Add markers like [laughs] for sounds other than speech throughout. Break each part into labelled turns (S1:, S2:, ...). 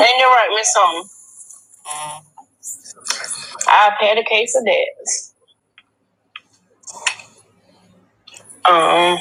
S1: And you write me something. I've had a case of that. Um.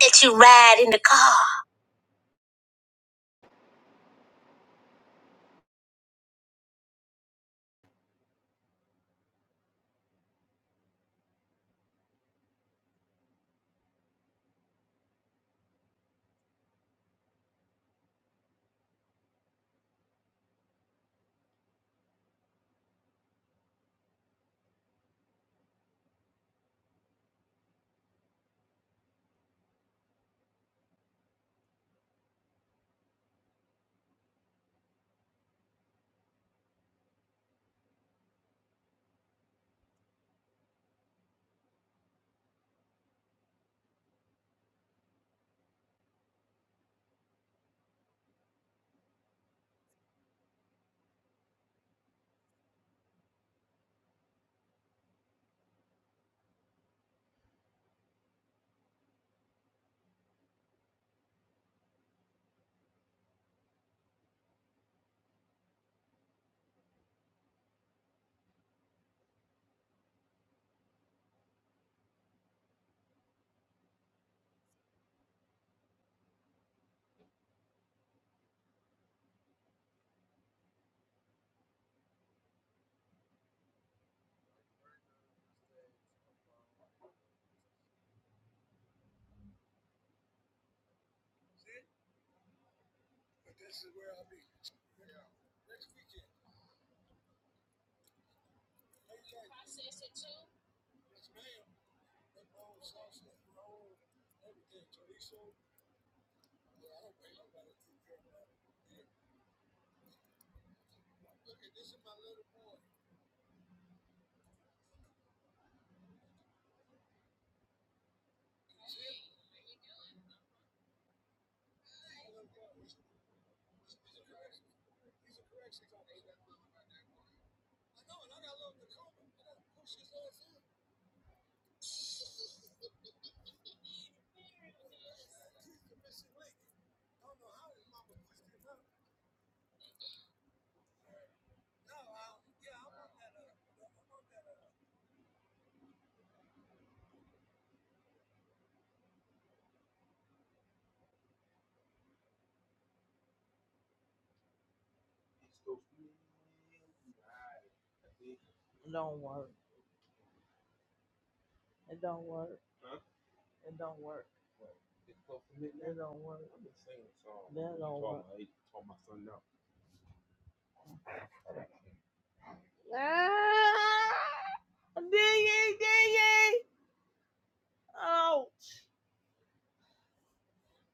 S1: That you ride in the car. It don't work. It don't work. It don't work. It don't work. That don't.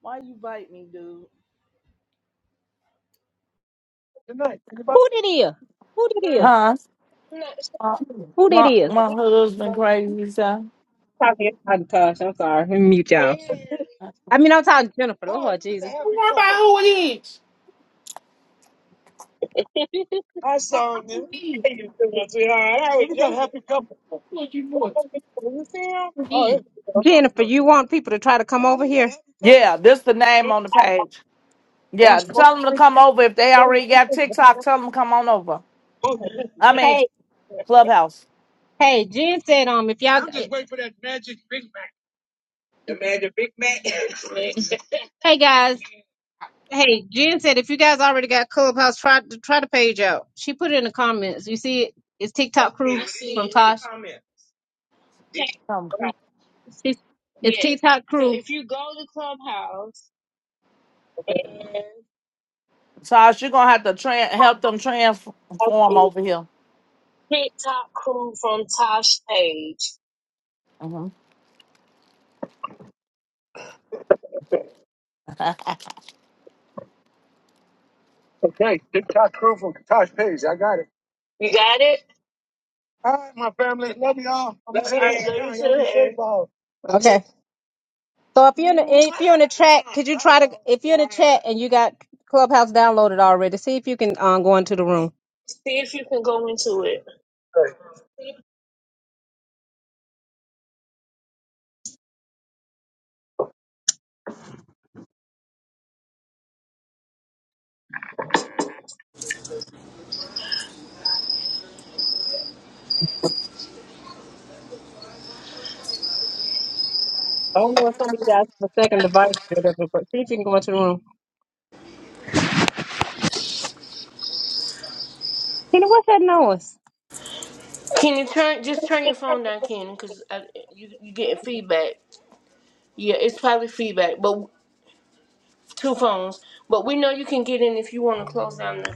S1: Why you bite me, dude?
S2: Good night. Anybody? Who did he? Who did he?
S1: Huh? Uh,
S2: Who did
S1: My
S2: he?
S1: my
S2: Oh
S1: husband crazy so.
S2: gosh, I'm sorry. Let me mute y'all. I mean, I'm talking Jennifer. Oh, Oh you a Jesus. happy couple. I saw them. Hey, you two, my sweetheart. I was a happy couple. Oh, it's Jennifer, you want people to try to come oh, over here? happy
S1: Yeah,
S2: couple.
S1: this the name on the page.
S2: One
S1: Yeah,
S2: smoke.
S1: tell them to come over if they already got TikTok. Tell them to come on over. I mean
S2: Hey,
S1: Clubhouse.
S2: hey, Jen said um if y'all I'm just waiting for that magic Big Mac. The magic Big Mac. [laughs] hey guys, Hey, Jen said if you guys already got Clubhouse, try to try the page out. She put it in the comments. You see it? It's TikTok Okay, crew I see from it in the Tosh. comment.
S1: Come,
S2: It's it's Yeah. TikTok So crew. So if you go to Clubhouse,
S1: Tosh, you're gonna have to tran help them transform over here.
S2: from Tosh,
S1: hmm
S2: Okay, TikTok crew from Tosh Page. I got it. All right, my family. Love y'all. I'm gonna Love shut you, you down. Y'all be safe Harry. Okay. So if you're in the if you're in the chat, could you try to if you're in the chat and you got Clubhouse downloaded already, see if you can um, go into the room. See if you can go into it. I don't know if some of you guys have a second device or whatever, but see if you can go into the room. Tina, what's that noise?
S3: Can you turn just turn your phone down, Ken? Because you you getting feedback. Yeah, it's probably feedback, but two phones. But we know you can get in if you want to close down the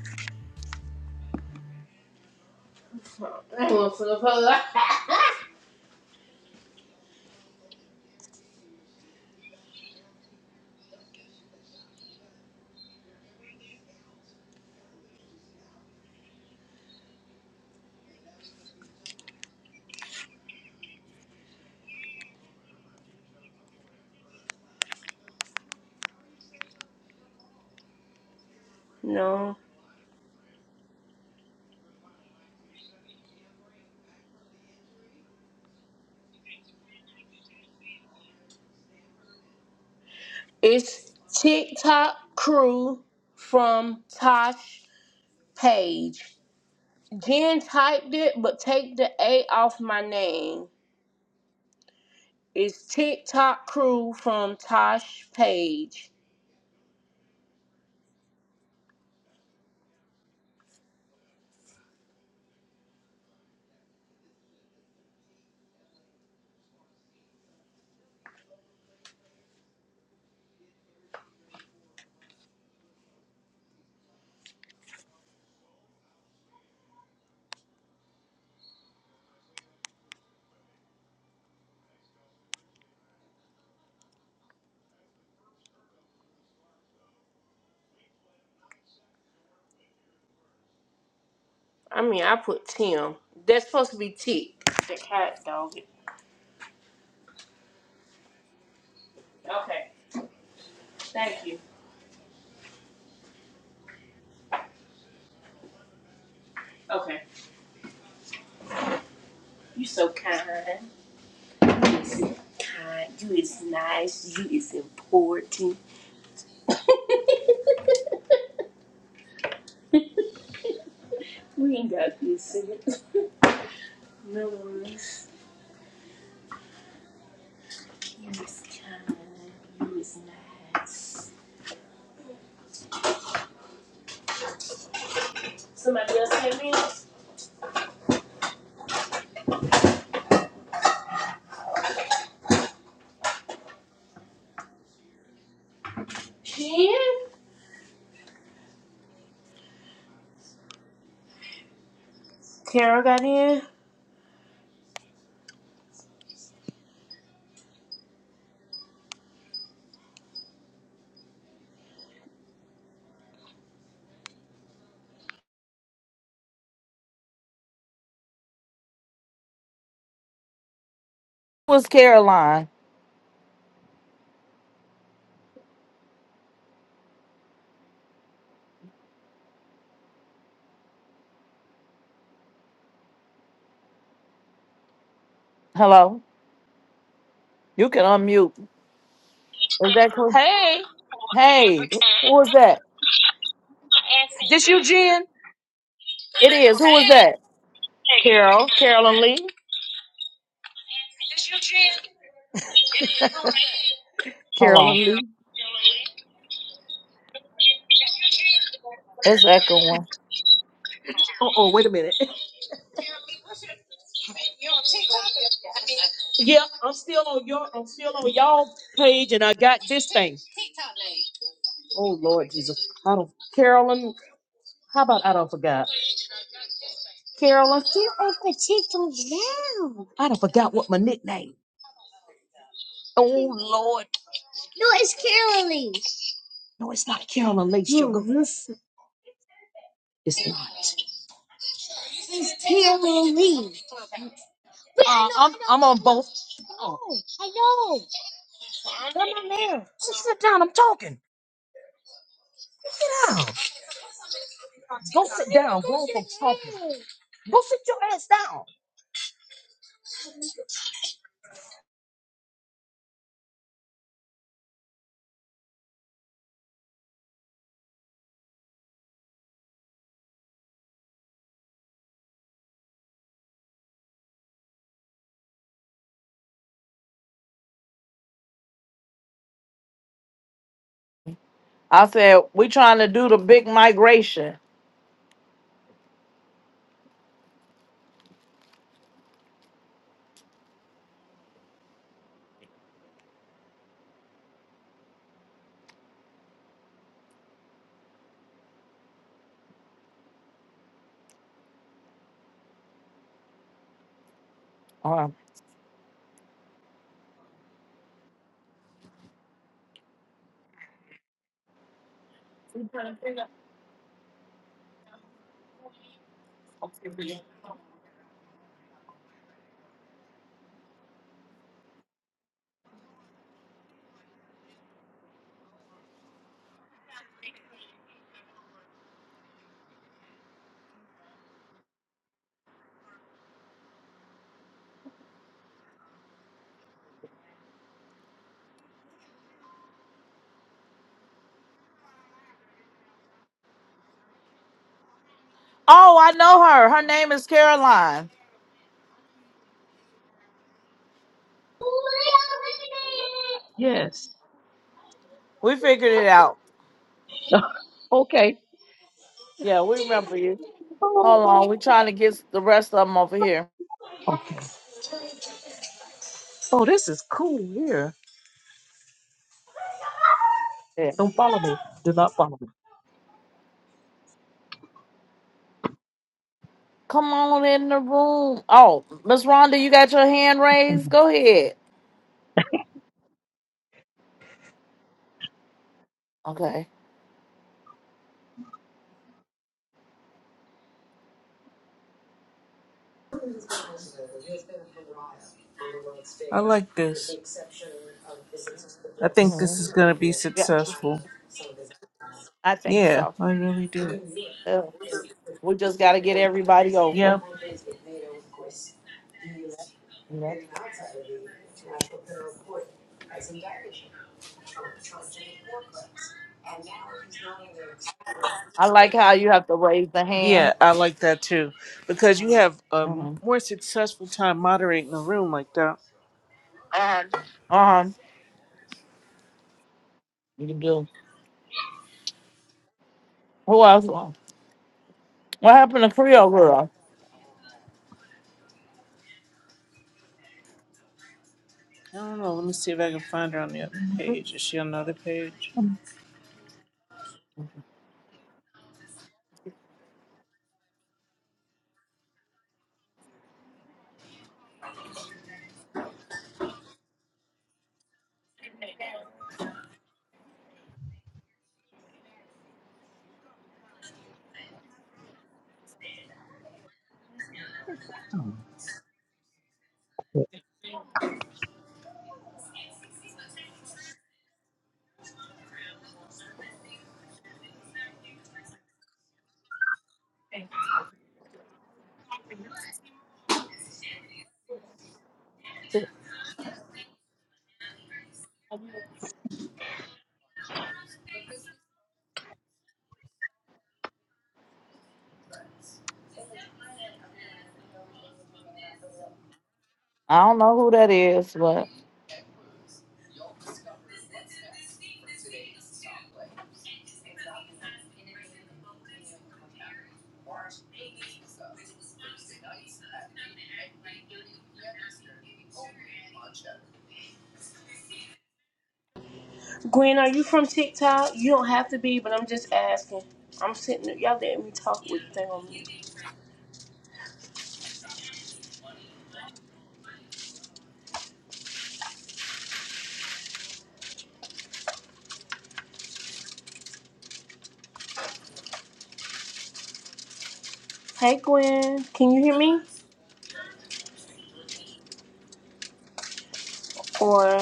S3: phone. [laughs] no, it's TikTok crew from Tosh Page. Jen typed it, but take the A off my name. It's TikTok crew from Tosh Page. I mean, I put Tim. That's supposed to be Tick. Jen. Tara got in.
S1: was [laughs] Caroline. Hello. You can unmute. Is that cool?
S4: Hey.
S1: Hey, who was that?
S4: This you, Jen?
S1: It is. Who was that?
S4: Carol. Carol and Lee. [laughs] This you, Jen?
S1: Hold
S4: Carol and
S1: on.
S4: Lee.
S1: It's echoing.
S4: oh wait a minute. Yeah, I'm still on your I'm still on y'all page and I got this thing. Oh Lord Jesus. I don't Carolyn, how about I don't forgot? Girl, I'm here on potato now. I done forgot what my nickname. Oh Lord. No, it's Carolyn. Lee. No, it's not Carolyn Lee, sugar. No. It's not. Carolyn Lee. Uh, I'm, I'm on both. Oh. I know. I'm on there. Just sit down. I'm talking. Down. Go sit down. Go folks talking. Go sit your ass down.
S1: I said, we trying to do the big migration. Uh, oh, I know her. Her name is Caroline.
S4: Yeah.
S1: We figured it out.
S4: [laughs] okay.
S1: Yeah, we remember you. Hold on. We trying to get the rest of them over here.
S4: Okay. Oh, this is cool here.
S1: Yeah.
S4: Don't follow me. Do not follow me.
S1: Come on in the room. Oh, Miss Rhonda, you got your hand raised? Go ahead. Okay.
S5: I like this. I think this
S1: Mhm.
S5: is going to be
S1: Yeah,
S5: successful.
S1: I think
S5: Yeah,
S1: so.
S5: I really do.
S1: Yeah. We just got to get everybody over.
S5: Yep.
S1: Yeah. I like how you have to raise the
S5: Yeah,
S1: hand.
S5: I like that too. Because you have a
S1: Mm-hmm.
S5: more successful time moderating a room like that.
S1: Uh huh. You do. Who else? What happened to Creole Girl?
S5: I don't know. Let me see if I can find her on the other page. Is she on another page?
S1: I don't know who that is, but
S3: Gwen, are you from TikTok? You don't have to be, but I'm just asking. I'm sitting there. Y'all letting me talk with the thing on me. Hey, Gwen, can you hear me? Or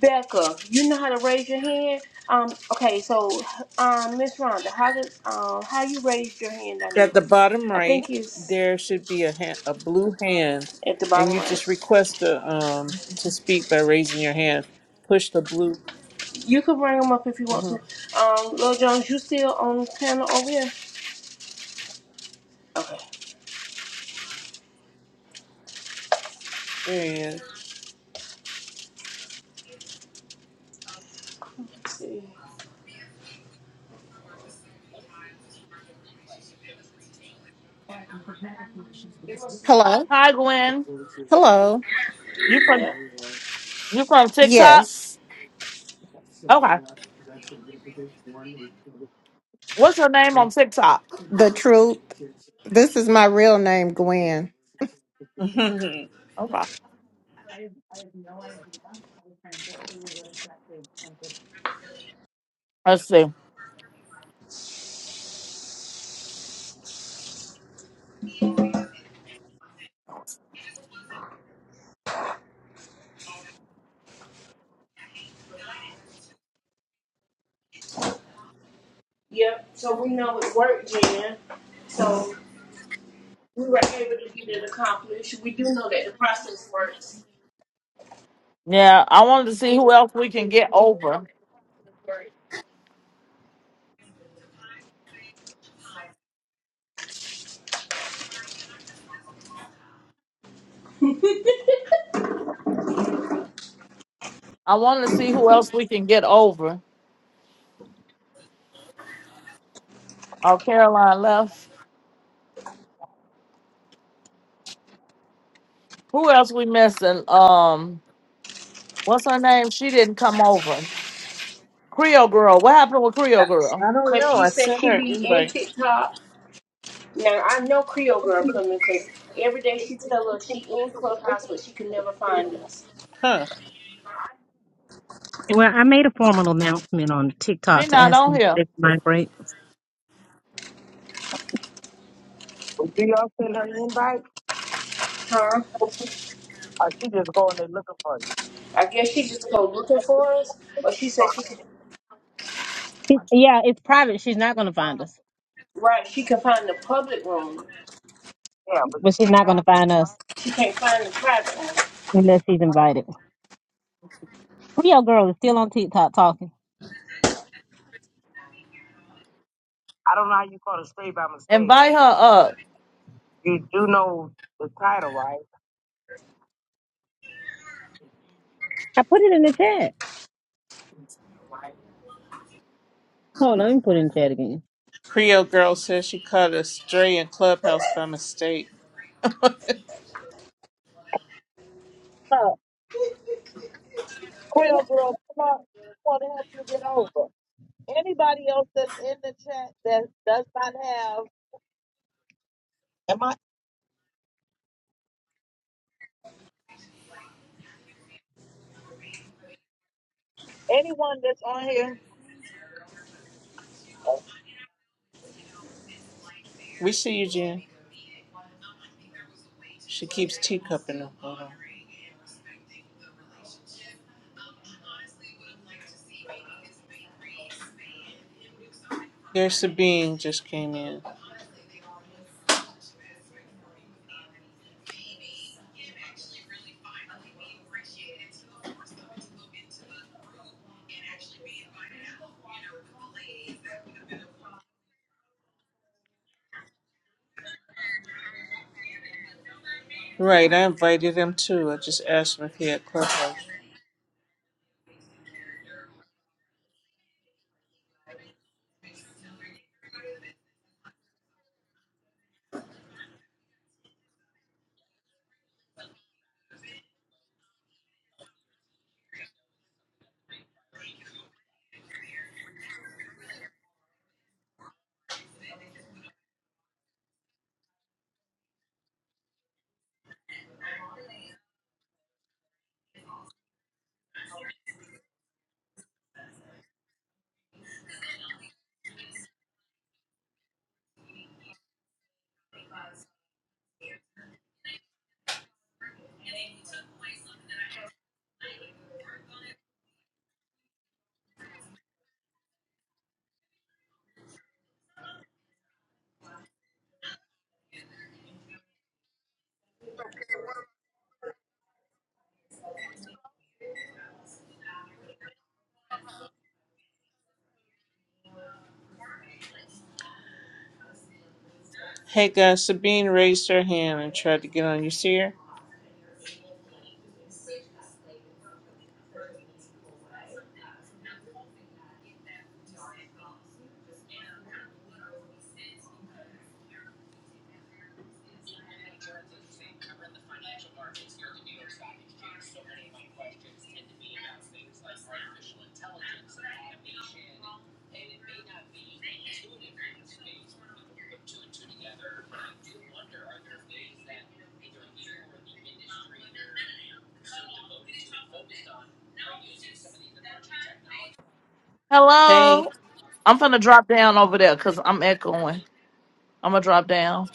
S3: Becca, you know how to raise your hand. Um, okay, so um, Miss Rhonda, how did um, how you raised your hand down there?
S5: At the
S3: 'Cause
S5: bottom
S3: I think
S5: right,
S3: it's
S5: there should be a hand, a blue hand,
S3: at the
S5: and
S3: bottom
S5: you
S3: right.
S5: just request to um to speak by raising your hand. Push the blue.
S3: You can bring them up if you want
S5: hmm
S3: to. Um, Lil Jones, you still on panel over here? Okay.
S5: There he is.
S6: Hello?
S1: hi, Gwen.
S6: Hello.
S1: You from
S3: Yeah.
S1: you from TikTok?
S6: Yes,
S1: Okay. What's your name on TikTok?
S6: the truth. This is my real name, Gwen.
S5: [laughs]
S1: Okay. Let's see.
S3: Yep. So we know it worked, Jen. So we were able to get it accomplished. We do know that the process works.
S1: Yeah, I wanted to see who else we can get over. I wanted to see who else we can get over. Oh, Caroline left. Who else we missing? Um, what's her name? She didn't come over. Creole Girl. What happened with
S5: I,
S1: Creole Girl?
S5: I don't
S3: Cause
S5: know.
S3: she
S5: I
S3: said
S5: sent her
S3: she
S5: an
S3: be in
S5: invite.
S3: TikTok. Now I know Creole girl coming cause every day she tell us she in Clubhouse but she can never find us.
S5: Huh.
S2: Well, I made a formal announcement on
S1: She
S2: TikTok to
S1: not
S2: ask
S1: on
S2: them if
S1: here.
S2: they could migrate. Do y'all send her invite?
S3: Huh?
S2: Or she just going there looking for you?
S3: I guess she just go looking for us. But she
S2: So,
S3: said she can
S2: It- Yeah, it's private. She's not going to find us.
S3: right, she can find the public room.
S2: yeah, but But she's not going to find us
S3: Can't find the private room.
S2: unless she's invited. Rio girl is still on TikTok talking. I don't know how you call it straight by mistake.
S1: Invite
S2: You,
S1: her up.
S2: you do know the title, right? I put it in the chat. Hold on, let me put it in the chat again.
S5: Creole girl says she caught a stray in clubhouse by mistake.
S2: Creole girls, come on. want to help you get over. Anybody else that's in the chat that does not have, am I anyone that's on here?
S5: We see you, Jen. She keeps teacupping her. Hold on. There's Sabine just came in. Right, I invited him too. I just asked him if he had clubhouse. Hey guys, Sabine raised her hand and tried to get on. You see her? Hey,
S1: Hello. I'm finna drop down over there because I'm echoing. I'm gonna drop down.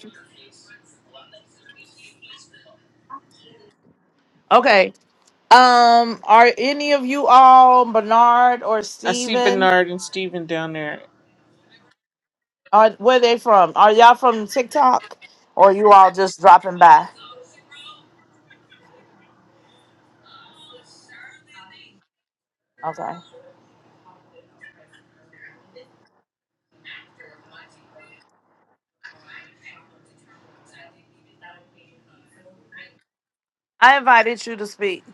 S1: Okay. Um, are any of you all Bernard or
S5: I see
S1: Steven?
S5: Bernard and Steven down there.
S1: Are where they from? Are y'all from TikTok? Or are you all just dropping by? Okay. I invited you to speak.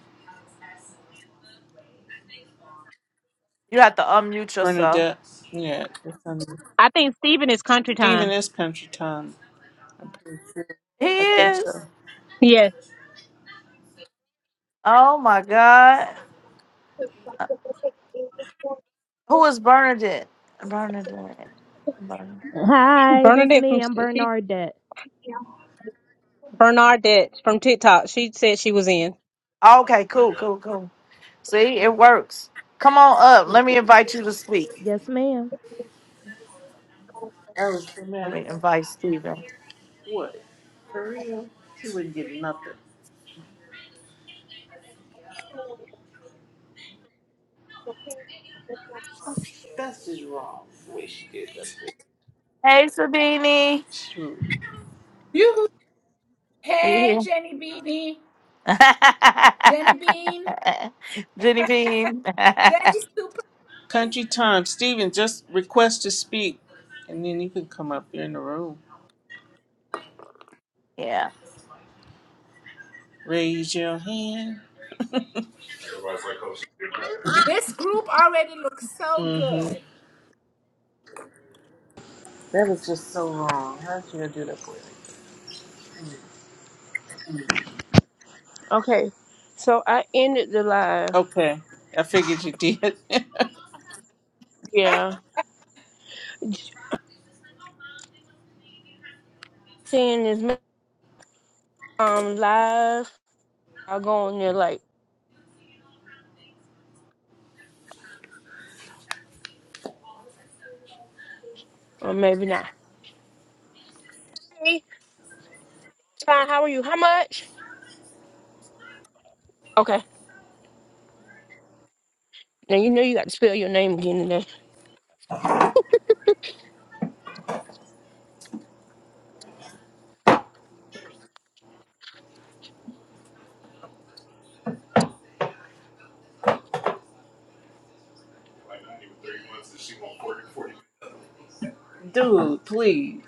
S1: You have to unmute yourself.
S5: Bernadette. Yeah, it's on.
S2: I think Steven is country
S5: Steven
S2: time.
S5: is country time. I think so.
S1: He
S5: I think
S1: is.
S5: so.
S2: Yes,
S1: Oh my God. Who is Bernadette? Bernadette. Bernadette.
S7: Hi, this
S2: Bernadette
S7: me.
S2: from
S7: I'm
S2: she
S7: Bernardette.
S2: Bernadette from TikTok. She said she was in.
S1: Okay, cool, cool, cool. See, it works. Come on up. Let me invite you to speak.
S7: Yes, ma'am.
S5: I was so
S1: Let
S5: mad
S1: me
S5: at that.
S1: invite Steven.
S5: What? For real? She wouldn't get nothing. That's just wrong. The way she did that.
S1: Hey, Sabini.
S5: Shoot.
S8: Yoo-hoo.
S1: You
S8: Hey, Jenny Beanie.
S1: here?
S8: Jenny Bean.
S1: [laughs] Jenny Bean. [laughs]
S8: Jenny Supine.
S5: Country time. Steven, just request to speak. And then you can come up here in the room.
S1: yeah.
S5: Raise your hand.
S8: This group already looks so
S5: Mm-hmm.
S8: good.
S5: That was just so.
S3: Okay. So I ended the live.
S5: Okay. I figured you did. [laughs]
S8: [laughs]
S3: Yeah. Seeing this um live, I'll go on there like or maybe not. Hey, Ty, how are you? How much? Now you know you got to spell your name again today.
S5: Dude, please.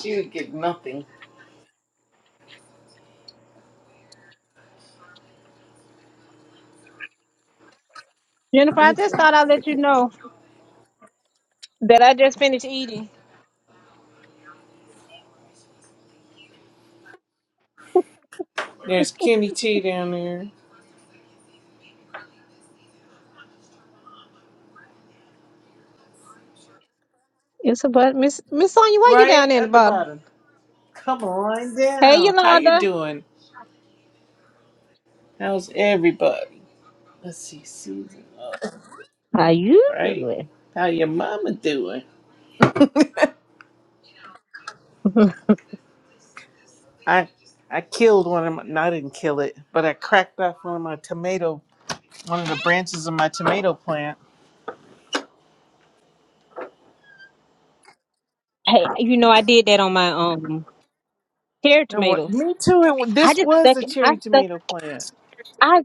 S5: She would get nothing.
S2: Jennifer, I just
S3: You-
S2: thought I'd let you know that I just finished eating.
S5: There's
S2: [laughs]
S5: Kenny T down there.
S2: It's a but Miss Miss Sonya, why you down
S5: Right
S2: there in the
S5: at the
S2: bottom?
S5: bottom. Come on
S2: Hey
S5: down. How you
S2: Yolanda.
S5: doing? How's everybody? Let's see, Susan. All
S2: How you
S5: right.
S2: doing?
S5: How your mama doing? [laughs]
S2: [laughs]
S5: I I killed one of my. No, I didn't kill it, but I cracked off one of my tomato, one of the branches of my tomato plant.
S2: hey, you know I did that on my um. Carrot
S5: And what?
S2: tomatoes.
S5: Me too. It, wa-
S2: I
S5: this
S2: just
S5: was
S2: stuck
S5: a
S2: it. I
S5: cherry
S2: stuck.
S5: tomato plant.
S2: I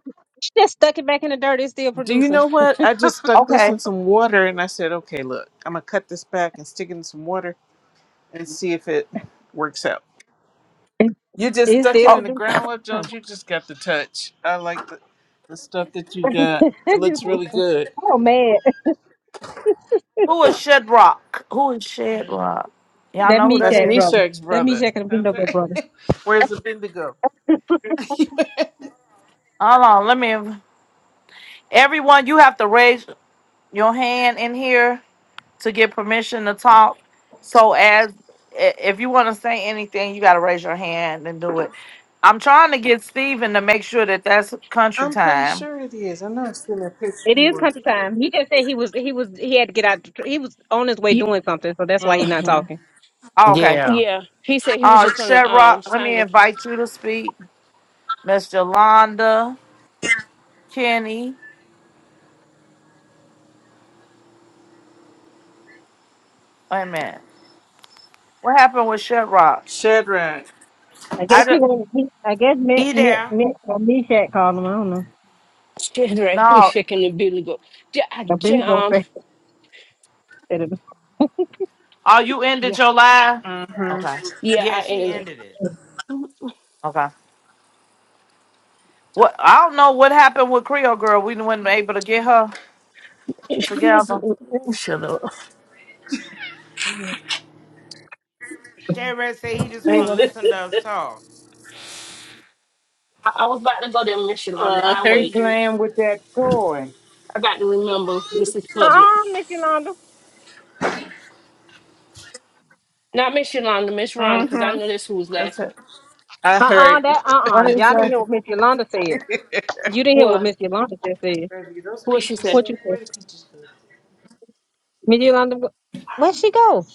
S2: just stuck it back in the dirt. It's still
S5: Do you
S2: producing.
S5: know what?
S2: [laughs]
S5: I just stuck this
S1: Okay.
S5: in some water, and I said, "Okay, look, I'm gonna cut this back and stick it in some water and see if it works out."
S2: It-
S5: You just
S2: it's
S5: stuck
S2: still
S5: it in
S1: Oh,
S5: the
S2: producing.
S5: ground, Love Jones. You just got the touch. I like the, the stuff that you got. It looks really good.
S2: [laughs] oh man,
S1: who is Shedrock? Who is Shedrock? Y'all
S2: that
S1: know who that
S5: That's
S2: Meshack
S1: is?
S2: brother.
S5: Meshach's
S2: That
S5: brother.
S2: Meshack and
S5: That's
S2: Abednego
S5: right.
S2: brother.
S5: [laughs] Where's the Bendigo? [laughs]
S1: Hold on. Let me. Everyone, you have to raise your hand in here. to get permission to talk. So as i- if you want to say anything, you got to raise your hand and do it. I'm trying to get Steven to make sure that that's country
S5: I'm pretty
S1: time.
S5: sure it is. I know I've seen that picture
S2: It is
S5: before.
S2: country time. He just said he was he was he had to get out. the tr- He was on his way
S3: you-
S2: doing something, so that's why he's not
S5: Mm-hmm.
S2: talking.
S1: Oh, okay.
S9: Yeah.
S3: Yeah, he said he was
S1: Uh,
S3: just gonna
S1: Shed
S3: um
S1: let
S3: sign
S1: me
S3: the
S1: invite you to speak. Miss Yolanda, Kenny. Wait a minute. What happened with Shed
S5: Shadrach.
S2: I guess
S1: I
S2: he
S1: did
S2: wanted. He, I guess Mick
S9: He
S2: Mick
S9: there.
S2: Mick or Meshack called him. I don't know.
S3: shit right. We
S1: no.
S3: shaking [laughs] the bill go. Yeah, I, j-
S2: Abednego [laughs]
S3: um,
S2: said it.
S1: Oh, you ended
S3: yeah,
S1: your live?
S5: Mm-hmm.
S1: Okay.
S3: yeah.
S9: Yeah,
S3: I
S9: she
S3: ended
S9: ended it.
S2: Mm.
S1: Okay. What I don't know what happened with Creole Girl. We weren't able to get her
S3: it. He was
S1: together.
S3: oh, shut up. Hang
S2: Mm.
S9: Shay Red said he just want to
S3: on.
S9: listen to us talk.
S3: I, I was about to go to Miss
S5: Oh,
S3: Yolanda.
S5: I
S3: I
S10: She
S5: heard
S3: wait.
S5: you.
S10: playing with that toy.
S3: I got to remember this is public.
S2: Uh-uh, Miss Yolanda.
S3: Not Miss Yolanda, Miss Rhonda, because I
S5: Mm-hmm.
S3: know this who was
S5: That's
S3: laughing.
S5: it. I
S3: I
S2: Uh-uh,
S5: heard
S3: wait.
S5: you.
S2: that
S1: What
S2: uh-uh.
S1: is
S2: Y'all didn't
S1: that?
S2: hear what Miss Yolanda
S5: [laughs]
S2: said.
S5: Baby,
S2: You didn't hear what
S3: What?
S2: Miss Yolanda just said.
S5: those
S3: What she
S5: peaches,
S3: said?
S2: What
S5: so,
S2: you said?
S5: where the peaches go?
S2: Miss Yolanda, wh- where'd she go?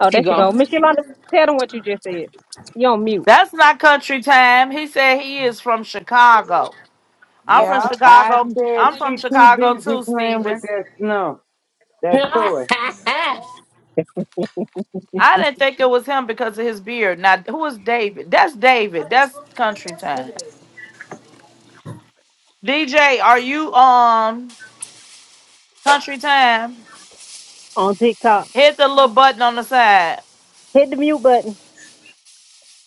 S2: Oh,
S3: She
S2: there she
S3: gone.
S2: go. Miss Yolanda, tell them what you just said. You on mute.
S1: That's not country time. He said he is from Chicago. I'm from
S3: Uh,
S9: Yep.
S10: I
S1: Chicago.
S10: said
S1: I'm from
S10: she too
S1: Chicago
S10: busy
S1: too,
S10: playing with
S1: Steven.
S10: that snuff, that toy.
S3: [laughs]
S2: [laughs]
S1: I didn't think it was him because of his beard. Now, who is David? That's David. That's country time. DJ, are you um country time?
S2: on TikTok.
S1: Hit the little button on the side.
S2: Hit the mute button.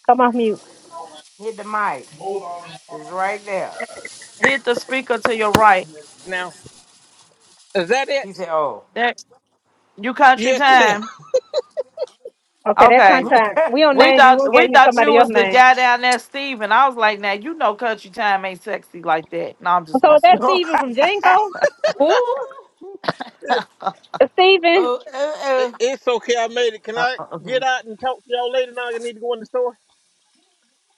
S2: Come off mute.
S9: Hit the mic. It's right there.
S1: Hit the speaker to your right.
S11: now. Is that it?
S9: He said, oh.
S1: There, you country
S11: Yes, ma'am. [laughs]
S1: time.
S2: Okay, that's
S9: [laughs]
S2: my
S1: Okay.
S2: time. We don't
S1: We
S2: name you.
S1: thought
S2: We'll
S1: we
S2: get you
S1: thought you
S2: somebody
S1: was
S2: else's
S1: the
S2: name.
S1: guy down there, Steven. I was like, now you know country time ain't sexy like that. No, I'm just
S2: So is
S1: messing
S2: that
S1: with you.
S9: oh,
S2: Steven from Django?
S3: Ooh.
S2: Uh, Steven?
S9: oh,
S11: I-
S9: oh.
S11: It's okay. I made it. Can
S1: Uh,
S11: I
S1: uh, uh,
S11: get out and talk to y'all later? Now I need to go in the store.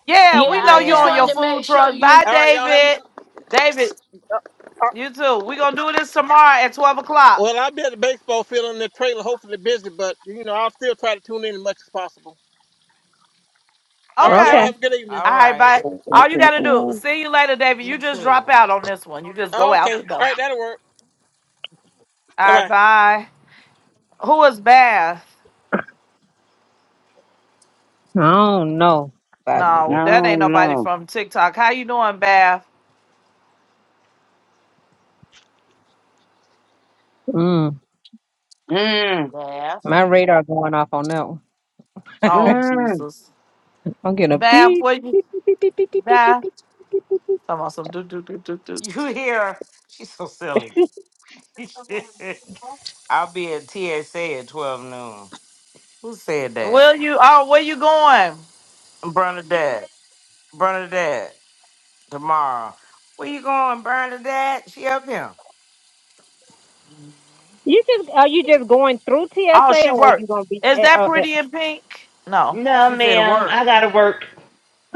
S1: yeah,
S3: Yeah,
S1: we know
S3: I
S1: you
S3: just
S1: on
S9: Yeah.
S1: your
S3: wanted to
S1: food
S3: make sure
S1: truck.
S3: you.
S1: Bye,
S11: All right, y'all have a
S1: David.
S11: good.
S1: David,
S11: all right.
S1: you too. we going to do this tomorrow at 12 o'clock.
S11: Well, I'll be at the baseball field in the trailer, hopefully busy, but you know I'll still try to tune in as much as possible. All right, y'all
S1: Okay.
S2: Okay.
S11: have a good evening.
S1: All
S9: All
S1: right,
S9: right.
S1: bye. All you got to do, see you later, David. You
S9: Me
S1: just drop
S9: too.
S1: out on this one. You just go out
S11: Okay.
S1: the
S11: All
S1: door.
S11: right, that'll work. Bye
S1: All
S11: bye.
S1: right, bye. Who is Bath?
S2: I don't know. But,
S10: I
S1: No, that ain't
S10: don't
S1: nobody
S10: know.
S1: from TikTok. How you doing, Bath?
S2: mm,
S10: Mm,
S9: Yes.
S2: my radar going off on that one.
S1: Oh,
S10: mm.
S1: Jesus.
S2: I'm getting a
S1: Bath,
S2: beep.
S1: where you,
S2: beep, beep, beep, beep, beep, beep, beep, beep,
S1: Bath?
S2: beep, beep, beep.
S1: Talking about some do, do, do, do, do.
S9: You hear? She's so silly. [laughs] I'll be at TSA at 12 noon. Who said that?
S1: Will you, oh, where you going?
S9: Bernadette. Bernadette. tomorrow. Where you going, Bernadette? She up here.
S2: You just are you just going through
S1: Oh,
S2: TSA
S1: she
S2: or you
S1: worked.
S2: gonna be
S1: Is
S2: at,
S1: that
S2: uh, at
S1: pretty in pink? No.
S7: No,
S9: She said a
S7: ma'am,
S9: word.
S7: I gotta work.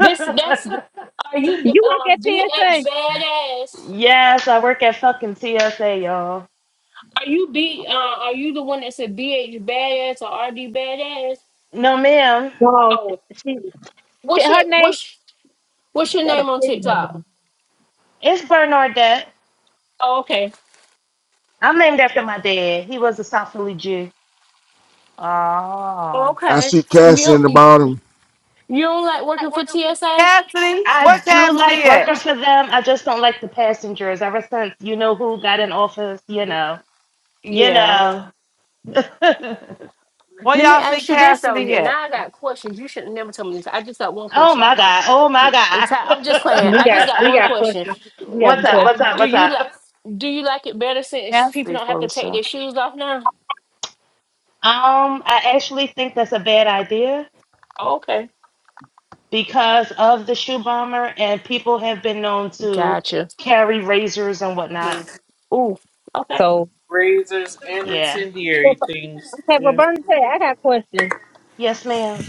S3: This that's are you
S2: you work at
S3: um
S2: TSA?
S3: BH badass?
S7: yes, I work at fucking TSA, y'all.
S3: Are you B uh are you the one that said BH badass or RD badass?
S7: No, ma'am,
S2: No, she,
S3: Oh,
S2: she, she
S3: what's your
S2: her name
S3: what's what's
S2: she
S3: your
S2: got a
S3: name on
S2: pig name.
S3: TikTok?
S7: it's Bernardette.
S3: Oh, okay,
S7: I'm named after my dad. He was a South Philly Jew.
S1: Oh.
S12: I
S3: okay.
S12: see Cassie
S3: You
S12: in the
S3: you
S12: bottom.
S3: don't like working for TSA?
S1: Cassidy? Where
S7: I do
S1: Cassidy
S7: like working
S1: at?
S7: for them. I just don't like the passengers. Ever since you know who got in office, you know, you
S3: Yeah.
S7: know. [laughs]
S1: Where
S3: Let me
S1: y'all see
S3: ask you this though.
S1: Cassidy
S3: You-
S1: at?
S3: Now I got questions. You should have never told me this. I just got one
S7: oh
S3: question.
S7: my god! Oh my
S3: Ty-
S7: god!
S3: I'm just playing.
S2: We
S3: I
S2: got
S3: just got
S2: we
S3: one
S2: got
S3: question.
S2: questions.
S7: [laughs]
S2: We have
S7: what's
S2: a
S3: D-
S7: up?
S3: I-
S7: What's
S2: question.
S7: up?
S3: do
S7: What's
S3: you like
S7: up?
S3: do you like it better since people
S1: Cassidy
S3: don't have to
S1: for
S3: take
S1: sure.
S3: their shoes off now?
S7: Um, I actually think that's a bad idea
S3: Oh, okay,
S7: because of the shoe bomber, and people have been known to
S3: gotcha.
S7: carry razors and whatnot.
S3: Ooh, okay.
S2: So
S5: Razors and
S7: Yeah.
S2: Well,
S5: incendiary
S2: so-
S5: things.
S2: Okay, but
S5: Yeah,
S2: Bernie, tell I got questions.
S7: Yes, ma'am.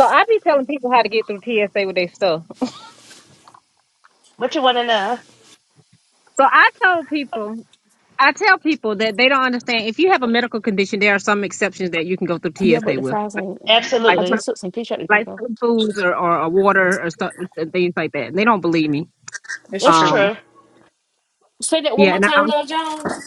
S2: So I be telling people how to get through TSA with their stuff.
S7: What you want to know?
S2: So I told people, I tell people that they don't understand. If you have a medical condition, there are some exceptions that you can go through
S3: Yeah, but
S2: TSA
S3: the
S2: with,
S3: fries
S2: like
S3: ain't.
S2: like,
S3: I
S7: Absolutely.
S3: just
S2: cer-
S3: took some fish out of the
S2: like
S3: though.
S2: certain foods or, or, or water or stuff, things like that. And they don't believe me.
S5: it's
S7: It's
S5: true.
S2: Um,
S7: true.
S3: Say that one
S2: yeah,
S3: more
S2: and I,
S3: time, Lil Jones.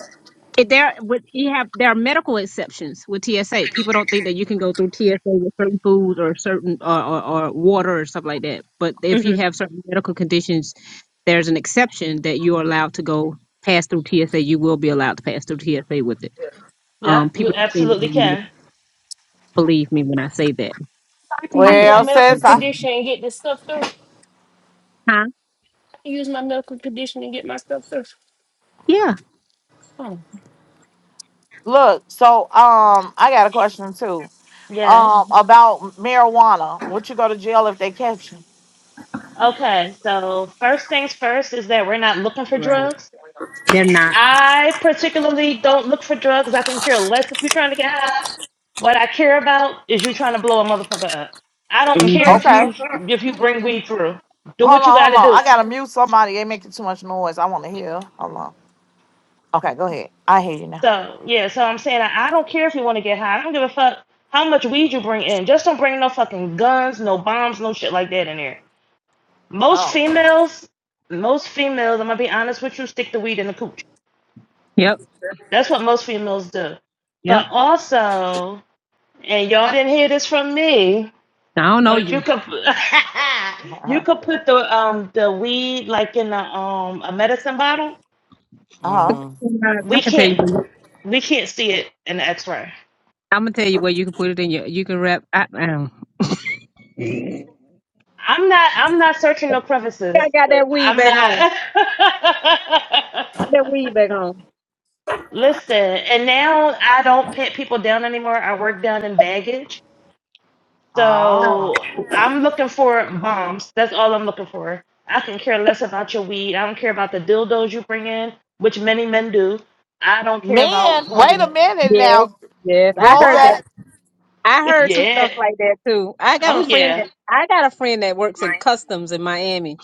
S2: If there would you have there are medical exceptions with TSA. People don't think that you can go through TSA with certain foods or certain or, or, or water or stuff like that. But if you
S3: hmm
S2: have certain medical conditions, there's an exception that you are allowed to go pass through TSA. You will be allowed to pass through TSA with it.
S7: Yeah,
S2: Um,
S7: you
S2: people don't seem
S7: absolutely
S2: to
S7: can.
S2: believe me when I say that.
S3: I can
S2: How
S3: use
S2: can
S3: my
S1: Well,
S3: medical
S1: sis, I
S3: condition and get this stuff through.
S2: Huh?
S3: I can use my medical condition and get my stuff through.
S2: Yeah,
S3: Oh.
S1: look, so um I got a question too.
S7: Yes.
S1: Um about marijuana. Would you go to jail if they catch you?
S7: Okay, so first things first is that we're not looking for drugs.
S2: they're not.
S7: I particularly don't look for drugs. I can care less if you're trying to get high. What I care about is you trying to blow a motherfucker up. I don't
S5: [laughs]
S7: care
S2: hmm
S7: if
S1: Okay.
S7: you if you bring weed through. Do
S1: Hold
S7: what you
S1: on,
S7: got
S1: hold
S7: to
S1: on.
S7: do.
S1: I gotta mute somebody. They making too much noise. I wanna hear. Hold on. Okay, go ahead. I hear you now.
S7: So yeah, so I'm saying I, I don't care if you want to get high. I don't give a fuck how much weed you bring in. Just don't bring no fucking guns, no bombs, no shit like that in here. Most
S1: Oh. [laughs]
S7: females, most females, I'm gonna be honest with you, stick the weed in the cooch.
S2: Yep,
S7: That's what most females do.
S2: yep.
S7: But also, and y'all didn't hear this from me.
S2: I don't know
S7: But you
S2: you.
S7: could [laughs] you
S1: Uh-huh.
S7: could put the um the weed like in a um a medicine bottle.
S1: Uh-huh.
S9: Mm-hmm.
S2: I
S7: We
S2: can tell you.
S7: can't
S2: Where you
S7: we can't see it in the X-ray.
S2: I'm gonna tell you where you can put it in your. You can wrap. I,
S7: I'm not I'm not searching no
S2: Hey,
S7: crevices.
S2: I got that weed
S7: I'm
S2: back home.
S7: not.
S2: That weed back home.
S7: [laughs] Listen, and now I don't pet people down anymore. I work down in baggage.
S1: Ah.
S7: So I'm looking for moms. That's all I'm looking for. I can care less about your weed. I don't care about the dildos you bring in, which many men do. I don't care
S1: Man,
S7: about
S1: wait
S7: money.
S1: a minute
S2: Yes,
S1: now.
S2: yes. I
S1: Roll
S2: heard that.
S9: What?
S1: that.
S2: I
S7: [laughs]
S2: heard some
S7: yeah.
S2: stuff like that too. I got a
S7: Oh
S2: friend
S7: yeah.
S2: that I got a friend that works in customs in Miami,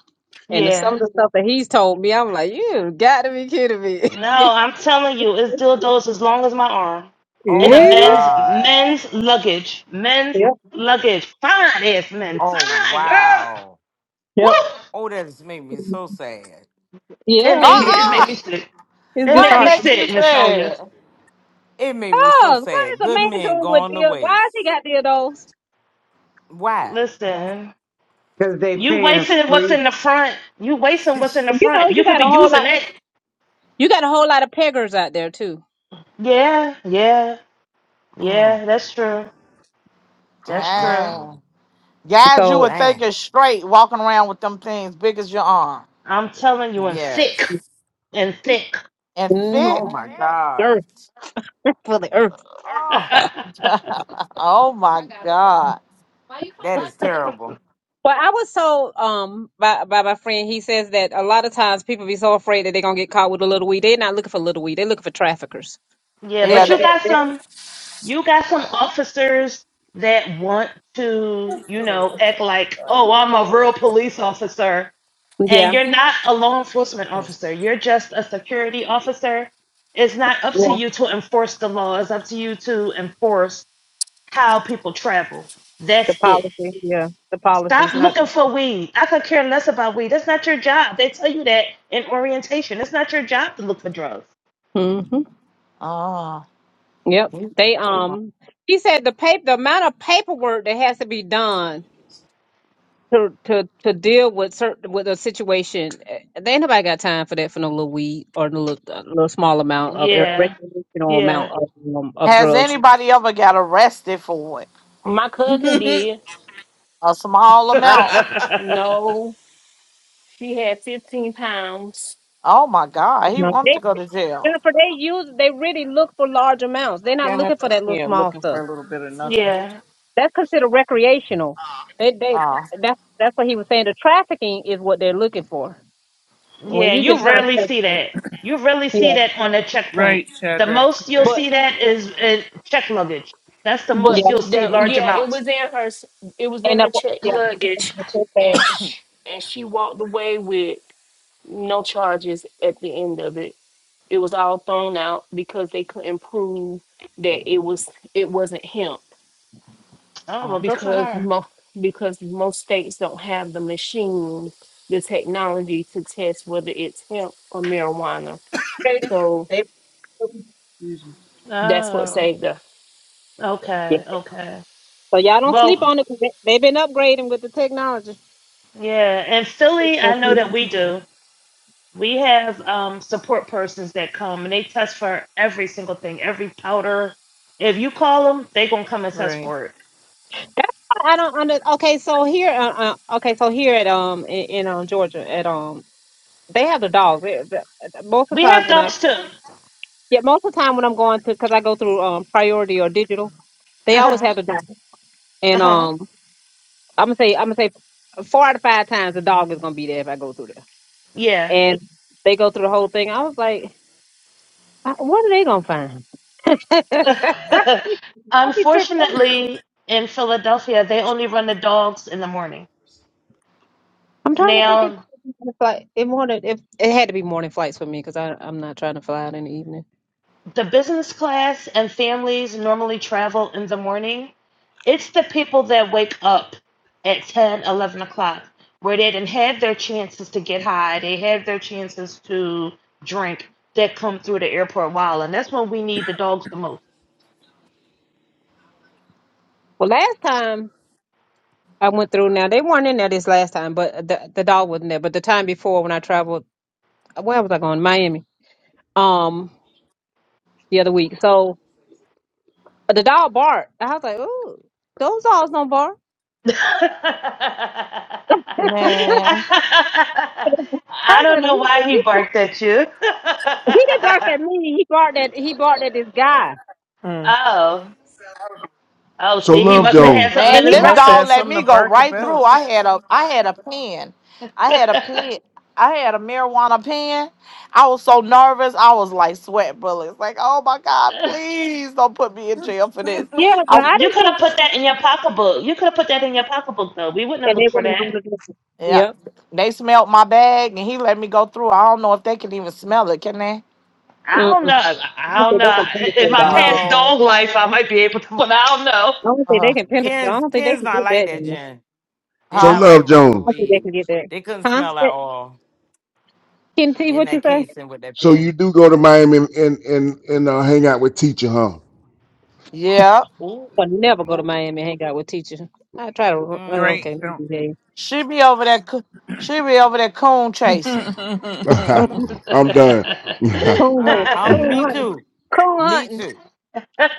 S2: and some
S7: Yeah.
S2: of the stuff that he's told me, I'm like, you got to be kidding me.
S7: No,
S2: [laughs]
S7: I'm telling you, it's dildos as long as my arm.
S9: Oh
S7: In
S1: Ooh.
S7: a
S9: my
S2: Mhm.
S7: men's
S9: God.
S7: men's luggage. Men's luggage. Fine ass men.
S9: Oh
S7: Fine girl.
S9: wow.
S7: Woo!
S9: Oh, that just made me so sad.
S7: It
S2: yeah,
S7: make me
S2: it,
S7: it make
S1: Uh-uh.
S7: me sick.
S2: it's
S7: It make
S1: What
S7: me
S2: disheartening.
S1: makes you
S7: sick, Miss Sonia.
S1: sad?
S9: It made me so
S2: Cause what
S9: sad.
S2: is a
S9: Good
S2: man
S9: men
S2: doing with
S9: going to
S2: deals? Why
S9: waste.
S2: has he got dildos?
S9: Why?
S7: Listen.
S10: Cause they
S7: You
S10: parents
S7: wasting what's
S10: free.
S7: in the front. You
S9: [laughs]
S7: wasting
S9: mm,
S7: what's in the
S2: You know,
S7: front. You
S2: you
S7: could
S2: got
S7: be
S2: a whole
S7: using
S2: lot.
S7: that.
S2: You got a whole lot of peggers out there too.
S7: Yeah, yeah,
S9: mm,
S7: yeah. That's true. That's
S9: mm,
S7: true.
S9: mm.
S1: Damn. Guys, you were
S2: So,
S9: Damn.
S1: thinking straight walking around with them things big as your arm
S7: I'm telling you, and
S9: Yes.
S7: thick and thick.
S1: and
S2: mhm,
S1: thick.
S9: Oh my God.
S2: earth [laughs] for the earth.
S7: [laughs]
S9: Oh,
S7: yeah,
S1: [laughs] oh my God.
S9: that is terrible.
S2: Well, I was told um by by my friend, he says that a lot of times people be so afraid that they're gonna get caught with a little weed. They're not looking for little weed, they're looking for traffickers.
S1: Yeah.
S7: but
S2: They,
S7: you
S1: That,
S2: they,
S7: got
S2: they-
S7: some. You got some officers that want to, you know, act like, oh, I'm a real police officer, and
S2: yeah,
S7: you're not a law enforcement officer. You're just a security officer. It's not up to
S2: yeah.
S7: you to enforce the law. It's up to you to enforce how people travel.
S2: The
S7: That's it.
S2: policy, yeah. The policies,
S7: Stop
S2: not
S7: looking
S2: the
S7: for weed. I could care less about weed. That's not your job. They tell you that in orientation. It's not your job to look for drugs.
S2: hmm
S1: oh,
S2: Yep.
S1: you-
S2: They um he said the paper the amount of paperwork that has to be done to to to deal with certain with a situation eh, there ain't nobody got time for that for no little weed or no little, uh, little small amount of ir-
S7: Yeah,
S2: recreational amount
S7: yeah,
S2: of um, of
S1: has
S2: drugs.
S1: anybody ever got arrested for it?
S3: My cousin did.
S1: A
S7: [laughs]
S1: small amount.
S7: yeah,
S3: No, she had 15 pounds.
S1: Oh my God. He wanted to go to jail.
S2: Jennifer, they use they really look for large amounts. They're not
S5: Yeah,
S2: looking for
S5: nothing.
S2: that little
S5: Yeah,
S2: small
S5: looking
S2: stuff.
S5: for a little bit of nothing.
S7: yeah.
S2: That's considered recreational. They they
S1: Oh,
S2: that's that's what he was saying. The trafficking is what they're looking for. When you just
S7: You
S2: trying
S7: rarely
S2: to-
S7: see that. You rarely see
S2: yeah
S7: that on a checkpoint.
S5: Right,
S7: The
S5: Shadrach.
S7: most you'll
S5: Right,
S3: but.
S7: see that is uh, check luggage. That's the
S3: But
S7: most
S2: yeah
S7: you'll see
S3: that
S7: large
S3: yeah, it
S7: amounts.
S3: was in her s- it was in
S2: and up,
S3: her check
S2: yeah. it's
S3: luggage,
S2: so bad.
S3: and she, and she walked away with no charges at the end of it. It was all thrown out because they couldn't prove that it was it wasn't hemp
S7: Oh well, good for
S3: because
S7: her.
S3: mo- because most states don't have the machine, the technology to test whether it's hemp or marijuana. So
S2: They-
S3: that's what
S7: Oh,
S3: saved her.
S2: yeah.
S7: okay, okay.
S2: So y'all don't sleep
S7: Well,
S2: on it. 'cause They, they've been upgrading with the technology.
S7: yeah. In Philly,
S2: That's
S7: I know that we do. We have um, support persons that come and they test for every single thing, every powder. If you call them, they gonna come and test
S5: right.
S7: for it.
S2: why I don't under. Okay, so here, uh, uh, okay, so here at um in, in um Georgia at um they have the dogs. They- they- most of
S7: We
S2: the
S7: have
S2: times when I
S7: dunks too.
S2: Yeah, most of the time when I'm going to, because I go through um, priority or digital, they
S7: Uh
S2: always
S7: huh.
S2: have the dog.
S7: Uh
S2: And
S7: huh.
S2: um, I'm gonna say, I'm gonna say, four out of five times the dog is gonna be there if I go through there.
S7: Yeah.
S2: And they go through the whole thing. I was like, I- what are they gonna find? [laughs]
S7: [laughs]
S2: I be tripping.
S7: Unfortunately, in Philadelphia, they only run the dogs in the morning.
S2: I'm trying to think if
S7: Now
S2: if I- it wanted if it had to be morning flights for me because I I'm not trying to fly out in the evening.
S7: the business class and families normally travel in the morning. It's the people that wake up at 10, 11 o'clock where they didn't have their chances to get high, they had their chances to drink that come through the airport while, and that's when we need the dogs the most.
S2: Well, last time I went through now they weren't in there this last time, but the the dog wasn't there. But the time before when I traveled, where was I going? Miami. um the other week. So uh, the dog barked. I was like, "Ooh, those dogs don't bark."
S7: [laughs] I
S1: man.
S2: [laughs] I was
S7: don't
S2: like,
S7: know
S2: he,
S7: why he
S2: he,
S7: barked at you.
S2: he didn't bark
S7: [laughs]
S2: at me. He barked at he barked at this guy,
S5: Mm.
S7: oh, oh,
S12: So
S7: see, he
S12: love
S7: must have
S2: But-
S7: had
S12: Jones.
S7: something in
S2: and
S1: Man,
S7: his
S2: he
S5: He
S1: this
S2: barked.
S5: must have
S7: rectum.
S1: dog let
S5: something to
S1: me go
S5: bark
S1: right through.
S5: about.
S1: I had a I had a pen. I had a
S7: [laughs]
S1: pen. I had a marijuana pen. I was so nervous. I was like sweat bullets. Like, oh my God, please don't put me in jail for this.
S2: Yeah, but
S1: I
S5: [laughs]
S2: I
S7: You
S2: didn't
S7: could
S2: think
S7: have put that in your pocketbook. You could have put that in your pocketbook, though. We wouldn't have
S2: that they
S7: looked for
S2: wouldn't do
S7: that.
S2: the difference.
S1: yeah.
S2: Yep.
S1: They smelled my bag and he let me go through. I don't know if they can even smell it, can they?
S7: I don't know.
S2: Mm-mm.
S7: I I
S2: I don't
S7: don't
S2: think they
S7: know.
S2: can
S7: In
S2: penetrate
S7: my
S2: all this.
S7: past
S9: No.
S7: dog life, I might be able to, but I don't
S2: I don't think they
S1: Uh
S2: can penetrate. I
S9: Pins,
S2: don't think they
S9: pins
S2: can
S9: not
S2: get
S9: like
S2: that.
S9: that,
S2: in them.
S9: Jen. They
S12: So
S1: huh.
S9: not like
S12: love
S9: regular
S2: I
S12: Jones.
S2: don't think they
S9: weed.
S2: can get that.
S9: They couldn't
S2: Huh?
S9: smell at
S2: That,
S9: all
S2: Ken T,
S9: in
S2: what
S9: that
S2: you say?
S9: casing with that
S12: So you
S9: pen.
S12: do go to Miami and and and, and uh, hang out with teacher, huh?
S1: Yeah.
S9: Ooh,
S2: I'll never go to
S9: ooh,
S2: Miami and hang out with teachers. I try to. uh,
S9: mm,
S5: right,
S2: Okay. let
S5: don't.
S2: me behave.
S1: She be over there coo- she be over there coon chasing.
S5: [laughs]
S12: [laughs]
S9: mm.
S7: know.
S12: I'm
S1: Uh,
S12: done. [laughs]
S2: Coon
S9: I,
S2: hunting.
S9: I'm
S2: Coon
S9: me
S7: [laughs]
S2: hunting.
S9: too.
S2: Coon
S9: Me
S2: hunting.
S9: too.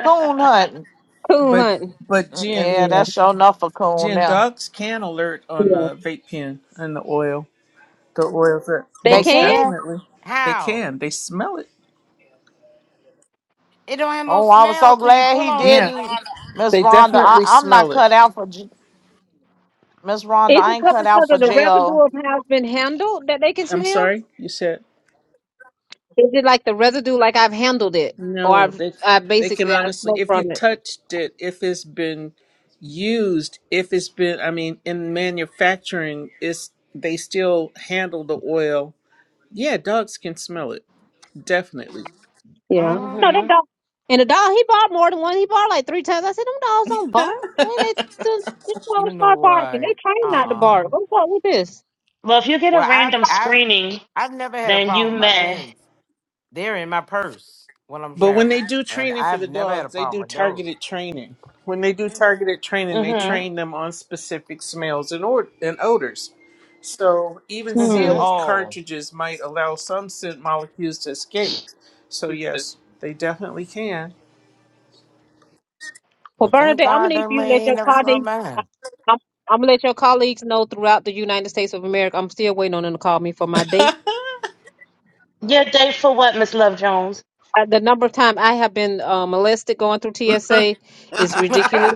S1: Coon hunting.
S2: Coon
S5: but
S2: hunting.
S5: but
S1: Mm,
S5: gin,
S1: Yeah,
S2: Yeah.
S1: that's sure enough for coon
S5: gin
S1: now.
S5: dogs can alert on
S2: Yeah.
S5: the vape pen and the oil. The oils that
S2: They
S1: They
S5: most
S2: can?
S1: can?
S5: definitely they
S9: How?
S5: can. They smell it.
S9: It don't have no
S1: Oh, I was
S9: smell
S1: so
S9: till you
S1: glad
S9: pull
S1: he
S9: on
S5: Yeah,
S9: it.
S1: didn't, Miss
S5: they
S1: Rhonda. I,
S5: definitely
S1: I'm not
S5: smell it.
S1: cut out for j- Miss Rhonda.
S2: Is it
S1: I ain't
S2: because
S1: cut
S2: because
S1: out
S2: of
S1: for
S2: the residue
S1: jail.
S2: of how it's been handled that they can
S5: I'm
S2: smell?
S5: sorry, you said.
S2: Is it like the residue like I've handled it? Or
S5: No,
S2: I've
S5: they
S2: I
S5: they can
S2: basically I
S5: honestly,
S2: smoked
S5: if you
S2: from it.
S5: touched it, if it's been used, if it's been, I mean, in manufacturing, it's they still handle the oil. Yeah, dogs can smell it, definitely.
S2: Yeah.
S9: Mm,
S2: No, that
S7: hmm
S2: dog and the dog he barked more than one. He barked like three times. I said, Them dogs don't bark when they soon- this
S9: you
S2: dog
S9: know
S2: start barking. They
S9: what? Uh
S2: train not to
S9: uh
S2: bark. What's up with this?
S7: Well, if you get a
S9: Well, I've
S7: random
S9: I've
S7: screening,
S9: I've never had a
S7: then you
S9: problem with my
S7: may.
S9: pens. They're in my purse when I'm
S5: But when they
S9: traveling,
S5: do
S9: and
S5: training for
S9: I've
S5: the
S9: never had a
S5: dogs, they
S9: problem
S5: do
S9: with those.
S5: targeted training. When they do targeted training, they
S7: hmm
S5: train them on specific smells and or and odors. So even
S7: hmm
S5: sealed
S9: Oh,
S5: cartridges might allow some scent molecules to escape. So yes, they definitely can.
S2: Well,
S9: well, thank
S2: Bernadette, I'm gonna
S9: God
S2: need
S9: that
S2: for you
S9: man
S2: to let
S9: ain't
S2: your
S9: never smelled
S2: colleagues. I-
S9: mine.
S2: I'm, I'm gonna let your colleagues know throughout the United States of America. I'm still waiting on them to call me for my date.
S5: [laughs]
S7: Your date for what, Miss Love Jones?
S2: I, the number of time I have been uh, molested going through TSA is
S9: [laughs]
S2: ridiculous.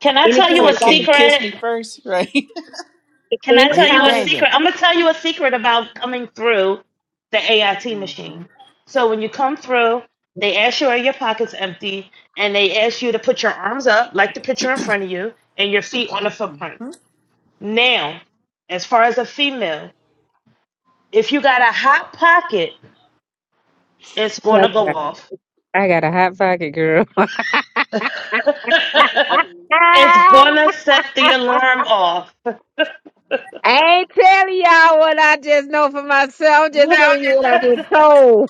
S7: Can I tell
S5: It's
S2: Anytime
S7: you a
S2: that
S5: like,
S2: I
S5: can you
S2: can,
S5: kiss me
S7: secret?
S5: first? [laughs] Right?
S7: Can I tell
S9: Yeah,
S7: you a
S2: anytime.
S9: dang
S7: secret? I'm gonna tell you a secret about coming through the AIT
S5: hmm
S7: machine. So when you come through, they ask you are your pockets empty, and they ask you to put your arms up, like the picture in front of you, and your feet on the footprints.
S5: hmm
S7: Now, as far as a female, if you got a hot pocket, it's
S2: well,
S7: gonna go off.
S2: I got a hot pocket, girl. [laughs]
S7: [laughs] it's
S2: I
S7: gonna set the alarm off.
S2: ain't telling y'all what I just know for myself. I'm just telling you what I've been told.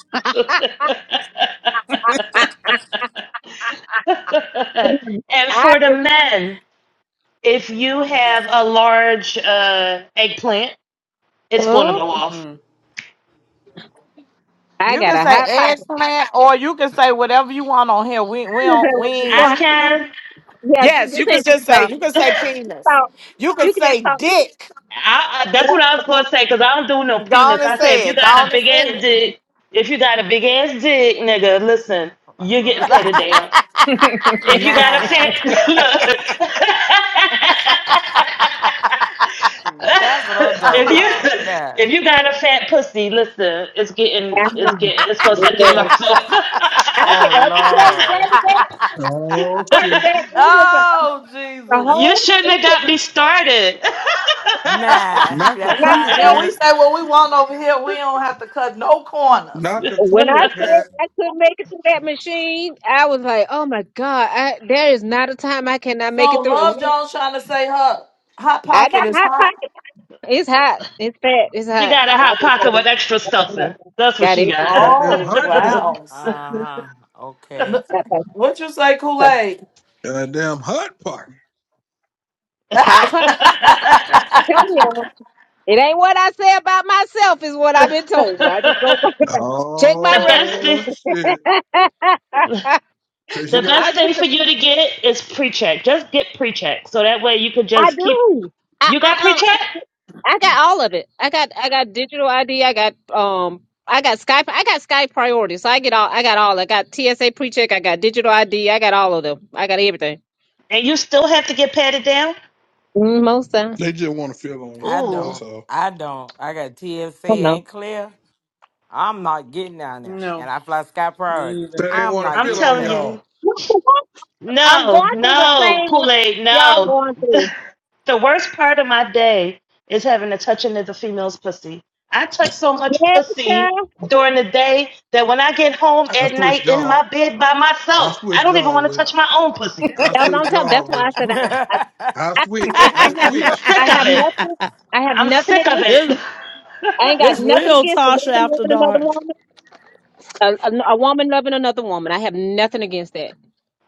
S2: I,
S7: [laughs] [laughs] and
S2: I
S7: for the
S2: just,
S7: men, if you have a large uh, eggplant, it's going to
S2: oh,
S7: go off.
S2: I
S1: You
S2: got
S1: can
S2: a
S1: say
S2: hot pocket.
S1: eggplant, or you can say whatever you want on here. We we don't we.
S7: I
S1: ain't-
S2: [laughs]
S7: can.
S2: Yeah, thi-
S1: Yes,
S2: this
S1: you can
S2: ain't
S1: just
S2: good
S1: say
S2: talk.
S1: you
S2: So
S1: can say penis. You can
S2: you can just
S1: say
S2: talk.
S1: dick.
S7: I, I, that's what
S2: Yeah,
S7: I was going to say because I don't do no
S1: Go on
S7: penis.
S1: and
S7: I said if
S1: say
S7: you
S1: it. Go
S7: got a
S1: on and
S7: big
S1: say
S7: ass dick, if you got a big ass dick, nigga, listen, you're getting petted down.
S5: [laughs]
S7: If you got a fit,
S9: nah.
S7: [laughs] look.
S9: That's what I'm
S1: it.
S9: talking
S7: if
S1: [laughs]
S7: you
S9: about. Nah.
S7: if you got a fat pussy, listen, it's getting
S2: I
S7: it's
S2: know.
S7: getting it's gonna set the
S2: Yes.
S7: alarms off.
S2: I get
S9: Oh,
S2: I was telling you, brother
S9: Lord.
S2: that
S13: Oh
S2: brother
S13: shit!
S2: that it was a,
S1: oh
S7: [laughs]
S2: a
S1: Jesus.
S7: you
S2: whole
S7: shouldn't
S2: it
S7: have
S2: was
S7: got me started. [laughs]
S1: [laughs]
S9: Nah. [laughs]
S13: Not the
S9: That's
S2: not
S13: cooler
S9: right.
S2: that.
S1: yeah, we
S13: cat.
S1: say what we want over here. We don't have to cut no corners.
S13: Not the
S2: When
S13: cooler
S2: I said
S13: cat.
S2: I couldn't make it through that machine, I was like, "Oh my God, I, there is not a time I cannot make
S1: So
S2: it through." And
S1: Love Jones trying to say her hot
S2: I
S1: pocket
S2: got
S1: is
S2: hot
S1: hot.
S2: pockets. It's hot. It's fat. It's
S7: she
S2: hot.
S7: got a
S2: I
S7: hot
S2: just
S7: pocket with extra
S2: wanna-
S7: stuffing. That's what
S2: got
S7: she got.
S2: everything.
S13: Goddamn
S1: Oh
S13: hot pocket.
S2: Mhm.
S1: wow.
S9: Uh huh. Okay.
S1: Look-
S2: Got
S1: What you say,
S2: that-
S1: Kool-Aid?
S13: Goddamn hot pocket.
S1: [laughs]
S2: Hot pockets. Tell me, y'all.
S7: [laughs]
S2: It ain't what I say about myself, is what I've been told. I just go [laughs] by that. Check my
S7: The best
S2: reference.
S7: thing,
S13: Oh
S2: [laughs]
S13: shit! So she
S7: the
S13: got.
S7: best
S2: I just,
S7: thing for you to get is pre-check. Just get pre-check, so that way you could
S2: I
S7: just keep.
S2: do. I
S7: You
S2: uh
S7: got
S2: uh
S7: pre-check,
S2: I got all of it. I got I got digital ID. I got um I got Skype. I got Skype priority. So I get all. I got all. I got TSA pre-check. I got digital ID. I got all of them. I got everything.
S7: and you still have to get patted down.
S2: Mm, Most time.
S13: They just want to feel on you.
S9: I
S7: Ooh,
S13: That's
S9: don't.
S13: all.
S9: I don't. I got TSA
S2: I know.
S9: ain't clear. I'm not getting down there.
S5: No,
S9: And I fly Sky
S5: me
S9: Priority.
S5: neither.
S13: So they
S9: I'm
S13: want to
S9: not
S7: I'm
S13: feel
S9: getting
S13: on
S7: telling
S9: paid.
S7: you,
S13: y'all.
S2: I'm
S7: no,
S2: going through the
S7: no,
S2: same life
S7: Kool-Aid,
S2: y'all
S7: no.
S2: going through.
S7: [laughs] the worst part of my day is having to touch another female's pussy. I touch so much
S2: Yeah,
S7: pussy
S2: child.
S7: during the day that when I get home
S13: I
S7: at
S13: switch
S7: night in
S13: jaw.
S7: my bed by
S13: I
S7: myself, I
S13: switch
S7: don't even
S13: jaw
S7: want to
S13: with. you.
S7: touch my own pussy.
S13: I
S2: That's what
S13: switch
S2: I'm
S5: [laughs]
S2: talking.
S13: jaw
S2: That's why I
S13: with
S9: [laughs]
S13: you.
S2: said
S9: he can't
S2: I,
S13: I
S2: I,
S13: switch.
S2: I I
S13: Let's
S2: have no
S13: switch.
S2: I
S7: Sick of
S2: have
S7: it.
S2: nothing I have
S7: I'm
S2: nothing
S7: sick of
S2: against
S7: it.
S1: this
S2: I ain't
S7: [laughs]
S2: got
S1: this
S2: nothing
S1: real
S2: against a
S1: Tasha
S2: woman
S1: after
S2: loving another
S1: dark.
S2: woman a, a, a woman loving another woman I have nothing against that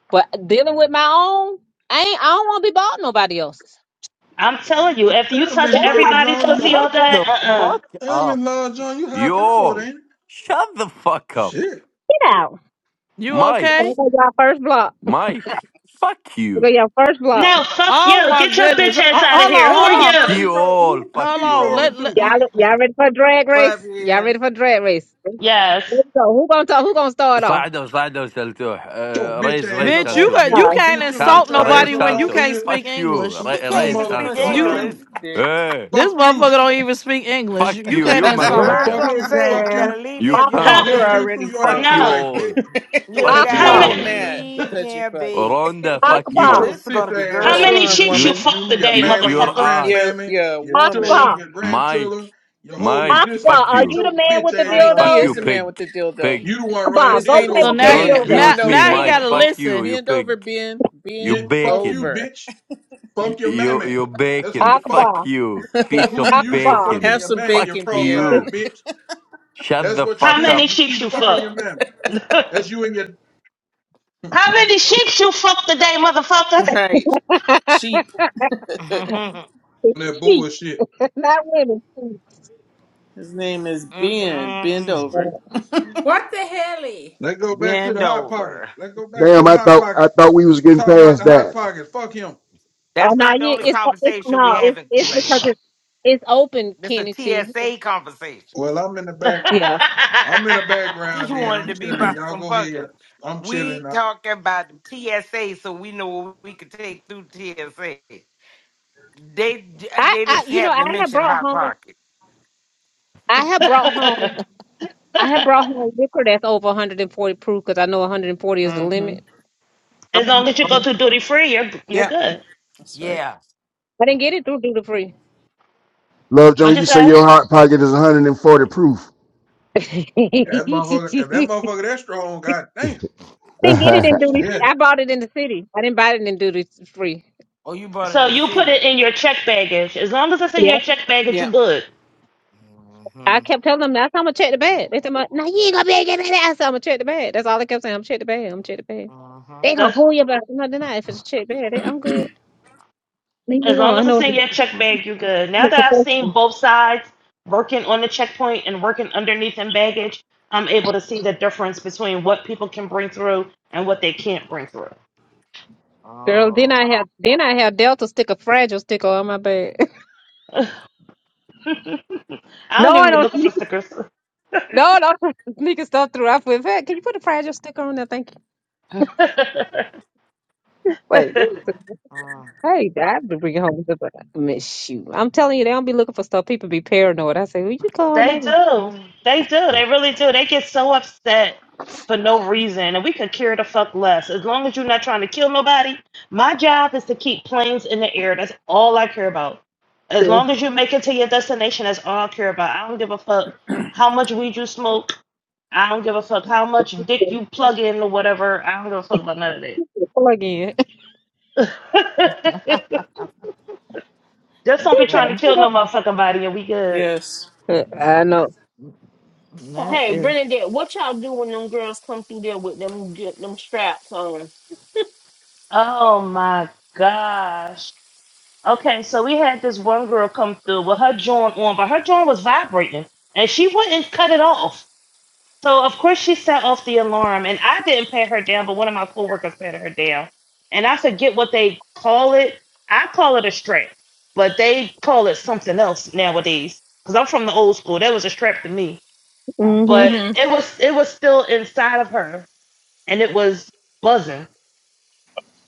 S2: but dealing with my own I ain't I don't want to be bought nobody else's
S7: I'm telling you, if you
S13: Damn, Miss
S7: touch
S2: Don't you
S13: Lodge
S7: everybody's
S13: on
S7: pussy
S13: you.
S7: all
S14: Shut
S7: day,
S14: the
S7: uh-uh.
S14: fuck
S13: Damn, Miss
S14: up.
S13: Lodge on you. High
S14: You
S13: powered,
S14: all.
S13: ain't it?
S14: Shut the fuck up.
S13: Shit.
S2: get out
S1: you
S14: Mike.
S2: okay
S1: okay?
S2: I got y'all first block
S14: Mike. Fuck
S2: I got
S14: you.
S2: y'all first block
S7: No, fuck
S1: Oh
S7: you.
S1: my
S7: Get your
S1: goodness.
S7: bitch
S1: Ho-
S7: ass out of
S1: Hold
S7: here. Who
S1: on,
S7: are
S1: hold
S14: Fuck
S13: Who the
S1: on,
S13: fuck
S7: you?
S14: you
S13: you talk? Who
S14: all.
S13: the fuck
S14: Fuck
S1: hold
S13: you
S14: you
S1: on.
S14: all.
S13: talking
S1: Let,
S13: to?
S1: let
S2: y'all y'all ready for a drag race y'all
S5: Fabian,
S2: ready for a drag race
S7: Yes.
S2: Let's go who gonna talk who gonna start off
S14: صعدوا صعدوا سالتوه
S13: Get your
S14: آه،
S13: bitch
S14: ريز
S13: ass
S14: ريز
S13: up
S1: bitch, you
S13: off of
S14: سالتوه
S1: got you
S13: here.
S2: uh,
S1: can't
S13: Bitch, you don't get
S1: insult
S14: سالت
S13: your
S14: ريز
S13: ass
S1: nobody
S13: up
S1: when you
S13: off of
S14: سالتوه
S1: can't
S13: here.
S1: speak
S14: fuck you
S1: English.
S14: ري-
S13: You
S14: ريز
S9: even
S13: mother,
S9: speak
S5: what's
S14: سالتوه
S1: You
S5: wrong,
S9: English.
S13: you.
S5: dude?
S14: hey
S1: this
S13: Fuck
S1: motherfucker
S13: you.
S1: don't even speak English.
S14: fuck
S1: You, you
S14: you
S1: can't
S14: you
S9: You
S5: [laughs]
S1: insult him.
S10: Block
S9: heard
S14: motherfucker
S13: Fuck
S9: Trump
S10: his
S13: you.
S9: say you
S13: Fuck
S10: ass.
S9: gotta
S13: you.
S9: leave
S14: you
S9: him if you don't
S7: How?
S2: Akbar
S9: speak
S5: you're
S14: cunt
S13: Fuck you
S9: English.
S13: through
S5: already
S13: your
S14: fuck
S5: fucked.
S14: you
S7: No.
S13: afterlife,
S14: all
S13: bitch.
S5: [laughs]
S13: Get your
S9: You
S14: fuck
S13: bitch
S14: you
S7: How
S13: ass
S5: and
S2: Akbar
S9: gotta
S5: you're
S14: all
S13: off
S7: many?
S13: of here.
S5: mad
S9: leave
S5: because you're
S9: him,
S5: fucked.
S9: baby.
S14: Rhonda
S5: [laughs]
S14: fuck
S13: Get
S9: Oh,
S2: Akbar
S14: you
S13: your
S9: this is
S13: sis
S9: gonna be
S13: ass
S7: How
S5: what's
S9: good.
S13: off
S7: many
S13: of
S5: wrong,
S13: here.
S7: sheep you
S14: you
S5: woman?
S7: fuck
S13: You, your
S7: today,
S14: you
S13: mammy, your
S14: your
S7: motherfucker?
S14: ass
S5: You're,
S13: grandmammy,
S5: you're a
S13: your
S5: woman,
S13: children,
S2: Akbar
S13: your
S14: Mike,
S13: grandchildren, your whole
S14: Mike,
S13: existence.
S2: Akbar
S14: fuck
S2: are
S13: Get
S14: you.
S2: you the
S13: your
S2: man
S13: bitch
S2: with the
S13: ass
S5: right? He
S13: off
S14: Fuck
S2: dildo
S13: of
S14: you,
S5: is the
S13: here.
S5: man with
S14: pig.
S5: the dildo.
S14: Pig.
S13: You the one running
S2: Akbar,
S5: His
S2: go
S5: name
S2: play
S5: is
S13: dildo
S1: So
S2: with
S13: up your
S2: your
S1: now he
S5: Ben.
S14: Don't
S13: ass,
S1: got-
S13: you
S2: dildo.
S1: now
S5: Bend
S14: mute me,
S13: sick
S1: now he
S5: over.
S14: Mike.
S1: gotta
S13: motherfucker.
S14: Fuck you,
S1: listen.
S14: you
S5: Bend
S14: pig.
S5: over, Ben.
S14: You
S13: Get
S5: Bend
S13: fuck you,
S14: bacon.
S5: over.
S13: bitch.
S14: Y-
S13: Fuck your
S14: You,
S13: mammy.
S14: you
S13: That's who
S14: bacon.
S13: you fuck.
S14: Fuck
S2: Akbar,
S14: you.
S13: Fuck
S14: Piece
S13: who
S14: of
S13: you used to
S2: Akbar.
S13: fucking
S5: Have
S14: bacon.
S13: your
S5: some
S13: mammy,
S14: Fuck
S13: your
S5: bacon, Ben. [laughs]
S13: cross-eyed
S14: you.
S13: bitch.
S14: Shut
S13: That's
S14: the
S13: what you
S7: How
S14: fuck up.
S13: do.
S7: many
S13: You
S7: sheep
S13: keep
S7: you
S13: fucking your
S7: fuck?
S13: mammy.
S7: [laughs]
S13: That's you and your
S7: how many sheep you fuck today, motherfucker?
S5: Right.
S2: [laughs]
S5: Sheep.
S9: [laughs]
S13: that
S2: Sheep,
S13: bullshit.
S2: not women. sheep.
S5: His name is Ben. Bend
S9: Mm-mm.
S5: over.
S2: Oh
S8: what the hell?
S13: Let's go back to
S9: Bend
S13: the hot pocket.
S9: over.
S13: Let's go back to
S12: Damn,
S13: the
S12: I
S13: hot
S12: thought I
S13: pocket.
S12: thought we was getting
S13: Talking about
S12: past
S13: the hot
S12: that.
S13: pocket. Fuck him.
S9: That's
S2: no,
S9: not the
S2: yeah,
S9: only
S2: it's it's
S9: conversation we
S2: no,
S9: have
S2: it's
S9: in
S2: it's
S9: Kool
S2: because
S9: Aid.
S2: it's it's open,
S9: This a
S2: Kenny T.
S9: TSA conversation.
S13: Well, I'm in the back.
S2: Yeah,
S13: I'm in the
S9: He
S13: background. Then
S9: wanted
S13: I'm
S9: to be
S13: chilling.
S9: about
S13: Y'all
S9: some
S13: go ahead.
S9: fucking.
S13: I'm chilling.
S9: We
S13: Now.
S9: talking about the TSA, so we know what we could take through TSA. They
S2: I
S9: they
S2: I
S9: just
S2: you know
S9: happened
S2: I
S9: to
S2: have
S9: mention
S2: brought
S9: hot
S2: home
S9: pocket.
S2: I have brought home
S7: [laughs]
S2: I have brought home liquor that's over 140 proof because I know 140 is the
S5: Mm-hmm.
S2: limit.
S7: as long
S2: Um,
S7: as you go
S2: um,
S7: to duty free, you're you're
S5: Yep.
S7: good.
S5: That's right.
S9: Yeah.
S2: I didn't get it through duty free.
S12: Love
S7: What
S12: Jones,
S7: you
S12: you say
S7: say?
S12: your hot pocket is 140 proof.
S13: That motherfucker. If
S2: [laughs]
S13: that motherfucker that strong, goddamn.
S12: [laughs]
S2: didn't get it in
S12: that
S2: duty.
S13: Shit.
S2: I bought it in the city. I didn't buy it in duty free.
S9: Oh, you brought it
S7: So
S9: in the
S7: you put it
S9: city.
S7: in your check baggage. As long as it's in your check baggage, you
S5: Yep.
S7: good.
S2: I
S9: Mm-hmm.
S2: kept telling them that's how I'm gonna check the bag. They said, "No, you ain't gonna be able to get that." I said, "I'm gonna check the bag." That's all I kept saying. I'm check the bag. I'm check the bag.
S9: Uh-huh.
S2: They gonna
S7: That's
S2: pull you back. No, they're not. If it's a check bag, they, I'm good. Leave me
S7: as long
S2: alone. I
S7: as it's
S2: know
S7: in your check bag, you good.
S2: I'm
S7: Now
S2: a
S7: that I've seen
S2: professional.
S7: both sides working on the checkpoint and working underneath in baggage, I'm able to see the difference between what people can bring through and what they can't bring through.
S2: Girl, then
S9: Oh.
S2: I have then I have Delta sticker, fragile sticker on my bag. [laughs]
S7: I
S2: no,
S7: don't even
S2: I
S7: be
S2: don't.
S7: looking for
S2: Sneak,
S7: stickers.
S2: no, no, sneaking [laughs] stuff through. I feel bad. Can you put a fragile sticker on there? Thank you. [laughs] Like
S7: [laughs]
S2: this. is-
S9: Mm.
S2: Hey, I have to bring it home. But I miss you. I'm telling you, they don't be looking for stuff. People be paranoid. I say, "Will you calm
S7: They
S2: down?"
S7: do. They do. They really do. They get so upset for no reason, and we could care the fuck less. As long as you're not trying to kill nobody, my job is to keep planes in the air. That's all I care about.
S2: [laughs]
S7: As
S2: Plug
S7: long as you make it to your destination, that's all I care about. I don't give a fuck how much weed you smoke. I don't give a fuck how much dick you plug in or whatever. I don't give a fuck about none of that.
S2: in. [laughs]
S7: [laughs] Just
S1: Oh,
S7: don't
S2: She
S7: be trying to
S1: man,
S2: said,
S7: kill no motherfucking body, and we good.
S5: Yes.
S2: I know.
S1: that
S3: Hey,
S1: is-
S3: Bernadette, what y'all do when them girls come through there with them them straps on?
S7: Oh my gosh. Okay, so we had this one girl come through with her joint on, but her joint was vibrating and she wouldn't cut it off. So of course she set off the alarm and I didn't pat her down, but one of my coworkers patted her down. And I forget what they call it. I call it a strap, but they call it something else nowadays. Because I'm from the old school. That was a strap to me.
S2: hmm
S7: But
S3: hmm
S7: it was it was still inside of her and it was buzzing.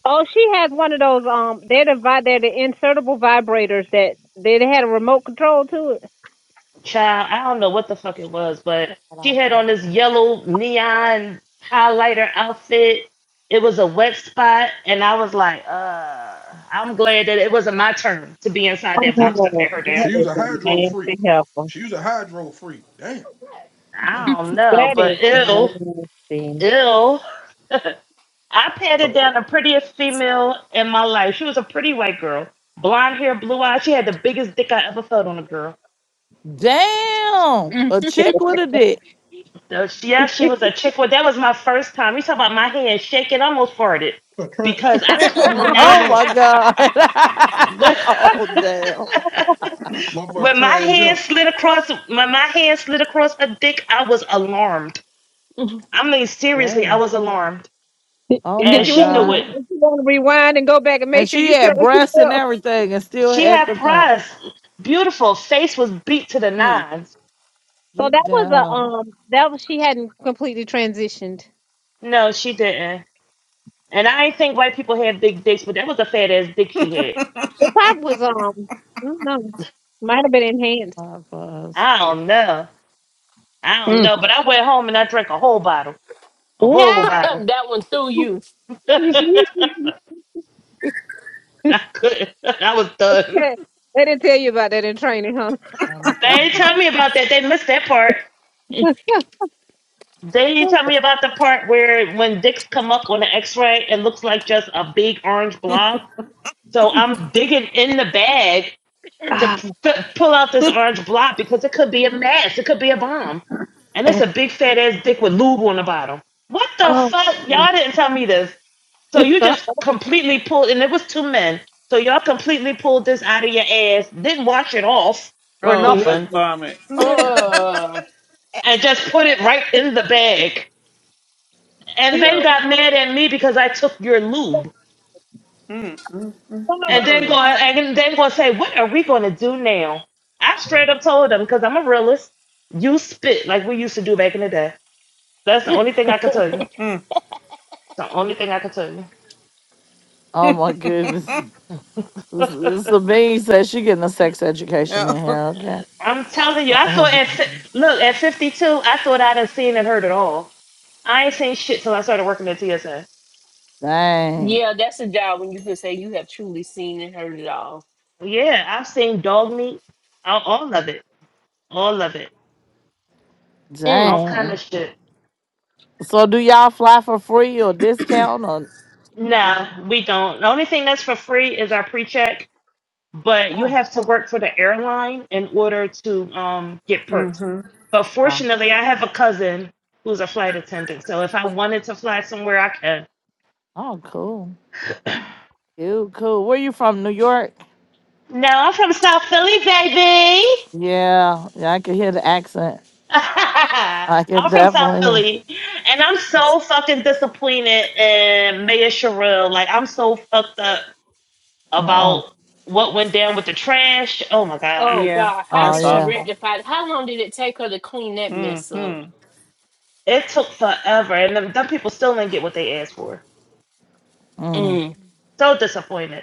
S2: Oh, she has one of those. Um, they're the vi- they're the insertable vibrators that they, they had a remote control to it.
S7: child, I don't know what the fuck it was, but she had on this yellow neon highlighter outfit. It was a wet spot, and I was like, uh, I'm glad that it wasn't my turn to be inside that
S13: She,
S7: box to pat
S2: Oh,
S7: her down.
S2: that
S13: she was
S2: is
S13: a
S2: a
S13: hydro freak.
S2: nasty helper.
S13: She was a hydro freak. Damn. Mm.
S7: I don't know,
S2: That
S7: but
S2: is
S7: ill,
S2: nasty.
S7: ill. [laughs] I patted
S13: What
S7: down the prettiest female in my life. She was a pretty white girl, blonde hair, blue eyes. She had the biggest dick I ever felt on a girl.
S1: damn, a chick with a dick.
S7: The- Yeah, she was a chick. Well, that was my first time. You talk about my hand shaking, I almost farted
S13: that
S7: because I
S5: [laughs]
S7: could not.
S1: Oh
S13: motherfucker?
S1: my god. [laughs] oh damn.
S7: [laughs]
S13: Motherfucker
S7: when my
S13: trans young.
S7: hand slid across, when my hand slid across her dick, I was alarmed.
S3: [laughs]
S7: I mean, seriously, I
S1: Damn.
S7: was alarmed,
S2: [laughs]
S1: Oh
S7: and
S2: Did
S1: my
S2: you
S7: she
S2: want to
S7: knew it.
S1: god.
S2: did you want to rewind and go back and make
S1: And
S2: sure
S1: she
S2: you felt
S1: had
S2: what you
S1: breasts and
S2: felt?
S1: everything, and still
S7: She
S1: had
S7: had
S1: the thing.
S7: breasts, beautiful face was beat to the
S5: mm.
S7: nines.
S2: So
S1: Get
S2: that was a
S1: down.
S2: um that was she hadn't completely transitioned.
S7: No, she didn't. And I ain't think white people had big dicks, but that was a fat ass dick she had.
S2: The
S5: [laughs]
S2: pop was um I don't know. Might have been enhanced.
S1: Five of
S7: I don't know. I don't
S2: Mm.
S7: know, but I went home and I drank a whole bottle. A whole
S2: Yeah.
S7: bottle.
S3: that one through you.
S7: [laughs]
S2: [laughs]
S7: I couldn't. [laughs] I was done.
S2: they didn't tell you about that in training, huh?
S1: one
S7: They ain't
S1: from-
S7: tell me about that. They missed that part. They didn't
S2: [laughs]
S7: tell me about the part where when dicks come up on the x-ray, it looks like just a big orange blob. So I'm digging in the bag to
S2: Ah.
S7: f- pull out this orange block because it could be a mess. It could be a bomb. And it's
S2: eh,
S7: a big fat ass dick with lube on the bottom. What the
S2: oh,
S7: fuck? Y'all didn't tell me this. So you
S2: [laughs]
S7: just completely pulled, and it was two men. So y'all completely pulled this out of your ass, didn't wash it off or
S5: Oh, I
S2: literally,
S7: nothing,
S5: vomit.
S2: literally.
S3: Uh,
S7: and just put it right in the bag. And then got mad at me because I took your lube.
S5: Mm, mm,
S7: and then go and then going to say, "What are we going to do now?" I straight up told them because I'm a realist. You spit like we used to do back in the day. That's the only thing I can tell you.
S5: mm,
S7: The only thing I can tell you.
S1: Oh my goodness.
S5: mm.
S1: This,
S7: [laughs]
S1: this the bee says she getting a sex
S5: [laughs]
S1: education
S5: no.
S1: in here, okay?
S7: I'm telling you, I thought
S1: Uh-oh.
S7: at fi- look at 52, I thought I'd have seen and heard it all. I ain't seen shit till I started working at TSA.
S1: Dang.
S3: yeah, that's a job when you can say you have truly seen and heard it all.
S7: Yeah, I've seen dog meat, all, all of it, all of it, all
S3: Mm.
S7: kind
S1: Dang.
S7: of shit.
S1: So do y'all fly for free or discount or
S7: No, we don't. The only thing that's for free is our pre-check but you
S1: oh,
S7: have to work for the airline in order to um, get perks.
S5: Mm-hmm.
S7: But
S1: oh,
S7: fortunately, I have a cousin who's a flight attendant, so if I wanted to fly somewhere, I could.
S1: oh cool. Cool, cool. Where you from? New York?
S7: No, I'm from South Philly, baby.
S1: Yeah, yeah, I can hear the accent.
S7: [laughs]
S1: I can
S7: I'm from South
S1: definitely hear.
S7: Philly, and I'm so fucking disappointed in Mayor Sherrill. Like, I'm so fucked up
S1: Uh-uh.
S7: about what went down with the trash. Oh my
S3: Oh
S7: god,
S5: Yeah.
S3: God, how
S1: Oh
S3: did
S5: That's
S3: she
S1: yeah.
S5: awful.
S3: rectify? it? How long did it take her to clean that mess up?
S5: Mm-hmm.
S7: it took forever, and them, them people still didn't get what they asked for.
S1: Mm.
S3: Mm.
S7: So disappointed.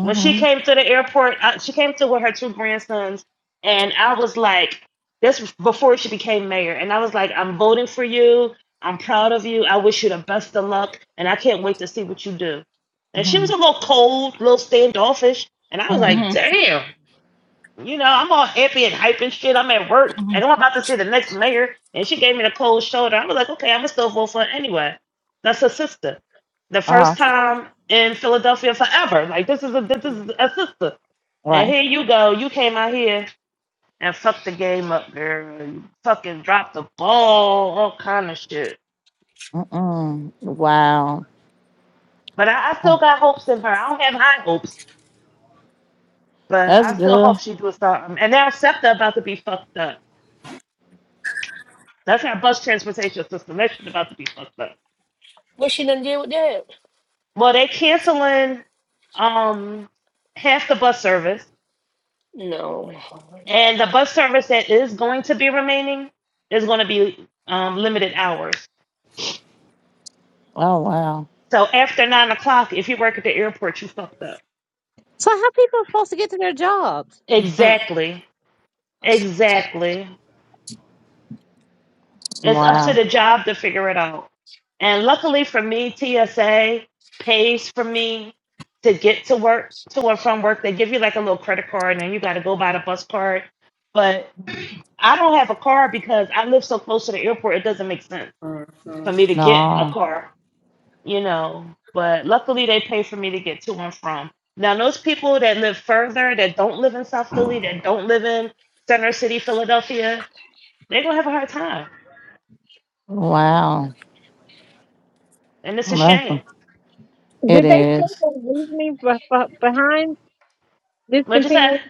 S7: when she came to the airport, uh, she came to with her two grandsons, and I was like, this was before she became mayor, and I was like, I'm voting for you. I'm proud of you. I wish you the best of luck, and I can't wait to see what you do. And she
S1: Mm-hmm.
S7: was a little cold, a little standoffish, and I was
S1: Mm.
S7: like,
S3: Mm-hmm.
S7: damn. You know, I'm all happy and hype and shit. I'm at work
S3: hmm
S7: and I'm about to see the next mayor. And she gave me the cold shoulder. I was like, okay, I'm gonna still vote for it anyway. That's her sister. The
S1: Uh-huh.
S7: first time in Philadelphia forever. Like this is a this is a sister. And
S1: Right.
S7: here you go. You came out here and fucked the game up, girl. You fucking dropped the ball, all kind of shit.
S1: Mm-mm. Wow.
S7: But I, I still got hopes in her. I don't have high hopes, but
S1: That's
S7: I still
S1: good.
S7: hope she do something. And now SEPTA about to be fucked up. That's our bus transportation system. That shit about to be fucked up.
S3: What she done did with that?
S7: Well, they canceling um half the bus service,
S3: No.
S7: and the bus service that is going to be remaining is going to be um limited hours.
S1: Oh wow.
S7: So after nine o'clock, if you work at the airport, you fucked up.
S2: So how people are supposed to get to their jobs?
S7: Exactly. Exactly. It's up to
S1: Wow.
S7: the job to figure it out. And luckily for me, TSA pays for me to get to work, to or from work. They give you like a little credit card and then you got to go buy the bus card. But I don't have a car because I live so close to the airport, it doesn't make sense for me to get a
S1: No.
S7: car, you know. But luckily, they pay for me to get to and from. Now, those people that live further, that don't live in South Philly, that don't live in Center City, Philadelphia, they're going to have a hard time.
S1: Wow.
S7: And it's a
S1: That's-
S7: shame.
S1: It
S2: Did they say
S1: is.
S2: the reasoning be- be- behind
S7: What'd you say?
S2: discontinuing?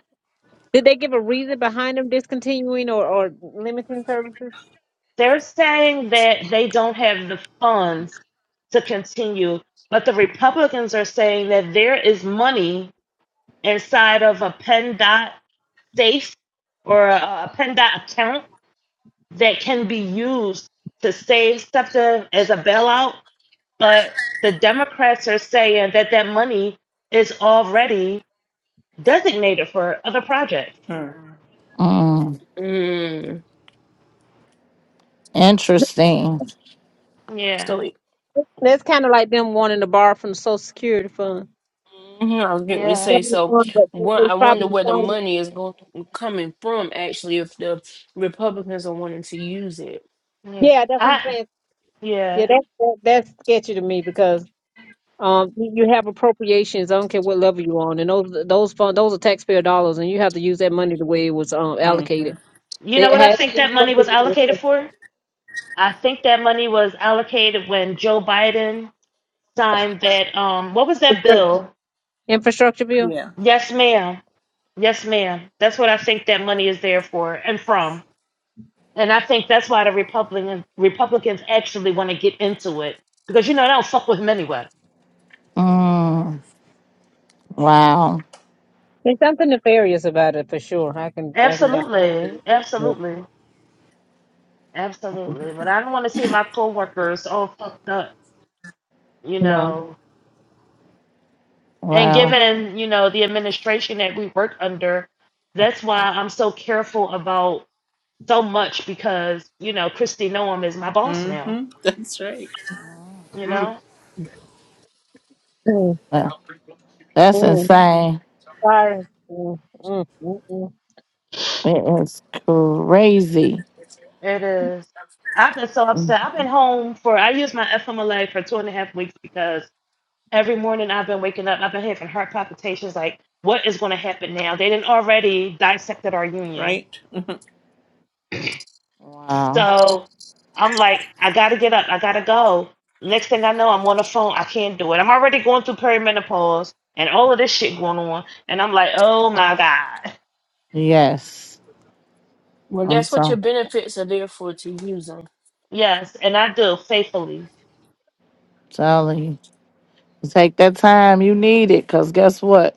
S2: Did they give a reason behind them discontinuing or, or limiting services?
S7: They're saying that they don't have the funds to continue, but the Republicans are saying that there is money inside of a PennDOT safe or a, a PennDOT account that can be used to save SEPTA as a bailout. But the Democrats are saying that that money is already designated for other projects.
S5: Mm-hmm.
S1: Mm.
S3: Mm.
S1: Interesting.
S7: Yeah,
S3: So
S2: That's kind of like them wanting to borrow from the Social Security fund.
S3: mhm, I was going to
S7: yeah,
S3: say
S2: Probably
S3: so.
S2: fun, but it-
S3: One, I
S2: it's
S3: wonder
S2: probably
S3: where the
S2: fun.
S3: money is going coming from. Actually, if the Republicans are wanting to use it,
S7: yeah.
S2: Yeah, that's what I'm
S7: I
S2: saying. Yeah,
S7: yeah.
S2: that, that that's sketchy to me because um you you have appropriations. I don't care what level you're on, and those those fund those are taxpayer dollars, and you have to use that money the way it was um
S5: Mm-hmm.
S2: allocated.
S7: You know
S2: They
S7: what I
S2: had [laughs]
S7: think that money was allocated for? I think that money was allocated when Joe Biden signed that um what was that bill?
S2: infrastructure bill.
S5: Yeah.
S7: Yes, ma'am. Yes, ma'am. That's what I think that money is there for and from. And I think that's why the Republican Republicans actually want to get into it. Because you know they don't fuck with them anyway.
S1: Mm. Wow.
S2: There's something nefarious about it for sure. I can I can got
S7: Absolutely. Absolutely. Absolutely. But I don't want to see my coworkers all fucked up, you
S2: no.
S7: know. And
S1: Wow.
S7: given, you know, the administration that we work under, that's why I'm so careful about so much because you know Christy Noam is my boss now.
S5: Mm-hmm. That's right.
S7: You know
S2: Mm.
S1: Uh, That's
S2: mm.
S1: insane.
S2: Sorry. Mm, mm, mm, mm.
S1: It is crazy.
S7: it is. I've been so upset. I've been home for I used my FMLA for two and a half weeks because every morning I've been waking up. I've been having heart palpitations. Like what is going to happen now? They didn't already dissected our union,
S5: Right? Mm-hmm.
S1: Wow.
S7: so I'm like I got to get up. I got to go. Next thing I know, I'm on the phone. I can't do it. I'm already going through perimenopause and all of this shit going on, and I'm like, oh my god.
S1: Yes.
S3: well,
S1: I'm
S3: that's what your
S1: so
S3: benefits are there for to use them.
S7: Yes, and I do faithfully
S1: telling you. Take that time you need it, cause guess what?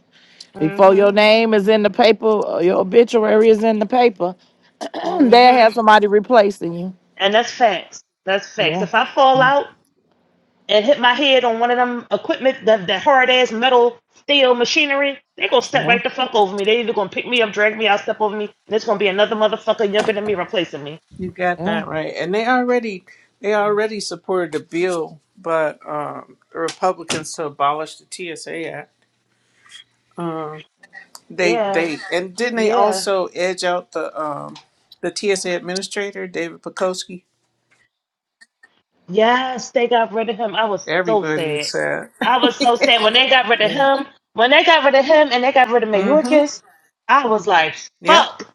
S1: Before
S7: hmm
S1: your name is in the paper, or your obituary is in the paper, [clears throat]
S7: hmm
S1: they'll have somebody replacing you.
S7: And that's facts. That's facts.
S1: Yeah.
S7: If I fall
S1: Mm,
S7: out and hit my head on one of them equipment, that, that hard ass metal steel machinery, they gonna step
S1: Yeah.
S7: right the fuck over me. They either gonna pick me up, drag me out, step over me, and it's gonna be another motherfucker younger than me replacing me.
S5: You got
S1: Yeah.
S5: that right. And they already they already supported a bill, but um, the Republicans to abolish the TSA Act. Um, they
S7: Yeah,
S5: they and didn't they
S7: yeah.
S5: also edge out the um, the TSA administrator David Pekoski?
S7: Yes, they got rid of him. I was so
S5: Everybody was
S7: sad.
S5: sad.
S7: I was so sad when they got rid of
S5: Yeah.
S7: him. When they got rid of him and they got rid of
S5: Mm-hmm.
S7: Mayorkas, I was like,
S5: Yep.
S7: fuck.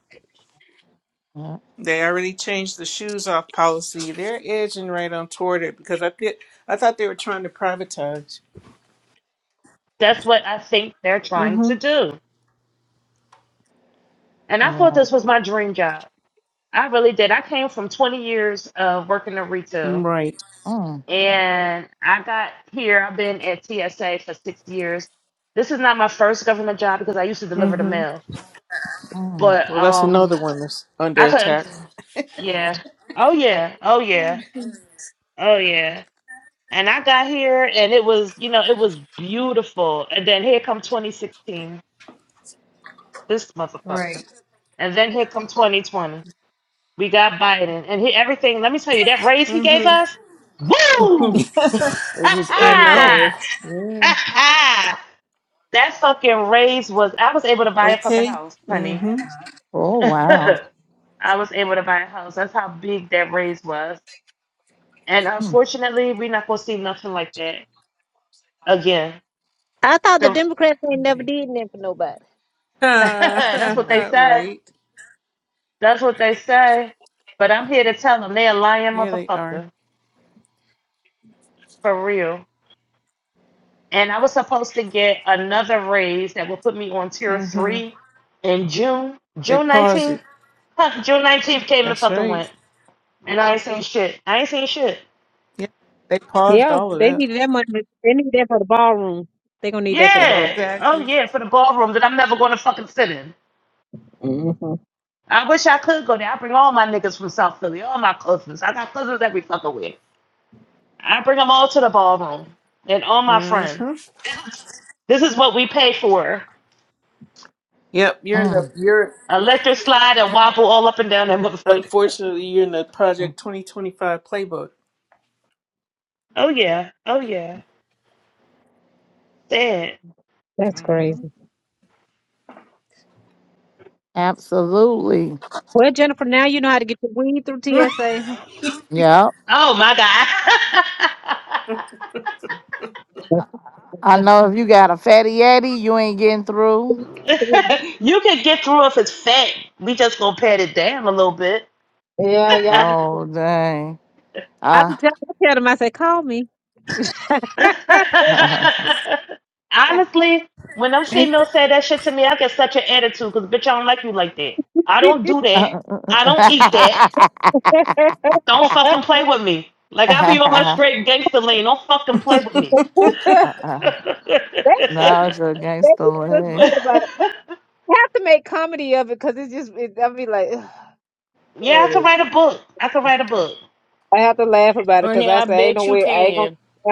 S1: Yeah.
S5: They already changed the shoes off policy. They're edging right on toward it because I did. I thought they were trying to privatize.
S7: That's what I think they're trying to
S5: Mm-hmm.
S7: do. And I thought
S1: Wow.
S7: this was my dream job. I really did. I came from 20 years of working in retail.
S5: Right.
S1: Mm,
S7: And I got here, I've been at TSA for six years. This is not my first government job because I used to deliver the
S5: Mm-hmm.
S7: mail.
S1: mm.
S7: But
S5: Well, that's
S7: um
S5: another one that's under
S7: I couldn't
S5: attack.
S7: yeah. Oh yeah. Oh yeah. Oh yeah. And I got here and it was, you know, it was beautiful. And then here come 2016, this motherfucker.
S5: Right.
S7: And then here come 2020. We got Biden and he, everything. Let me tell you, that raise he gave
S5: Mm-hmm.
S7: us, woo! [laughs] Ha
S5: I know.
S3: everything.
S7: ha!
S5: Yeah.
S7: Ha ha! That fucking raise was, I was able to buy a fucking
S5: Okay.
S7: house, honey.
S5: Mm-hmm.
S1: Oh,
S7: [laughs]
S1: wow.
S7: I was able to buy a house. That's how big that raise was. And
S1: Mm,
S7: unfortunately, we're not going to see nothing like that again.
S2: I thought the
S7: The-
S2: Democrats ain't never did nothing for nobody.
S7: [laughs] That's what they
S5: [laughs]
S7: say.
S5: right.
S7: That's what they say. But I'm here to tell them they a lying
S5: Yeah, they are.
S7: motherfucker. For real. and I was supposed to get another raise that would put me on tier
S5: Mm-hmm.
S7: three in June.
S5: They
S7: June
S5: paused
S7: nineteenth.
S5: it.
S7: Huh, June nineteenth came and
S5: That's
S7: fucking went,
S5: right.
S7: and I ain't seen shit. I ain't seen shit.
S5: Yeah. They paused
S2: Yeah,
S5: all of
S2: they
S5: that.
S2: needed that money. They need that for the ballroom. They gonna need that for the ball.
S7: Yeah. Oh
S5: Exactly.
S7: yeah, for the ballroom that I'm never going to fucking sit in.
S2: hmm
S7: I wish I could go there. I bring all my niggas from South Philly, all my cousins. I got cousins every fucking way. I bring them all to the ballroom and all my friends.
S5: Mm-hmm.
S7: This is what we pay for.
S5: Yep. You're in the.
S1: mm,
S5: You're
S7: Electric slide and wobble all up and down that motherfucker.
S5: unfortunately you're in the
S1: mm.
S5: Project 2025 playbook.
S7: Oh yeah. Oh yeah. Sad.
S2: That's crazy.
S1: Absolutely.
S2: Well, Jennifer, now you know how to get your weed through
S5: [laughs]
S2: TSA.
S1: Yeah.
S7: Oh my God.
S1: I I know if you got a fatty yeti, you ain't getting through.
S2: Yeah,
S7: [laughs] you could get through if it's fat. We just gonna pat it down a little bit.
S2: y'all.
S1: Oh, dang.
S2: I
S1: Uh,
S2: can tell, I tell them, I say, call me. [laughs]
S7: [laughs] Honestly, when them females say that shit to me, I get such an attitude because bitch, I don't like you like that. I don't do
S1: [laughs]
S7: that.
S1: now
S7: I don't eat that.
S2: That's
S7: Don't fucking play with me. Like I be on my straight gangster lane. Don't fucking play with me. [laughs]
S1: it's your gangster
S2: that's a good
S1: leg.
S2: part about it. I have to make comedy of it because it's just, it, I'll be like, ugh.
S7: yeah, I could write a book. I could write a book.
S2: I have to laugh about it because
S3: Honey,
S2: I
S3: I
S2: say, ain't no
S3: bet you
S2: way, I ain't gonna,
S3: can.
S2: [laughs]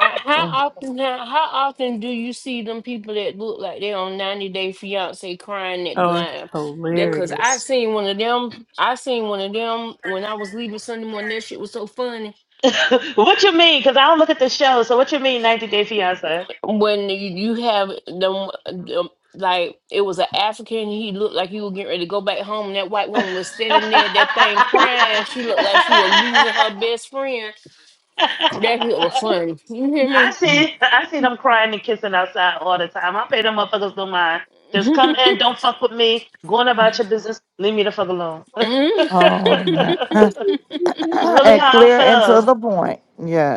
S3: I, how
S1: Oh,
S3: often how, how often do you see them people that look like they're on 90 Day Fiance crying at the
S5: oh,
S3: line? That cause I
S5: hilarious.
S3: seen one of them. I seen one of them when I was leaving Sunday morning. That shit was so funny.
S7: [laughs] what you mean? Because I don't look at the show. So what you mean, 90 Day Fiance?
S3: When you, you have them, them, like it was an African. He looked like he was getting ready to go back home. And that white
S7: [laughs] I
S3: woman was sitting there, that thing crying. She looked like she was losing her best friend. That shit was funny. You hear me?
S1: mm.
S7: see. I see them crying and kissing outside all the time. I pay them motherfuckers no mind. Just
S3: [laughs]
S7: come in, don't fuck with me. Going about your business. Leave me the fuck alone. [laughs] it's
S3: Mm.
S1: Oh, that. [clears throat] [coughs]
S7: really
S1: and
S7: how I
S1: clear and to the
S7: feel.
S1: point.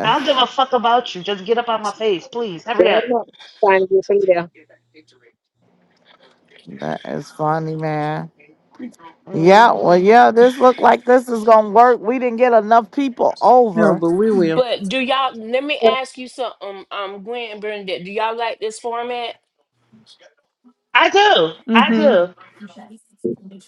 S7: I don't give a fuck about you. Just get up out my face, please.
S2: you
S7: Hurry up.
S2: don't know, trying to get through there.
S1: That is funny, man. Yeah, well,
S7: hmm
S1: yeah, this look like this is gonna work. We didn't get enough people
S5: No,
S1: over.
S5: but we
S3: [laughs]
S5: will.
S3: but do y'all? Let me ask you something, um, um, Gwen and Bernadette. Do y'all like this format?
S7: I do. I
S5: Mm-hmm.
S7: do.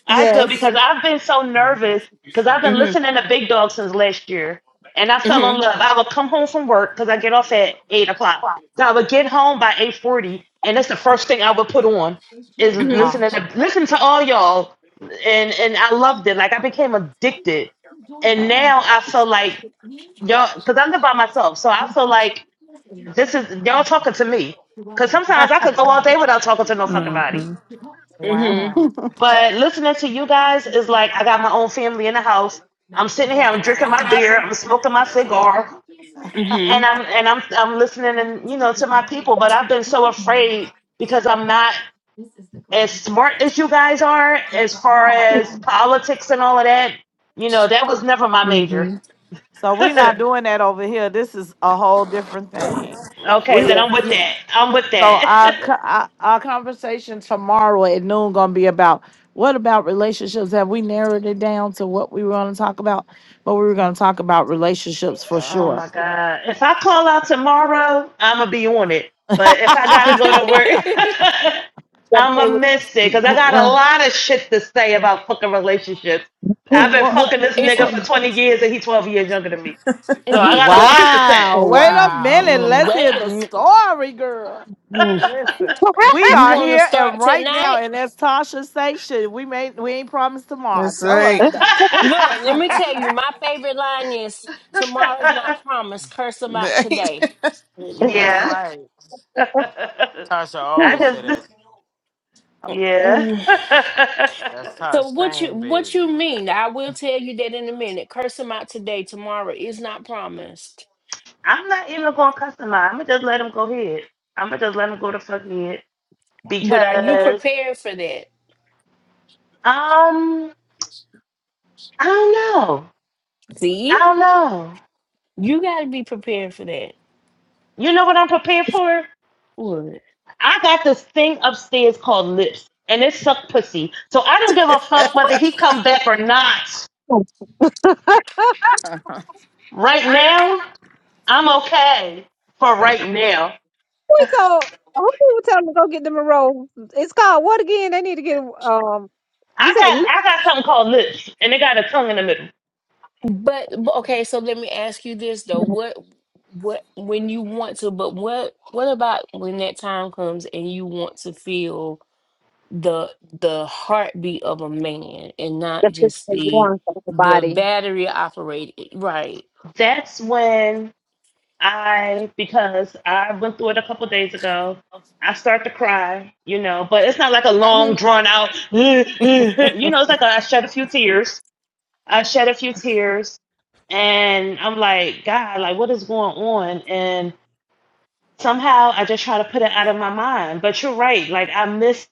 S7: I do
S6: Yes.
S7: because I've been so nervous because I've been listening to Big Dog since last year, and I fell
S1: Oh,
S3: hmm
S7: in love. I would come home from work because I get off at eight o'clock, so I would get home by eight forty, and that's the first thing I would put on is
S3: hmm
S1: oh,
S7: listening to listen to all y'all, and and I loved it. Like I became addicted, and
S1: oh.
S7: now I feel like y'all because I live by myself, so I feel like this is y'all talking to me. Cause
S1: [laughs]
S7: sometimes I could go all day without talking to no fucking body.
S5: Mm-hmm.
S3: hmm
S1: wow.
S7: But listening to you guys is like I got my own family in the house. I'm sitting here, I'm drinking my beer,
S1: Oh.
S7: I'm smoking my cigar,
S3: hmm
S7: and
S1: [laughs]
S7: I'm and I'm I'm listening and you know to my people. But I've been so afraid because I'm not as smart as you guys are as far as
S1: oh.
S7: politics and all of that. You know, that was never my major.
S5: Mm-hmm.
S1: So
S7: [laughs]
S1: we're not doing that over here. This is a whole different thing.
S7: okay,
S1: We
S7: then
S2: Yeah,
S7: I'm with
S1: yeah,
S7: that. I'm with
S1: so our,
S7: that. [laughs]
S1: co- our our conversation tomorrow at noon gonna be about what about relationships? Have we narrowed it down to what we were gonna talk about? But we were gonna talk about relationships for
S7: Oh
S1: sure.
S7: my God. If I call out tomorrow, I'm going to be on it. But if I got
S3: [laughs]
S7: to go to work,
S1: [laughs]
S7: [laughs]
S2: gotta
S7: I'm going
S2: play
S7: to
S2: with.
S7: miss it because I got a lot of shit to say about fucking relationships.
S2: [laughs]
S7: I've
S1: Oh,
S7: been
S1: oh,
S3: well,
S7: fucking this
S3: it's [laughs]
S7: nigga
S1: what
S7: for 20
S1: the-
S7: years and he's 12 years younger than me. So I got a lot to say.
S1: Wow.
S9: Oh,
S1: Wait a
S3: wait
S1: minute.
S9: Wow.
S1: Let's hear
S3: a
S1: the
S3: minute.
S1: story, girl. Listen, we
S3: You
S1: are
S3: want to
S1: here and
S3: start
S1: right now,
S3: tonight?
S1: and as Tasha say, shit, we made we ain't promised tomorrow.
S5: That's
S1: Tell us
S5: right.
S1: about
S3: Look, let me tell
S9: [laughs]
S3: you. My favorite line is "Tomorrow's not promised. Curse them out today."
S5: [laughs]
S7: [laughs]
S9: That's
S7: yeah.
S9: right. Tasha
S7: I
S9: always
S7: just,
S9: said that.
S7: yeah.
S3: Mm.
S9: That's
S7: [laughs]
S3: So
S9: Tasha
S3: what you
S9: thing, baby.
S3: what you mean? I will tell you that in a minute. Curse them out today. Tomorrow is not promised.
S7: I'm not even going to customize. I'm going to just let him go ahead. I'm going to just let him go to fuck ahead.
S3: But are you
S7: because
S3: prepared for that?
S7: um I don't know. I
S3: See,
S7: don't know.
S3: you got to be prepared for that.
S7: You know what I'm prepared for?
S3: What?
S7: I got this thing upstairs called lips, and it suck pussy. So I don't give a fuck whether he come back or not.
S1: it.
S7: Right now, I'm okay for right now.
S2: we told, who did we tell them to go get them a roll? It's called what again? They need to get, um,
S7: I
S2: you said,
S7: got
S2: look,
S7: I got something called lips, and it got a tongue in the middle.
S3: But but- okay, so let me ask you this though: what what when you want to, but what what about when that time comes and you want to feel the the heartbeat of a man and not
S2: that's just
S3: just
S2: the
S3: the
S2: warmth of the
S3: the
S2: body.
S3: battery operated? Right.
S7: That's when I because I went through it a couple days ago. I start to cry, you know, but it's not like a long
S3: Mhm,
S7: drawn out, [laughs] you know. It's like a, I shed a few tears. I shed a few tears, and I'm like, God, like, what is going on? And somehow I just try to put it out of my mind. But you're right. Like I miss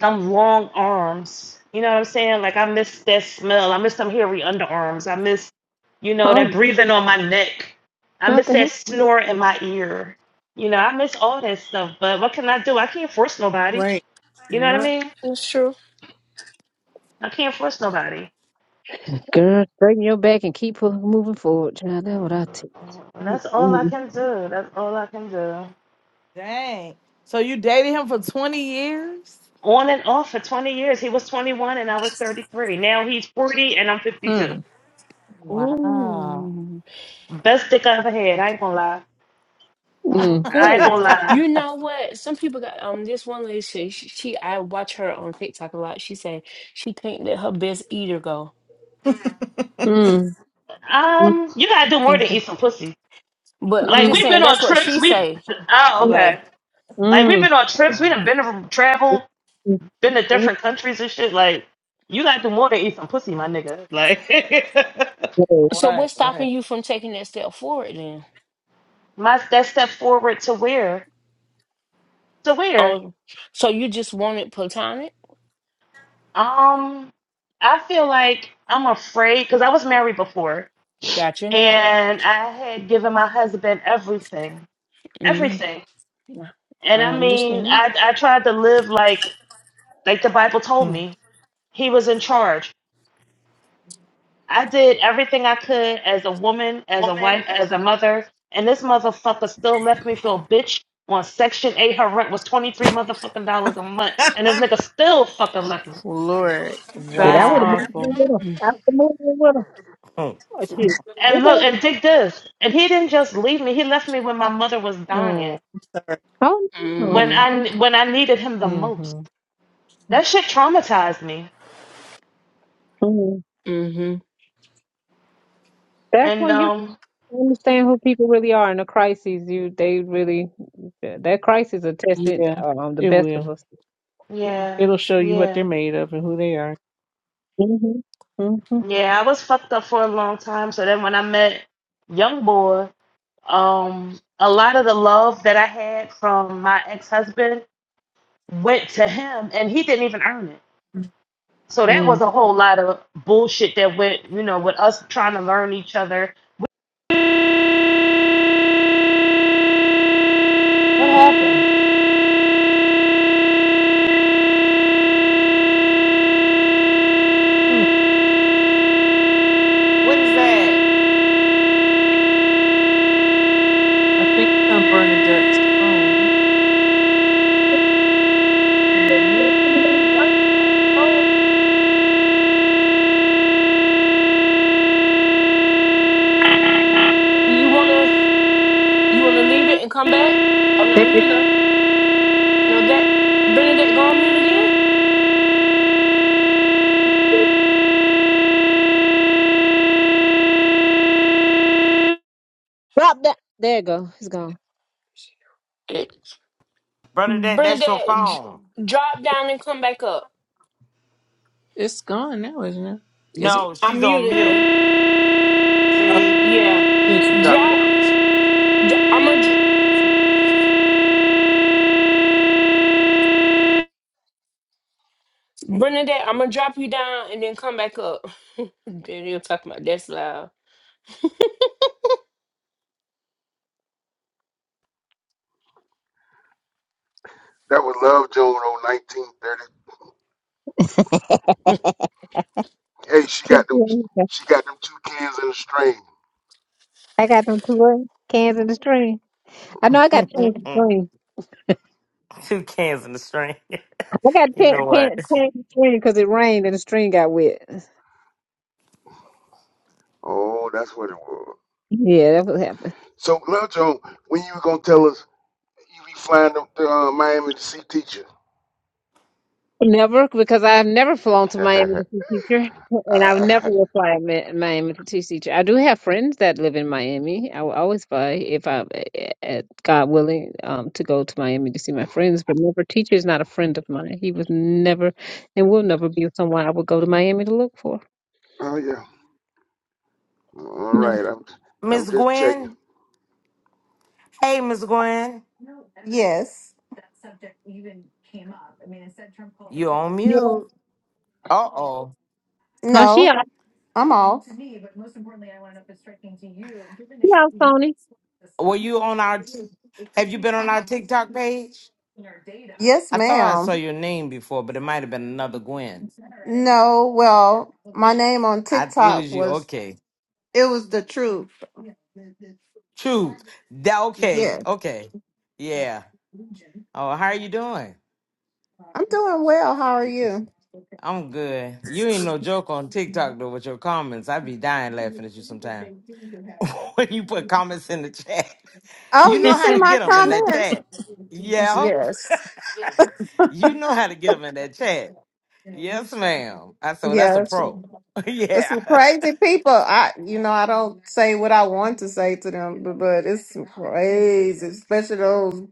S7: them long arms. You know what I'm saying? Like I miss that smell. I miss them hairy underarms. I miss, you know, that breathing on my neck. I
S2: Not
S7: miss
S2: the
S7: that
S2: hand.
S7: snort in my ear. You know, I miss all that stuff. But what can I do? I can't force nobody.
S5: Right.
S7: You know what I
S5: Right.
S7: mean?
S3: That's true.
S7: I can't force nobody.
S2: Girl, straighten your back and keep pu- moving forward, child. That's what I tell you.
S7: That's all I
S2: Mm,
S7: can do. That's all I can do.
S1: [laughs] Dang. So you dated him for 20 years?
S7: On and off for 20 years. He was 21 and I was 33. Now he's 40 and I'm 52.
S5: Mm.
S1: Wow.
S3: Ooh.
S7: Best dick I ever had. I ain't gonna lie.
S9: Mm,
S2: mm,
S7: I
S9: mm,
S7: ain't
S3: Oh,
S7: gonna
S9: mm,
S7: lie.
S3: you know what? Some people got um. This one lady, she, she, she- I watch her on TikTok a lot. She said she can't let her best eater go.
S2: mm, mm,
S7: Um, you gotta do more than
S3: Mhm.
S7: eat some pussy.
S3: But I'm
S7: Like
S2: mm,
S3: just
S7: we've
S3: saying
S7: been on
S3: that's what
S7: trips.
S3: she
S7: We
S3: say.
S7: oh
S2: mm,
S3: Like,
S7: okay. Like we've
S2: mm,
S7: been on trips. We
S9: mm.
S7: done been to travel,
S2: mm.
S7: been to different countries and shit. Like you gotta do more than eat some pussy, my nigga. Like
S2: mm.
S3: so
S1: Right,
S3: what's
S1: right.
S3: stopping you from taking that step forward then?
S7: [laughs] my that step forward to where to where.
S3: Oh, so you just wanted platonic?
S7: Um, I feel like I'm afraid because I was married before
S3: Gotcha.
S7: and I had given my husband everything,
S3: Mm,
S7: everything
S3: yeah,
S7: And
S3: I
S7: I mean,
S3: understand.
S7: I I tried to live like like the Bible told
S5: Mm.
S7: me. He was in charge. I did everything I could as a woman, as a
S9: Woman,
S7: wife, as
S9: as-
S7: a mother, and this motherfucker still left me for a bitch on Section 8. Her rent was 23 motherfucking dollars a month, and this nigga still fucking left me.
S5: Lord,
S2: Shit, I
S5: that's
S2: would have
S1: Wow.
S2: moved
S5: awful.
S2: in with him.
S3: Mm,
S2: I would have moved in with him.
S9: Hmm.
S2: Oh, shit. Move
S7: And look,
S2: in.
S7: and dig this. And he didn't just leave me. He left me when my mother was dying,
S5: Oh,
S2: Oh, no.
S7: when
S3: mm-hmm.
S7: I when I needed him the most.
S5: mm-hmm.
S7: That shit traumatized me.
S2: Mm. That's
S7: And
S2: when you
S7: um,
S2: understand who people really are in the crises. You, they really, that crisis are tested
S5: yeah,
S2: um, the
S5: it
S2: best of
S5: will.
S2: us.
S7: yeah,
S5: It'll show you what
S7: yeah.
S5: they're made of and who they are.
S2: Mm-hmm. Mm-hmm.
S7: Yeah, I was fucked up for a long time. So then when I met Young Boy, um, a lot of the love that I had from my ex husband went to him and he didn't even earn it. So that was
S2: Mm.
S7: a whole lot of bullshit that went, you know, with us trying to learn each other.
S1: What happened?
S5: Mm.
S9: what is that,
S5: I think it's on Bernadette's phone. Can we
S3: You wanna you wanna leave it and come back? Oh no,
S2: There
S3: here
S2: it-
S3: you go. No, that Bernadette go on mute again.
S2: Drop that. There it go. It's gone.
S9: brother? That that's your
S3: Bernadette, j-
S9: phone.
S3: drop down and come back up.
S5: It's gone now, isn't it? Is it?
S9: No,
S3: I
S9: she's on
S3: muted
S9: mute.
S3: her.
S5: Oh,
S9: See,
S3: Yeah,
S5: she needs to drop
S3: drop.
S5: down.
S3: dro- I'm gonna Bernadette. I'm gonna drop you down and then come back up. [laughs] Then you'll talk about that's loud.
S12: was Love Jones on 1930. Hey, she got
S2: Keep
S12: them
S2: going.
S12: she got them two cans in a string.
S2: I got them two what? cans in the stream. I know
S9: [laughs]
S2: I
S9: two
S2: got cans in the stream.
S9: cans in the string. [laughs]
S2: I got
S9: you
S2: ten,
S9: know what,
S2: ten,
S9: [laughs]
S2: cans in the stream because it rained and the stream got wet.
S12: Oh, that's what it was.
S2: Yeah, that what happened.
S12: So Love Jones, when you were gonna tell us you be flying up to uh, Miami to see teacher?
S2: Never, because I've never flown to Miami
S12: [laughs]
S2: to see teacher, and I never
S12: Uh,
S2: will fly to Mi- Miami to see teacher. I do have friends that live in Miami. I will always fly if I, eh, eh, God willing, um, to go to Miami to see my friends. But never, teacher is not a friend of mine. He was never, and will never be someone I would go to Miami to look for.
S12: oh yeah. All
S2: No,
S12: right. I'm I'm
S9: Miss
S12: just checking.
S9: Gwen? Hey, Miss Gwen,
S6: Yes.
S9: you on
S2: Yeah.
S9: mute? Uh oh.
S2: no, she
S6: No,
S2: out,
S6: I'm off. Yes,
S2: she out, Sony.
S9: Were you on our? T- have you been on our TikTok page? I thought I saw
S6: ma'am.
S9: your name before, but it might have been another Gwen.
S6: No, well, my name on
S9: I it
S6: TikTok
S9: was you.
S6: was
S9: Okay.
S6: it was the truth.
S9: True. That okay.
S6: Yes.
S9: Okay. Yeah. Oh, how are you doing?
S6: I'm doing well. How are you?
S9: I'm good. You ain't no joke on TikTok though with your comments. I be dying laughing at you sometimes. [laughs] when you put comments in the chat.
S6: Oh,
S9: You
S6: you
S9: know how
S6: see
S9: to
S6: my
S9: get them in that
S6: comments?
S9: chat. Yeah.
S6: Yes.
S9: [laughs] You know how to get them in that chat. Yes, ma'am. I said, well, that's
S6: Yeah,
S9: a
S6: that's
S9: pro. [laughs]
S6: There's
S9: yeah.
S6: some
S9: [laughs]
S6: crazy people. I, you know, I don't say what I want to say to them, but, but it's some crazy, especially those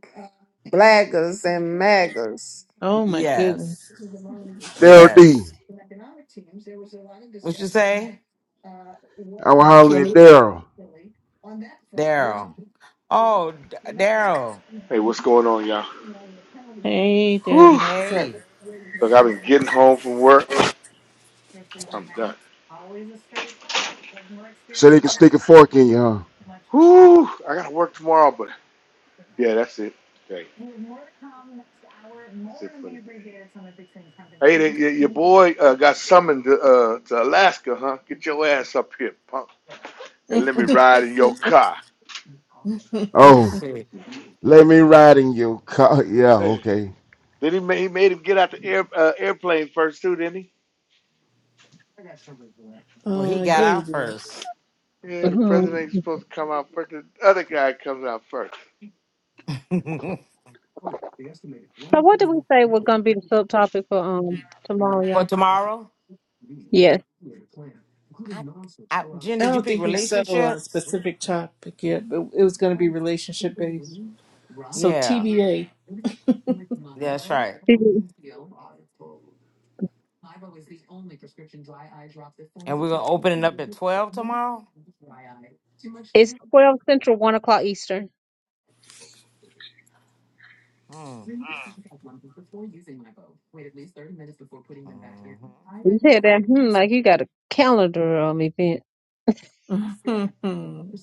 S6: blaggers and maggers.
S5: Oh my goodness.
S9: Yes.
S2: Mhm.
S12: Daryl
S9: Yes.
S12: D.
S9: What you say,
S12: I was hollering at
S9: Kenny?
S12: Daryl.
S9: Daryl. Oh, D- Daryl.
S15: Hey, what's going on, y'all?
S5: Hey,
S15: Whew.
S5: Debbie. What's up?
S9: Hey,
S15: Look, I've been getting home from work. I'm done.
S12: So they can stick a fork in you, huh?
S15: Whew. I got to work tomorrow, but yeah, that's it. Okay, that's it for the day. Hey, the, your, boy uh, got summoned to, uh, to Alaska, huh? Get your ass up here, punk, and let me ride in your
S5: [laughs]
S15: car.
S9: he
S12: Oh,
S9: said.
S12: let me ride in your car. [laughs] Yeah,
S15: Hey,
S12: okay.
S15: then he made, he made him get out the air, uh, airplane first, too, didn't he?
S9: Well, he
S5: uh,
S9: got
S5: yeah,
S9: out
S5: yeah.
S9: first.
S15: Yeah, the
S2: hmm
S15: president ain't supposed to come out first. The other guy comes out first.
S9: [laughs] For
S2: So what did we say was going to be the subtopic for um tomorrow, y'all?
S9: tomorrow,
S2: Yes,
S9: I, I, Jen,
S5: I
S9: did you
S5: don't
S9: pick
S5: think we settled on a
S9: relationships?
S5: specific topic yet, but it was going to be relationship based. So
S9: Yeah,
S5: TBA.
S9: that's right.
S2: it's
S9: And we're gonna open it up at twelve tomorrow.
S2: twelve central, one o'clock Eastern.
S9: Hmm. Mhm.
S2: You said that, hmm, like you got a calendar um event.
S5: [laughs] well,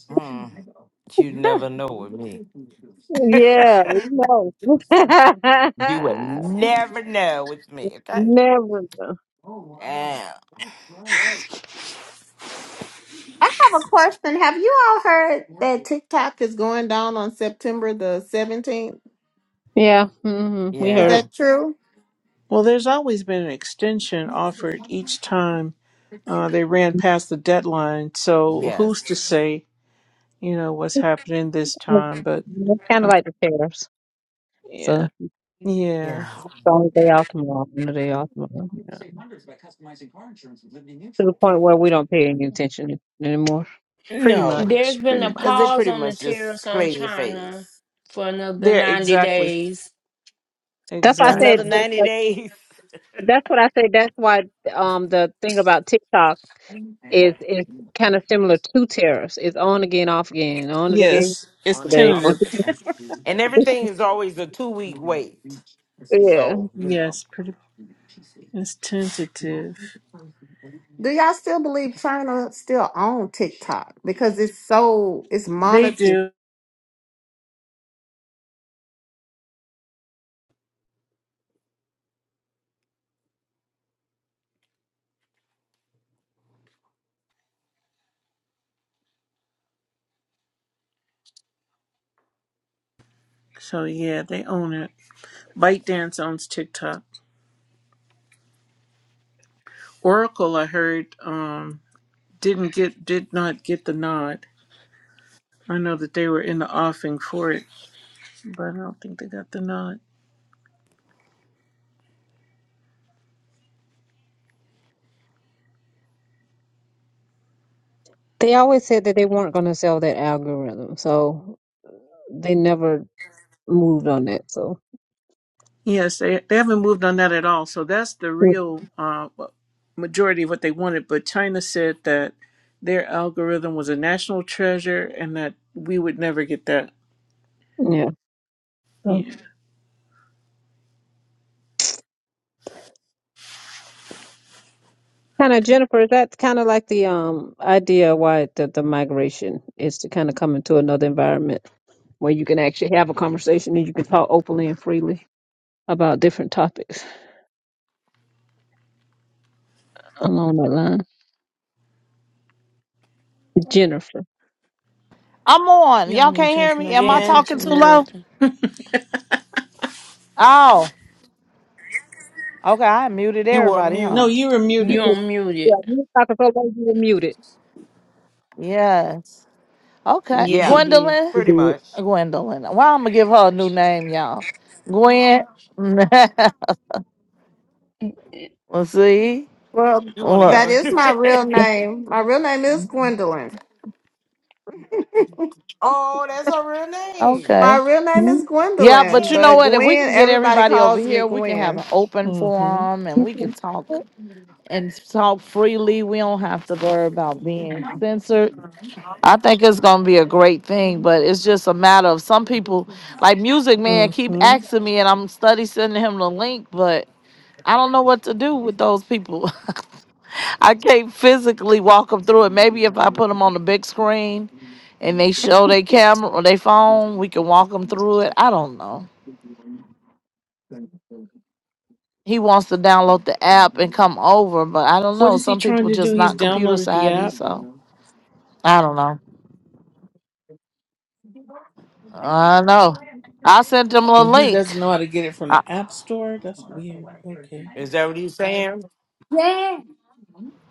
S9: Hmm. You never know with me. [laughs]
S2: Yeah, no, [laughs]
S9: you will never know with me. Okay.
S2: never. know.
S9: Yeah.
S6: I have a question. Have you all heard that TikTok is going down on September the 17th?
S2: Yeah, hmm we
S6: Is
S9: Yeah.
S2: heard.
S6: that true?
S5: there's always been an extension offered each time uh, they ran past the deadline. So who's to
S9: Yes.
S5: say, you know, what's happening this
S2: It's
S5: time? But
S2: kind of
S5: uh,
S2: like the tariffs. So
S5: yeah,
S2: it's
S5: yeah,
S9: Yeah.
S2: the only day off tomorrow. Only day off tomorrow. Yeah. To the point where we don't pay any attention anymore.
S5: pretty
S9: No,
S5: much,
S3: There's been
S5: pretty
S3: a
S9: because they
S5: much.
S3: pause
S9: pretty
S3: on the
S9: much
S3: tariffs
S9: just
S3: on
S9: play in your
S3: China
S9: face.
S3: for another
S5: There,
S3: 90
S5: exactly,
S3: days.
S2: That's why I
S9: Another
S5: exactly.
S2: said.
S9: ninety days
S2: That's what I say. That's why um the thing about TikTok is is kind of similar to tariffs. It's on again, off again, on again.
S5: Yes,
S9: [laughs]
S5: it's
S9: on and get
S2: They [laughs]
S9: off
S5: tentative.
S9: again. And everything is always a two week wait.
S2: yeah.
S9: So, you know.
S5: Yes, pretty. It's tentative.
S6: Do y'all still believe China still own TikTok because it's so it's
S5: They
S6: monitored?
S5: do. So yeah, they own it. ByteDance owns TikTok. Oracle, I heard, um, didn't get did not get the nod. I know that they were in the offing for it, but I don't think they got the nod.
S2: They always said that they weren't going to sell that algorithm, so they never moved on that. So
S5: Yes, they they haven't moved on that at all. So that's the
S2: Mm.
S5: real uh, well, majority of what they wanted. But China said that their algorithm was a national treasure and that we would never get that.
S2: yeah. So
S5: Yeah.
S2: kind of Jennifer, Is that kind of like the um idea why the the migration is to kind of come into another environment where you can actually have a conversation and you can talk openly and freely about different topics along that line. Jennifer.
S1: I'm on.
S3: Y'all
S1: Y'all
S3: know
S1: can't hear
S3: Jennifer
S1: me.
S3: don't
S1: Am
S3: pay
S1: I
S9: Jen,
S1: talking too
S3: attention to
S1: low?
S3: nothing.
S1: Oh, okay. I muted
S9: you were
S1: everybody,
S5: No,
S1: huh?
S9: mute.
S5: you were
S3: You
S5: muted.
S2: You-
S3: on muted.
S2: Yeah, you talk so long you were muted.
S1: Yes. Okay,
S3: Yes,
S9: Yeah,
S2: You
S3: you
S1: Gwendolyn.
S2: you
S9: pretty much.
S1: Gwendolyn. Well, I'm gonna give her a new name, y'all. Gwen. [laughs] well,
S3: did.
S1: see,
S6: Well,
S9: You want to give
S1: look.
S6: that
S9: her [laughs]
S6: is
S9: new
S6: my real
S2: did.
S9: name.
S6: name. My real name is Gwendolyn.
S9: oh, that's her real name.
S6: My
S1: Okay.
S6: real name
S2: Mhm,
S6: is
S1: Yeah,
S9: Go
S1: but
S6: Gwendolyn,
S1: you
S9: ahead,
S1: know
S6: but
S1: what? If
S9: Jen.
S1: we
S6: Gwen,
S1: can get
S6: everybody
S1: everybody over
S6: calls me
S1: here, we can have an
S6: Gwen.
S1: open
S5: hmm
S1: forum and we can
S2: Okay.
S1: talk and talk freely. We don't have to worry about being censored. I think it's gonna be a great thing, but it's just a matter of some people, like Music Man, keep
S5: Mm-hmm.
S1: asking me, and I'm study sending him the link, but I don't know what to do with those people. [laughs] I can't physically walk them through it. Maybe if I put them on the big screen and they show their camera or their phone, we can walk them through it. I don't know. He wants to download the app and come over, but I don't
S5: What
S1: know.
S5: is he
S1: Some
S5: trying
S1: people
S5: to do?
S1: just
S5: He's
S1: not computer
S5: downloaded the
S1: savvy,
S5: app
S1: so I don't know. I know. I sent them a
S5: and he
S1: link.
S5: doesn't know how to get it from
S1: I
S5: the app store. That's weird. Okay.
S9: Is that what he's saying?
S8: Yeah.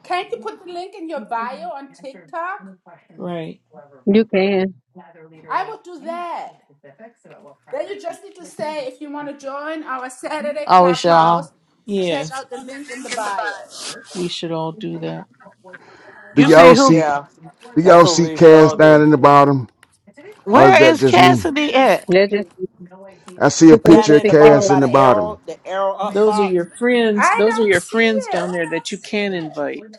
S8: Can't you put the link in your bio on TikTok?
S5: Right.
S2: You can.
S8: I would do that. Then you just need to say if you want to join our Saturday
S1: always y'all.
S8: Clubhouse,
S5: Yeah.
S8: check out the link in the bio.
S5: We should all do that.
S12: Do
S1: You see
S12: y'all
S1: who?
S12: see
S9: Yeah,
S12: do
S9: that's
S12: y'all
S9: what
S12: see
S9: we should
S12: Cass
S9: all
S12: down
S9: do.
S12: in the bottom? Or is
S1: Where
S12: that
S1: is
S12: just me?
S1: Cassidy at?
S2: They're just
S12: I see a
S2: people need
S9: Down
S2: to
S12: picture of
S9: in the
S2: pick
S9: bottom
S2: that.
S12: Cass in
S9: by
S12: the
S9: the
S12: bottom.
S9: arrow, the arrow up
S5: Those are
S9: box.
S5: your friends.
S8: I
S5: Those are
S8: don't
S5: your
S8: see
S5: friends
S8: it.
S5: down there that you can invite.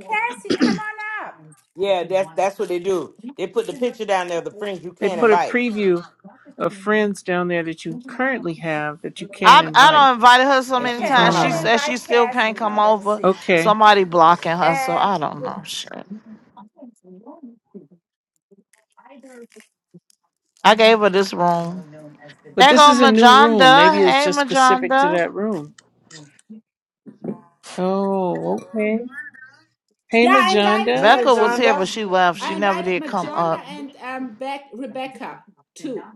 S8: Cassie, come on up.
S9: Yeah, that's that's what they do. They put the picture down there of the friends you
S5: They
S9: can't
S5: put a
S9: invite,
S5: preview of friends down there that you currently have that you can
S1: I I
S5: invite.
S1: don't invited her so
S9: and
S1: many
S8: Okay,
S9: she's one
S1: times.
S8: I'm
S9: of
S1: She
S8: gonna
S5: Um,
S9: them.
S1: said she
S8: invite
S1: still
S8: Cassie
S1: can't come
S8: now. Let's
S1: over.
S8: see.
S5: okay.
S1: Somebody blocking her, so
S8: And
S1: I don't know. Shit. I gave her this room.
S5: But
S1: There
S5: this
S1: go
S5: is a new room. Maybe
S1: Majanda.
S5: it was
S1: Hey,
S5: just specific to
S1: Majanda.
S5: that room. Oh, okay. Hey,
S8: yeah, I invited
S5: Majanda.
S8: her
S1: Becca was here,
S8: too.
S1: but
S9: Legenda.
S1: she left. She
S8: I
S1: never
S8: invited
S1: did come
S8: Majonda
S1: up.
S8: and um Beck Rebecca too.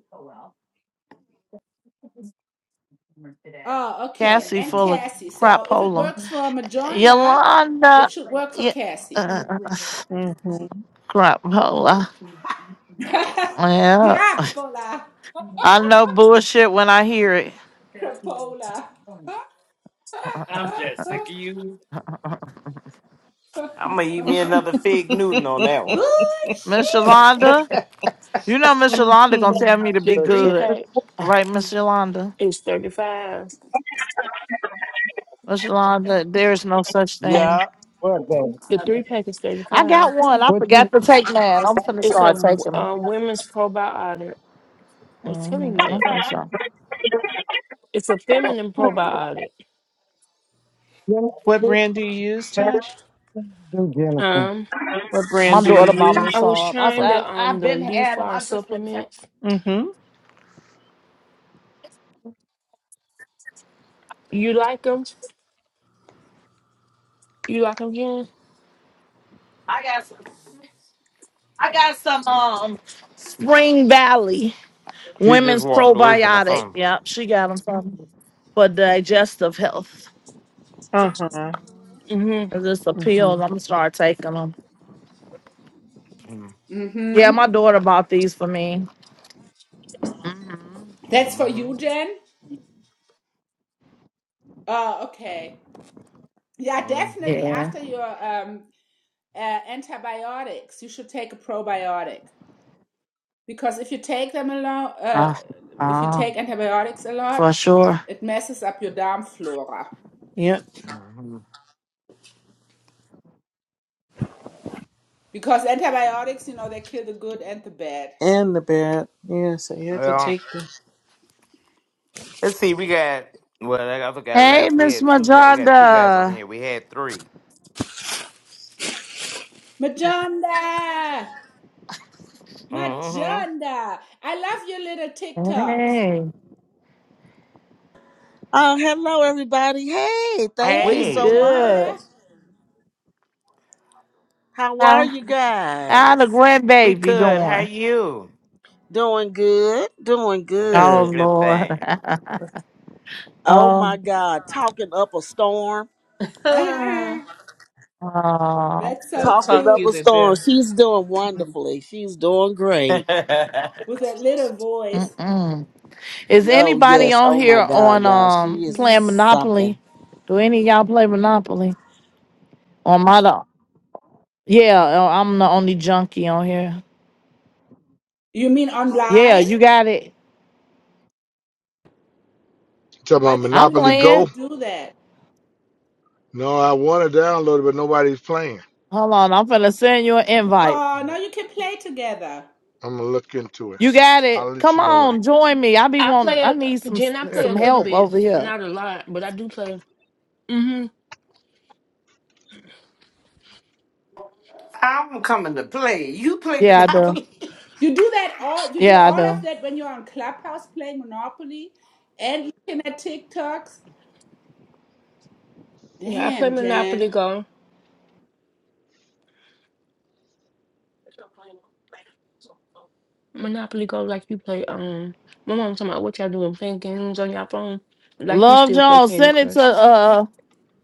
S8: Oh, okay.
S1: Cassie
S8: And
S1: full of
S8: Cassie. So if it
S1: crapola.
S8: works for Majonda,
S1: Yolanda.
S8: it should work for
S1: Yeah.
S8: Cassie.
S1: Uh,
S5: Mm-hmm.
S1: crapola.
S8: [laughs]
S1: Yeah.
S8: Crapola.
S1: I know bullshit when I hear it.
S8: Crapola.
S9: I'm
S8: [laughs]
S9: I'm gonna eat me another fig Newton on
S5: [laughs]
S9: that
S1: Miss
S8: Bullshit.
S1: Yolanda. You know Miss Yolanda gonna tell
S5: hmm
S1: me to be
S10: So shit
S1: good.
S10: for
S1: Right, Miss Yolanda? Miss Yolanda, there is no such thing.
S9: Yeah.
S10: what baby?
S3: The three pack is
S1: I
S3: 35.
S1: got one. I
S10: What you
S1: forgot to take mine. I'm finna
S3: It's a
S1: start taking 'em.
S3: uh, women's probiotic. I was
S1: hmm
S3: telling you that.
S1: I'm so sorry.
S3: It's a feminine probiotic.
S5: What
S10: Jennifer?
S5: brand do you use, Tosh?
S10: Do Jennifer?
S3: Um,
S5: What
S1: My
S5: brand do
S1: daughter
S5: you
S1: bought me
S3: I
S5: use?
S3: was
S1: some. I
S3: trying
S1: said
S3: the
S1: I,
S3: um
S1: have
S3: the
S1: been had them.
S3: Lefar
S1: I just been. ta-
S3: supplements.
S5: Mm-hmm.
S3: You like them? You like them, Jen?
S1: I got some. I got some. Um, Spring Valley
S9: She just
S1: Women's
S9: walked away from the
S1: Probiotic.
S9: phone.
S1: Yep, she got them from for digestive health.
S5: Uh-huh.
S3: Mm-hmm.
S1: It's just a
S5: Mm-hmm.
S1: pill. I'm gonna start taking them.
S9: Mm-hmm.
S1: Yeah,
S8: Mm-hmm.
S1: my daughter bought these for me. hmm
S8: That's for
S9: Mm-hmm.
S8: you, Jen? Oh, okay. Yeah,
S9: hmm
S8: definitely
S1: Yeah.
S8: after your um, uh, antibiotics, you should take a probiotic because if you take them a lot, uh,
S1: Ah,
S8: if you
S1: ah,
S8: take antibiotics a lot,
S1: for sure.
S8: it messes up your darm flora.
S5: Yep.
S8: Because antibiotics, you know, they kill the good and the bad.
S5: And the bed. Yeah, so you have to
S9: Well,
S5: take this.
S9: let's see. We got well. I forgot
S1: Hey,
S9: left. We
S1: Miss
S9: had two. guy- We got two guys on
S1: Majonda.
S9: here. We had three.
S8: Majonda!
S9: Mm-hmm.
S8: Majonda! I love your little TikToks.
S1: Hey,
S16: Oh, hello, everybody. Hey, thank
S8: Hey,
S16: you
S1: we
S16: so
S9: Hey,
S16: much.
S1: good.
S8: Majonda!
S16: How are
S1: How
S16: you
S1: how the
S16: guys?
S9: we
S1: grandbaby
S9: good. How
S1: doing?
S9: you?
S16: Doing good. Doing
S9: That's a
S1: Oh
S16: good.
S9: good
S1: Lord.
S9: thing.
S1: [laughs]
S16: Oh, my
S1: oh.
S16: God. Talking up a storm.
S5: Ah,
S8: [laughs]
S1: Oh.
S8: That's
S5: [sighs] They'll
S8: so
S16: Talking
S5: talk
S16: up
S5: you
S16: a
S8: cute
S5: to
S16: storm.
S5: death.
S16: She's doing wonderfully. She's doing
S9: [laughs] I'm
S16: great.
S8: with that little voice.
S1: Mm-mm. Is
S16: Oh,
S1: anybody
S16: yes.
S1: on
S16: Oh,
S1: here
S16: my God,
S1: on
S16: y'all.
S1: um
S16: She is
S8: hmm
S1: playing
S16: something.
S1: Monopoly? Do any of y'all play Monopoly? Or am I the yeah, oh, I'm the only junkie on here.
S8: You mean
S1: Yeah,
S8: online?
S1: you got it.
S15: You Talking
S8: I
S15: about
S8: didn't
S1: I'm
S8: even know
S15: Monopoly
S8: you
S1: playing.
S15: Go?
S8: could do that.
S15: No, I want to download it, but nobody's playing.
S1: Hold on, I'm finna send you an invite.
S8: Oh, now you can play together.
S15: I'm gonna look into it.
S1: You got it.
S15: I'll let
S1: Come
S15: you know when
S1: on, join me. I be
S3: I
S1: want
S3: play
S1: I need
S3: a
S1: some
S3: Jen. I
S15: I.
S3: play a
S1: some
S3: little
S1: help
S3: bit,
S1: over here.
S3: not a lot, but I do play. Mm-hmm.
S9: coming to play. You play
S1: Yeah, I do.
S9: Monopoly.
S8: You do that all you do
S1: Yeah, I
S8: all of
S1: do.
S8: that when you're on Clubhouse playing Monopoly and looking at TikToks.
S3: Yeah, I play
S8: Damn,
S3: Monopoly
S8: Jan.
S3: Go. Monopoly Go, like you play. Um, my mom talking about what y'all doing, playing games on your phone, like you
S1: Love
S3: still play
S1: Jones,
S3: Candy
S1: send it to
S3: Crush.
S1: uh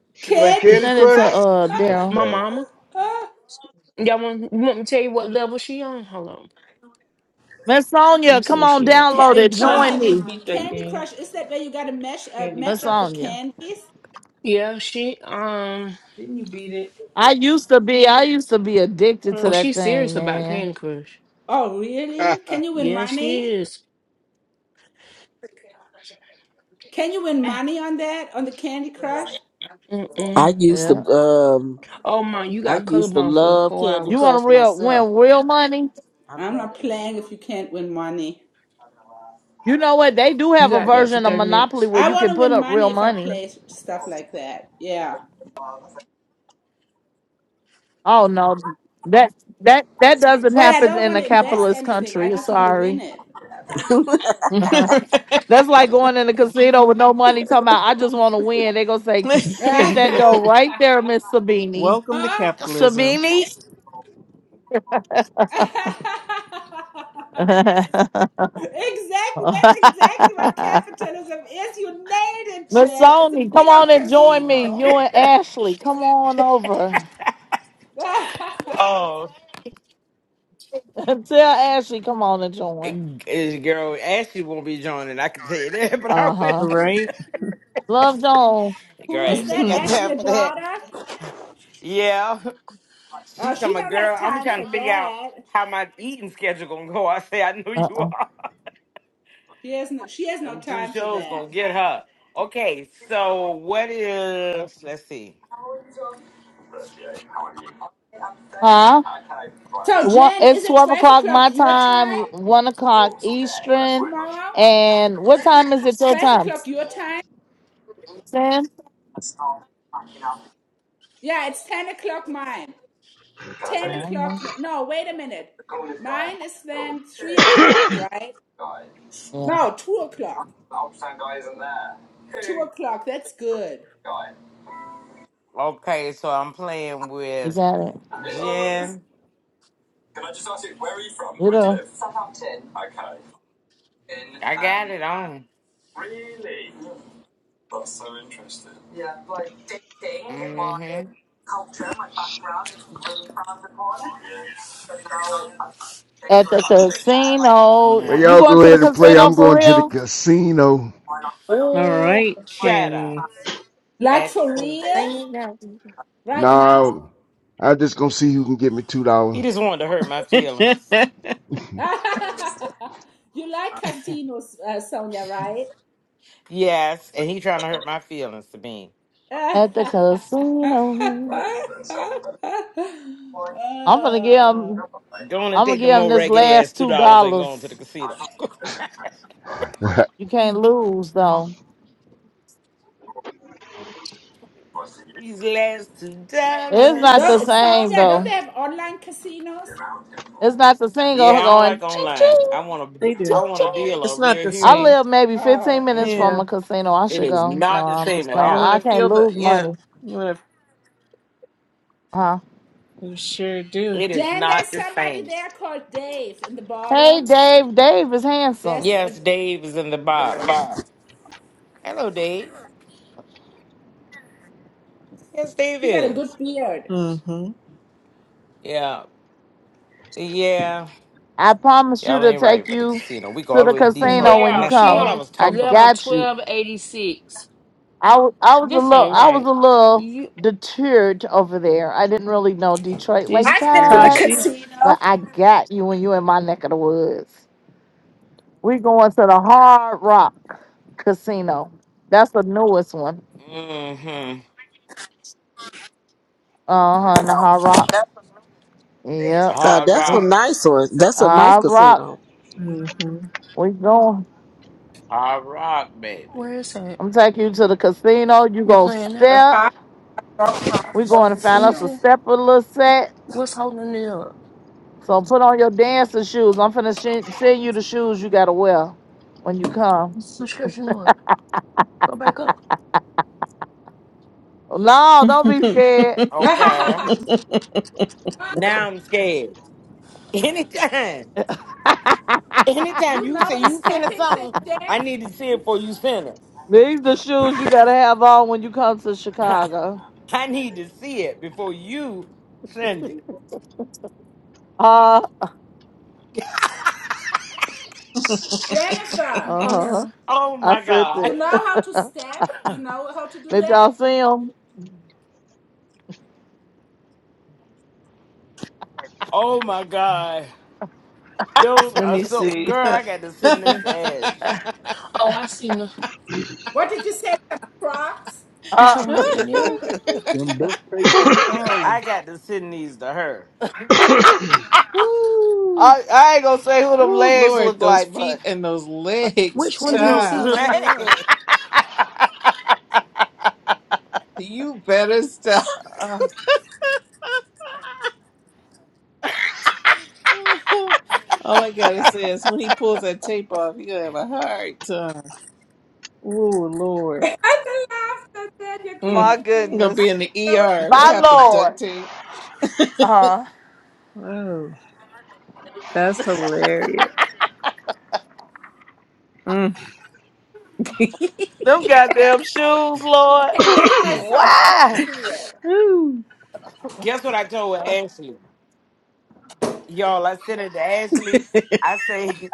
S15: [laughs] she play
S8: Candy
S15: Candy
S1: send it to
S8: Crush.
S15: Crush.
S1: uh
S15: Good
S1: Daryl.
S3: My
S15: thing.
S3: mama.
S8: [laughs] Ca-
S3: Y'all want, you want me to tell you what level she on? Hold on.
S1: Miss
S3: Let
S1: Sonia,
S3: me see
S1: come
S3: where
S1: on,
S3: she at.
S1: download
S8: uh,
S1: it.
S5: Sean,
S1: Join
S5: didn't you
S8: Tosh.
S1: me.
S5: beat that
S3: Mm,
S8: Candy
S5: game?
S8: Crush is that where you gotta mesh uh,
S5: Candy
S1: Miss
S8: match
S5: Crush.
S8: up the
S1: Sonia.
S8: candies?
S3: Yeah, she um
S5: Didn't you beat
S1: I used to be, I used to be addicted to
S3: Oh,
S5: it? Hmm?
S1: that
S3: she's
S1: thing,
S3: serious about
S1: man.
S3: Candy Crush.
S8: Oh,
S15: [laughs]
S8: really? Can you win
S3: Yes, she
S8: money?
S3: is.
S8: Can you win
S3: Ah,
S8: money on that on the Candy Crush?
S16: I
S3: Mm-mm.
S16: used
S1: Yeah.
S16: to, um,
S3: Oh my, you
S16: I
S3: got
S16: used to
S3: colorblind for
S16: love
S3: four
S16: Candy
S1: You
S3: hours.
S1: want to
S16: Crush
S1: real
S16: myself.
S1: win
S16: [laughs]
S1: real money?
S8: I'm not playing if you can't win money.
S1: You know what? They do
S3: You
S1: have a
S3: got that for
S1: version of
S3: thirty
S1: Monopoly
S3: minutes.
S1: where
S8: I
S1: you
S8: want
S1: can
S8: to
S1: put
S8: win
S1: up
S8: money
S1: real
S8: if I
S1: money.
S8: play s- stuff like that. Yeah.
S1: Oh no. That that that doesn't
S8: Well, I
S1: happen
S8: don't
S1: in
S8: want
S1: a
S8: to invest
S1: capitalist
S8: anything. I
S1: country.
S8: just want to win
S1: Sorry. [laughs]
S8: it.
S16: Uh,
S1: Uh-huh. That's like going in a casino with no money talking about I just want to win. They gonna say, hit
S8: [laughs]
S1: that door
S5: [laughs]
S1: right there, Miss Sabini.
S5: Welcome to
S8: Huh?
S5: capitalism.
S1: Sabini?
S8: [laughs]
S1: [laughs]
S8: exactly.
S1: [laughs]
S8: That's exactly what
S1: Masoni,
S8: capitalism is. You nailed it, Jen. It's a big
S1: come
S8: old
S1: on and join me.
S8: casino.
S1: You and Ashley, come on over.
S8: [laughs]
S9: oh,
S1: [laughs] Tell Ashley, come on and join.
S9: eh, girl, Ashley won't be joining. I can tell you that, [laughs] but I
S1: Uh
S9: will.
S1: huh.
S5: Right? [laughs]
S1: Love Joan.
S8: Who is
S9: Girl, she ain't
S8: that?
S9: got
S5: Mhm.
S8: Ashley,
S9: time
S8: your
S9: for that.
S8: daughter?
S9: Yeah. [laughs] She
S8: Oh,
S9: said,
S8: she
S9: my
S8: don't have
S9: girl. I'm
S8: time
S9: trying
S8: for
S9: to figure out
S8: that.
S9: how my eating schedule gonna go. I say I know
S1: Uh
S9: you
S1: uh
S9: are.
S8: She has no, she has
S9: [laughs]
S8: no
S9: Them two
S8: time for
S9: shows gonna
S8: that.
S9: get her. Okay, so what is? Let's see.
S1: Huh?
S8: So,
S1: One,
S8: Jen, is
S1: it's
S8: it
S1: 12
S8: twelve
S1: o'clock my
S8: o'clock your
S1: time,
S8: time
S1: 1 o'clock Eastern.
S8: tomorrow?
S1: And what time is it your
S8: 12
S1: time?
S8: o'clock your time?
S1: 10?
S8: Yeah, it's 10 o'clock mine.
S1: I
S8: 10
S1: don't
S8: o'clock.
S1: know.
S8: No, wait a minute. Mine is then 3 o'clock, right?
S1: Yeah,
S8: No, 2 o'clock. 2 o'clock. That's good.
S9: Okay, so I'm playing
S1: you
S9: with
S1: got it.
S9: Jen.
S1: You know,
S9: I got it on. Mm-hmm.
S1: at the
S12: Well
S1: casino.
S9: Nah.
S1: You
S12: y'all
S1: going
S12: go
S1: to the
S12: ahead and play.
S1: casino
S12: I'm
S1: for
S12: going to the
S1: real?
S12: casino.
S5: All
S9: Oh,
S5: right,
S9: shut up.
S5: Kenny.
S8: Like
S9: At
S8: for
S9: the
S8: real?
S9: casino.
S8: Right now?
S12: Nah, I'm just gonna see who can get me two dollars.
S9: He just wanted to hurt my
S5: [laughs] they
S9: feelings.
S8: [laughs] you like casinos, uh, Sonia, right?
S9: Yes, and he trying to hurt my feelings to me.
S8: [laughs]
S1: At the
S8: uh,
S1: casino. I'm gonna get 'em.
S9: Going to
S1: I'm gonna
S9: take the
S1: give him
S9: more
S1: this
S9: ragged ass
S1: last
S9: two
S1: two
S9: dollars and going to the
S1: dollars.
S9: casino.
S12: [laughs] uh
S1: You can't lose though.
S9: These last two
S1: It's not
S8: don't,
S1: the
S9: dollars.
S1: same
S8: Sonia, don't they
S1: though.
S8: have online casinos?
S1: It's not the single
S9: Yeah, I don't like
S1: going ching
S9: online.
S1: ching.
S9: I want to. I
S5: do.
S1: ching.
S9: want to deal
S5: It's
S9: a
S5: not
S9: real
S5: the
S1: I
S9: human.
S5: same.
S1: live maybe
S8: Oh.
S1: 15 minutes
S5: Yeah.
S1: from
S9: Mm-mm.
S1: a casino. I
S9: It
S1: should
S9: is
S1: go. No,
S9: not the
S1: I'm
S9: same
S1: just
S9: at
S1: playing.
S5: You want to
S1: I
S9: all.
S1: can't
S5: feel the
S1: lose
S5: yeah.
S1: money.
S5: You want to
S1: Huh?
S5: you sure do.
S9: It is
S8: Jen, there's
S9: not the
S8: somebody
S9: same.
S8: there called Dave in the
S1: Hey,
S8: bottom.
S1: Dave. Dave is
S8: There's
S1: handsome.
S8: a,
S9: Yes, Dave is in the bottom. Hello, Dave. Yes, Dave
S8: he got a
S9: is.
S8: good beard.
S5: Mm-hmm.
S9: Yeah, yeah.
S1: I promise you
S9: Y'all
S1: to
S9: ain't right
S1: take
S9: but the
S1: you
S9: casino. We go
S1: to
S9: all the
S1: the
S9: way to
S3: [laughs]
S1: casino
S9: Detroit,
S1: when
S9: and
S1: you
S3: Daryl,
S9: that's
S3: she
S9: all I
S1: come.
S3: on
S9: was
S1: I
S9: talking
S3: level
S9: about.
S1: got you.
S3: twelve eighty six.
S1: I, w- I was a
S3: This
S1: little
S3: ain't
S1: I was
S3: right.
S1: a little
S3: You
S1: deterred over there. I didn't really know Detroit
S5: She's
S1: like
S8: I've been to the
S9: Mm.
S1: that,
S5: Tashi.
S8: casino.
S1: but I got you when you in my neck of the woods. We going to the Hard Rock Casino. That's the newest one.
S9: Mm-hmm.
S1: Uh huh. The Hard Rock. Yep.
S9: Hard
S16: that's a
S1: We-
S9: rock,
S16: nice one. That's a nice
S1: Hard Rock.
S16: casino.
S5: Mm-hmm.
S1: We going.
S9: hard rock, baby.
S3: where is that?
S1: I'm taking you to the casino. You
S3: They're
S1: gonna
S3: playing now.
S8: The
S1: step.
S8: Hard Rock Hard
S1: We going
S8: Rock
S1: to find
S3: Let me
S1: us a
S8: Casino.
S3: see.
S8: [laughs]
S1: stepper set.
S3: What's holding it up?
S1: So put on your dancing shoes. I'm finna sh- send you the shoes you gotta wear when you come.
S3: Subscription order. Go back up.
S1: No, don't be scared.
S9: Okay.
S5: [laughs]
S9: Now I'm scared. Anytime.
S1: [laughs]
S9: Anytime
S8: you
S9: you
S8: know
S9: say
S8: the
S9: you sending
S8: stepping thing,
S9: something, I need to see it
S8: Jen?
S9: before you send it.
S1: These the shoes you gotta have on when you come to
S9: [laughs]
S1: Chicago.
S9: I need to see it before you send it.
S1: Uh,
S8: Jennifer,
S1: uh
S3: Go
S1: huh.
S3: down.
S9: Oh
S1: I
S9: my
S1: said
S9: God.
S8: you know
S1: that.
S8: how to step? You know how to
S1: [laughs]
S8: do
S1: Did
S8: that?
S1: y'all see them?
S9: Oh my God. Those
S5: Let
S9: are
S5: me
S9: so
S5: see.
S9: girl, I
S5: [laughs]
S9: got to send this to Ash.
S3: Oh, I see. The,
S8: What did you say? Some Crocs?
S3: you
S1: Uh,
S3: talking about the Indiana?
S1: [laughs]
S13: Them ducks pay three thousand.
S9: I got to send these to her.
S5: ooh,
S1: I, I ain't gonna say who them
S5: ooh,
S1: legs
S5: Lord,
S1: look
S5: those
S1: like,
S5: feet
S1: but
S5: and those legs,
S3: Which one
S9: And
S3: do you
S9: those [laughs]
S3: see
S5: child.
S3: that you want
S9: legs.
S3: to
S5: You better stop.
S1: uh,
S5: [laughs] All I gotta say is when he pulls that tape off, you're gonna have a hard time. Ooh,
S8: [laughs] I
S5: Lord.
S8: laughed. I said, [laughs] "You're
S5: Mm.
S1: my
S8: killing
S5: I'm
S8: me."
S5: gonna
S8: I
S5: be
S1: goodness,
S5: in the
S8: don't know what the
S5: ER.
S8: people.
S5: What
S1: my
S5: happened, duct
S1: lord,
S5: tape?
S1: uh,
S5: Oh, that's hilarious. Mm.
S1: them goddamn shoes, Lord.
S8: Okay, I'm getting my phone to
S1: Why?
S8: see it.
S5: Ooh,
S9: Guess what I told Ashley? Y'all, I sent it to Ashley. I say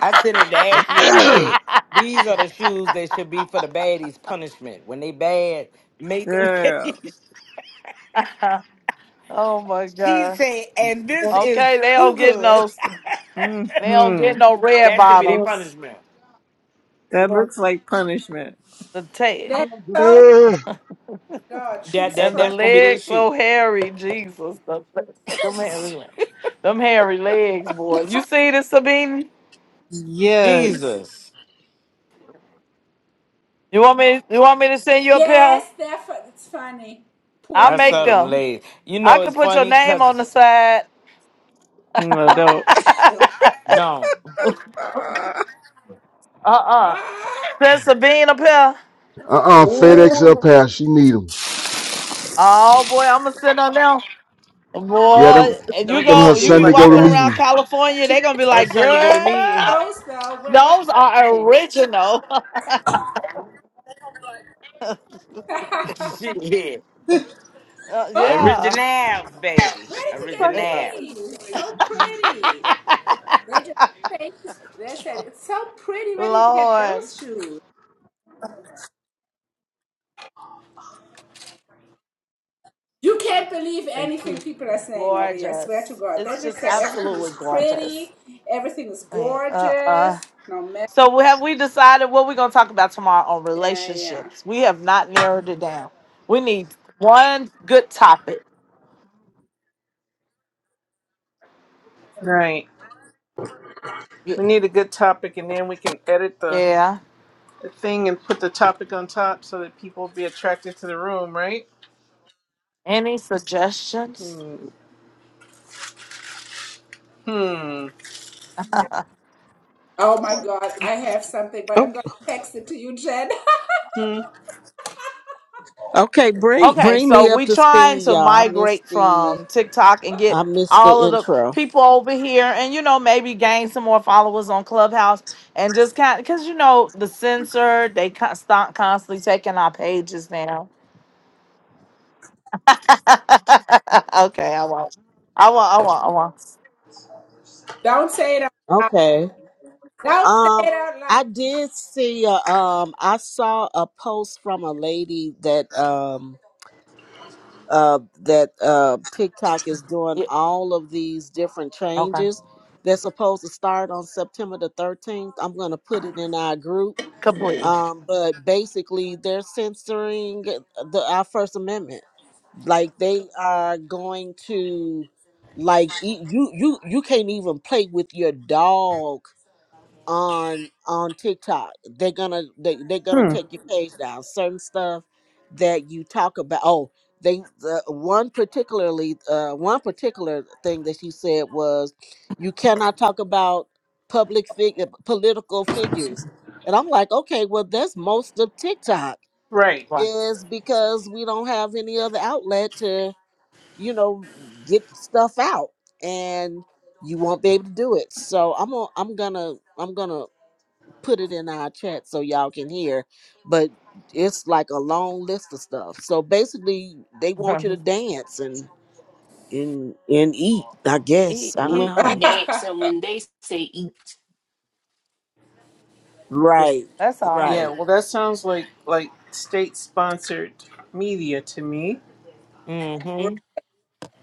S9: I sent it to Ashley. I said, these are the
S1: [laughs]
S9: shoes that should be for the baddies punishment. When they bad, make them.
S5: girl.
S9: [laughs]
S1: oh my
S9: she
S1: god.
S9: said, and
S10: Yes,
S9: this
S1: Okay,
S9: is
S1: they don't
S9: too
S1: get
S9: good.
S1: no they don't get
S5: Mm-hmm.
S1: no
S9: [laughs]
S1: red
S9: that should be their
S10: yes,
S1: bottoms.
S9: punishment.
S5: That
S10: yes.
S5: looks like punishment.
S1: The tail
S10: I'm
S8: That's
S10: gonna do-
S8: so, God, shoe
S9: That that
S1: and the
S9: that's gonna be the
S1: legs
S9: shoe.
S1: so hairy, Jesus. The, them hairy le- them hairy legs, boy. You see this Sabine?
S5: Yes.
S9: Jesus.
S1: You want me you want me to send you a
S8: Yes,
S1: pair?
S8: that's it's funny. Poor
S1: I'll
S9: I
S1: make
S9: saw
S8: thing.
S9: them
S1: them.
S9: ladies. You
S1: I
S9: know it's
S1: can put your
S9: funny
S1: name on
S9: because
S1: the side. [laughs]
S5: No,
S8: No.
S5: don't. [laughs]
S1: uh
S9: no.
S5: Ah,
S1: uh.
S8: Ah,
S1: Send Sabine a pair.
S12: uh FedEx up
S9: Ooh,
S12: here. She need 'em.
S1: Oh boy, I'm gonna send her now.
S12: Yeah,
S1: Boy,
S12: them
S5: no,
S1: and you
S5: don't
S12: them her
S1: go,
S5: just
S1: you
S5: be
S1: be
S12: Sunday
S5: like
S12: go to
S1: walking
S5: that.
S1: around
S12: meeting.
S1: California,
S8: she
S1: they're gonna be
S9: her
S1: like,
S9: Sunday go to me. and
S1: girl,
S8: knows though. What, what
S1: those are
S8: do you think?
S1: original. [laughs]
S8: [laughs]
S9: [laughs] yeah.
S1: Uh, yeah.
S9: Originals, baby.
S8: Where
S5: Talk
S8: did
S1: [laughs]
S5: about
S9: Originals.
S8: you get these?
S5: situation
S8: So
S5: she's just
S8: pretty.
S5: stepping
S8: They
S5: in.
S8: just take it. They said it's so pretty. Where did you get
S1: Lord,
S8: those shoes? You can't believe
S5: Thank
S8: anything
S5: you.
S8: people are saying over here. I swear to
S1: gorgeous.
S8: God,
S1: It's
S8: they just
S1: just
S8: say everything is
S1: absolutely gorgeous.
S8: pretty, everything is
S1: Yeah, Uh,
S8: gorgeous.
S1: uh.
S8: No matter.
S1: So we have we decided what we're gonna talk about tomorrow on
S8: Yeah, yeah. yeah.
S1: relationships. We have not narrowed it down. We need one good topic.
S5: Right. We need a good topic, and then we can edit the,
S1: Yeah.
S5: the thing and put the topic on top so that people will be attracted to the room, right?
S1: Any suggestions?
S5: Hmm. Hmm.
S8: Oh my God, I have something, but
S16: Oh,
S8: I'm gonna text it to you, Jen.
S5: Hmm.
S16: Okay, bring
S1: Okay,
S16: bring
S1: so
S16: me up
S1: we
S16: to
S1: trying
S16: speed,
S1: to
S16: y'all. I missed
S1: migrate
S16: the
S1: from TikTok
S8: [laughs]
S1: and get
S16: I missed the
S1: all of the
S16: intro.
S1: people over here and you know maybe gain some more followers on Clubhouse and just kind cuz you know the censor they con- stop constantly taking our pages now. [laughs] okay, I won't. I won't I won't I won't.
S8: Don't say it out loud.
S16: Okay.
S8: Don't say
S16: Um
S8: it out loud.
S16: I did see uh, um I saw a post from a lady that um uh that uh TikTok is doing
S1: Yeah,
S16: all of these different
S1: okay.
S16: changes. They're supposed to start on September the 13th. I'm going to put it in our group.
S1: Completely.
S16: Um but basically they're censoring the our first amendment. like they are going to like e- you you you can't even play with your dog on on TikTok. They're gonna they they're gonna
S5: Hmm.
S16: take your page down. Certain stuff that you talk about. Oh, they the one particularly uh one particular thing that she said was you cannot talk about public figure political figures. And I'm like, okay, well that's most of TikTok
S5: Right.
S1: Right.
S16: is because we don't have any other outlet to you know, get stuff out and you won't be able to do it. So I'm gonna I'm gonna I'm gonna put it in our chat so y'all can hear. But it's like a long list of stuff. So basically they want
S1: [laughs]
S16: you to dance and and and eat, I
S1: E-
S16: guess. I don't
S1: e-
S3: watch?
S1: e-
S3: When
S16: know.
S3: they dance
S8: [laughs]
S3: and when they say eat.
S16: Right,
S1: [laughs] That's all.
S5: Yeah,
S9: Mm.
S16: right.
S5: well, that sounds like like state sponsored media to me.
S9: Mm-hmm.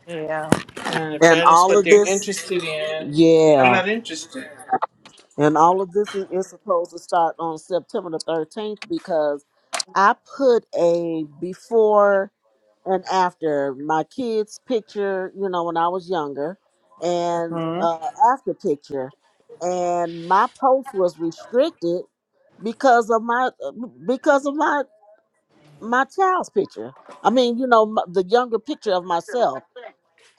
S1: Yeah.
S5: And if
S16: And
S5: that is
S16: all
S5: what
S16: of
S5: they're
S16: this
S5: interested in, I'm
S16: yeah.
S5: not interested.
S16: And all of this is, is supposed to start on September the thirteenth because I put a before and after my kids picture you know when i was younger and
S5: Hmm.
S16: uh, after picture and my post was restricted because of my uh, because of my my child's picture i mean you know m the younger picture of myself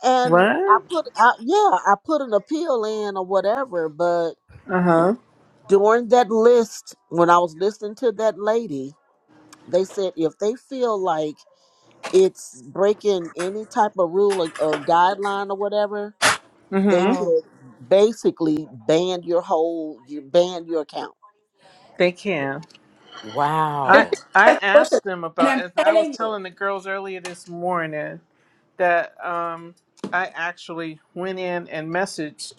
S16: and i
S5: What?
S16: put I, yeah i put an appeal in or whatever but
S5: Uh huh.
S16: during that list when i was listening to that lady they said if they feel like it's breaking any type of rule or, or guideline or whatever, they
S5: Mm hmm.
S9: Mm.
S16: could basically ban your whole, you ban your account.
S5: They can. I
S9: Wow.
S5: I
S8: Right.
S5: asked them
S8: and
S5: about.
S8: I'm
S5: As I was
S8: telling you,
S5: telling the girls earlier this morning that um I actually went in and messaged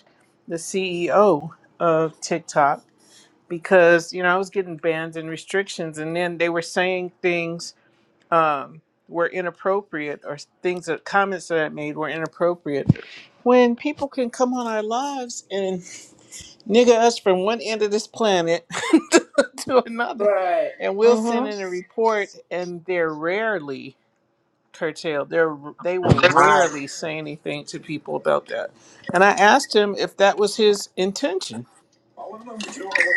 S5: the CEO of TikTok because you know I was getting bans and restrictions, and then they were saying things um, were inappropriate or things that comments that I made were inappropriate. When people can come on our lives and nigga us from one end of this planet [laughs] to, to another,
S8: right?
S5: and we'll send in a
S9: Mm-hmm.
S5: report, and they're rarely curtailed. They're they will
S16: Right.
S5: rarely say anything to people about that. And I asked him if that was his intention.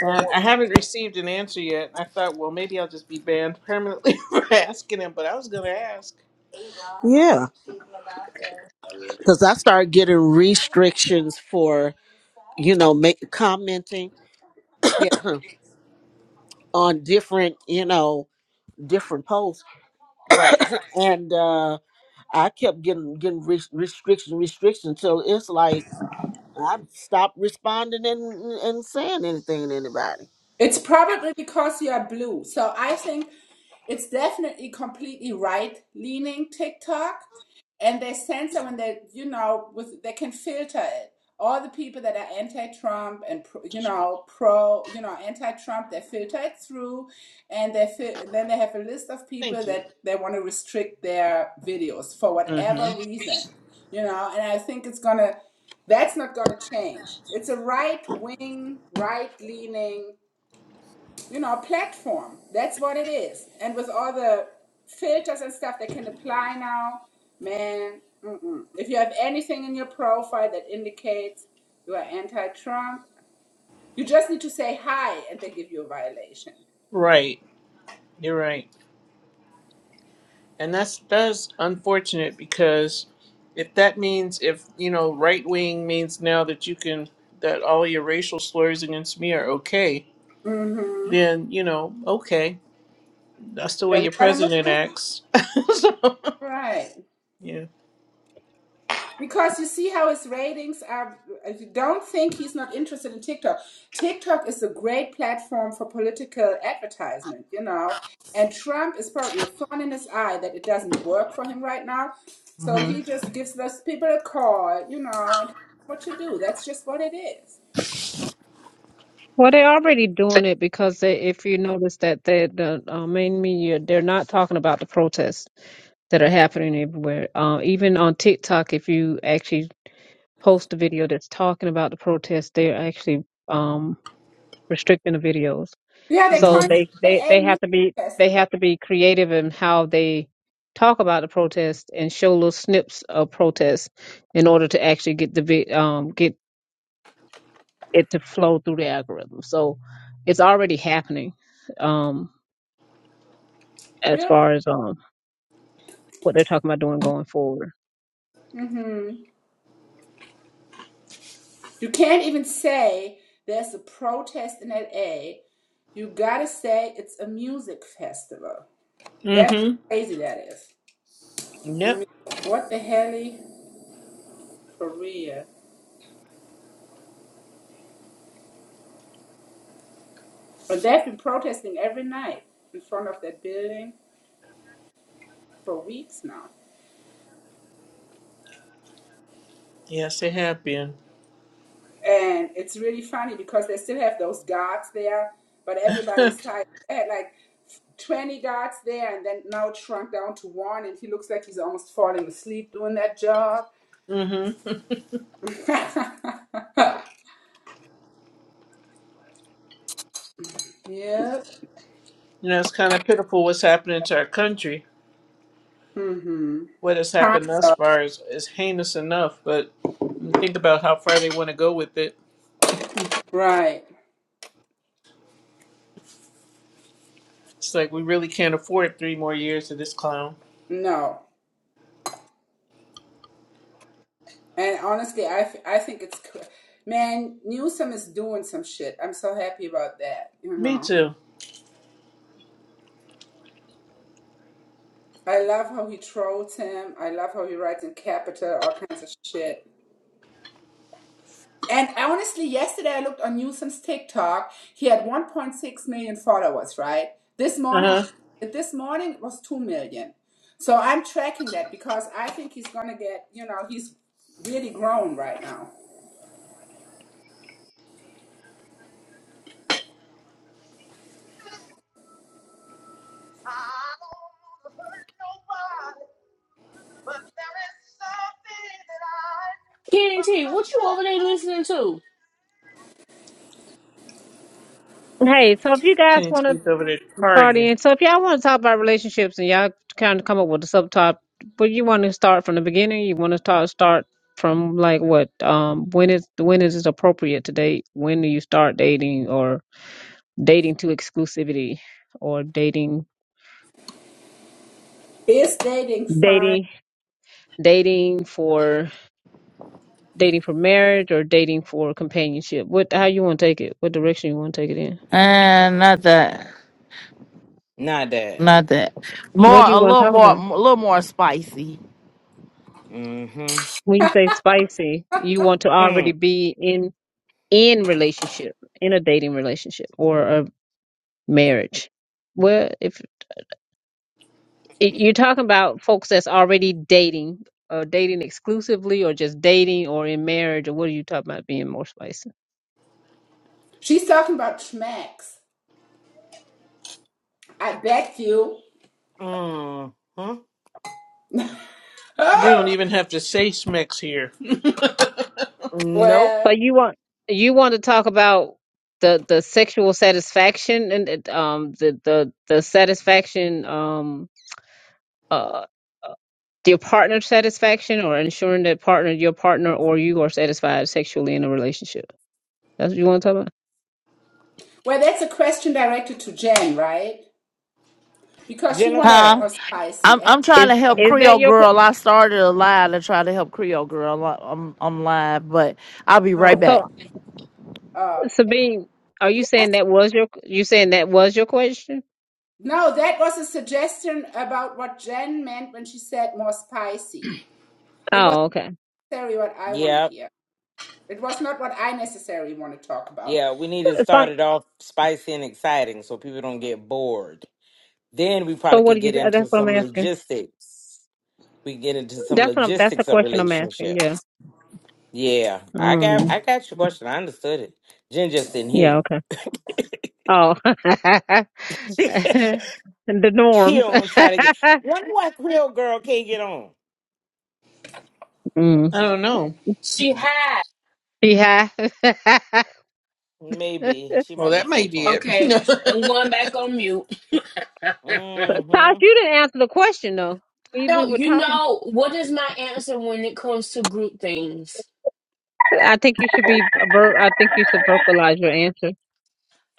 S5: And I haven't received an answer yet. I thought, well, maybe I'll just be banned permanently [laughs] for asking him, but I was going to ask.
S16: Yeah, because I started getting restrictions for you know make, commenting
S5: Yeah.
S16: [clears throat] on different you know different posts,
S5: Right.
S16: and uh I kept getting getting re- restrictions restrictions. So it's like I've stopped responding and and saying anything to anybody.
S8: It's probably because you are blue. So I think It's definitely completely right leaning TikTok. And they censor when they, you know, with they can filter it. All the people that are anti-Trump and pro, you know pro, you know anti-Trump, they filter it through, and they fil- then they have a list of people
S5: Thank you.
S8: that they want to restrict their videos for
S5: hmm
S8: whatever reason, you know. And I think it's gonna, that's not gonna change. It's a right-wing, right-leaning you know, a platform. That's what it is. And with all the filters and stuff that can apply now, man, mm-mm. if you have anything in your profile that indicates you are anti-Trump, you just need to say hi, and they give you a violation.
S5: Right. You're right. And that's that's unfortunate because if that means if you know right wing means now that you can that all your racial slurs against me are okay,
S8: Mm-hmm.
S5: then you know okay that's the way
S8: Then we
S5: your
S8: gotta move,
S5: president acts. [laughs] so,
S8: right?
S5: yeah.
S8: Because you see how his ratings are. You don't think he's not interested in TikTok. TikTok is a great platform for political advertisement, you know. And Trump is probably a thorn in his eye that it doesn't work for him right now. So he just gives those people a call, you know, and what to do. That's just what it is.
S2: Well, they're already doing it because they, if you notice that they, the uh, main media, they're not talking about the protests that are happening everywhere. Uh, even on TikTok, if you actually post a video that's talking about the protests, they're actually um, restricting the videos.
S8: Yeah, they call
S2: So
S8: it
S5: Mhm.
S2: they they
S8: LA
S2: they have
S8: Music
S2: to be they
S8: Festival.
S2: have to be creative in how they talk about the protest and show little snips of protest in order to actually get the vi- um get it to flow through the algorithm. So it's already happening um as
S8: Yep.
S2: far as um what they're talking about doing going forward.
S8: Mm-hmm. You can't even say there's a protest in LA. You gotta say it's a music festival. That's
S5: Mhm.
S8: crazy. That is. I
S5: Yep.
S8: mean, what the hell, for real? But they've been protesting every night in front of that building for weeks now,
S5: Yes, it have been.
S8: and it's really funny because they still have those guards there, but
S5: [laughs]
S8: everybody's
S5: mhm.
S8: tired. They had like twenty guards there, and then now shrunk down to one, and he looks like he's almost falling asleep doing that job.
S5: You
S8: [laughs] yep.
S5: know, it's kind of pitiful what's happening to our country.
S8: Mm-hmm.
S5: what has
S8: Kind
S5: happened thus
S8: of.
S5: far is, is heinous enough, but think about how far they want to go with it.
S8: Right.
S5: It's like we really can't afford three more years of this clown.
S8: No. And honestly, I I think it's man Newsom is doing some shit. I'm so happy about that. You
S5: Me
S8: know,
S5: too.
S8: I love how he trolls him. I love how he writes in capital, all kinds of shit. And honestly, yesterday I looked on Newsom's TikTok. He had 1.6 million followers, right? This
S5: Uh
S8: morning,
S5: huh.
S8: this morning it was 2 million. So I'm tracking that because I think he's gonna get. You know, he's really grown right now.
S3: Kenny T, what you over there listening to?
S2: Hey, so if you guys
S5: Kenny
S2: want to
S5: T's over there
S2: Cardi.
S5: partying.
S2: And so if y'all want to talk about relationships and y'all kind of come up with a subtop, but you want to start from the beginning, you want to start start from like what um when is when is it appropriate to date? When do you start dating or dating to exclusivity or dating
S8: Is dating fine?
S2: dating dating for dating for marriage or dating for companionship? What how you want to take it? What direction you want to take it in?
S9: Not that.
S1: Not that.
S2: What
S1: More,
S2: do you
S1: a
S2: want to
S1: little
S2: talk
S1: more,
S2: about?
S1: a little more spicy.
S9: Mm-hmm.
S2: When you say spicy, you want to already
S9: Mm.
S2: be in. in relationship, in a dating relationship or a marriage. Well, if if you're talking about folks that's already dating, or dating exclusively, or just dating, or in marriage, or what are you talking about being more spicy?
S8: She's talking about schmacks. I bet you.
S9: Mm-hmm.
S8: [laughs]
S5: You don't even have to say Smex here.
S9: Nope.
S2: So
S8: well,
S2: you want you want to talk about the the sexual satisfaction and it, um the the the satisfaction um uh uh, your partner satisfaction or ensuring that partner your partner or you are satisfied sexually in a relationship. That's what you want to talk about.
S8: well, that's a question directed to Jen, right? Because she wanted it
S1: Huh?
S8: more
S9: Jennifer.
S1: I'm
S8: spicy.
S1: I'm trying
S2: Is
S1: to help
S2: is that
S1: Creole
S2: your qu-
S1: Girl. I started a live to try to help Creole Girl. I- I'm I'm live, but I'll be right
S5: Oh,
S2: so
S1: back.
S8: Oh, okay.
S2: Sabine, are you
S8: Yes.
S2: saying that was your you saying that was your question?
S8: No, that was a suggestion about what Jen meant when she said more spicy. It was
S2: Oh, okay.
S8: necessarily what I want to
S9: Yep.
S8: hear. It was not what I necessarily want to talk about.
S9: Yeah, we need to
S2: It's
S9: start
S2: fine.
S9: it off spicy and exciting so people don't get bored. Then we
S2: So
S9: probably
S2: what
S9: could
S2: do you
S9: get into
S2: that's what I'm
S9: some
S2: asking.
S9: logistics. We get into some
S2: That's what I'm, that's the
S9: logistics of
S2: question I'm asking, yeah.
S9: relationships. Yeah, I got
S2: Um
S9: I got your question. I understood it. Jen just didn't hear
S2: yeah, okay. Oh [laughs]
S9: you.
S2: the
S9: [laughs] she
S2: norm. [laughs]
S9: on trying to get. Wonder why Creole girl can't get on.
S2: mm.
S5: I don't know.
S3: She had.
S2: Yeah. [laughs]
S9: Maybe she
S5: Well,
S9: might be
S5: that might be
S9: 420.
S5: it.
S3: Okay, I'm going
S5: [laughs]
S3: back on mute.
S2: Tosh,
S9: Mm-hmm.
S2: you didn't answer the question though.
S3: I
S2: We we
S3: don't,
S2: were
S3: you
S2: talking.
S3: know, what is my answer when it comes to group things?
S2: I think you should be a ver- I think you should vocalize your answer.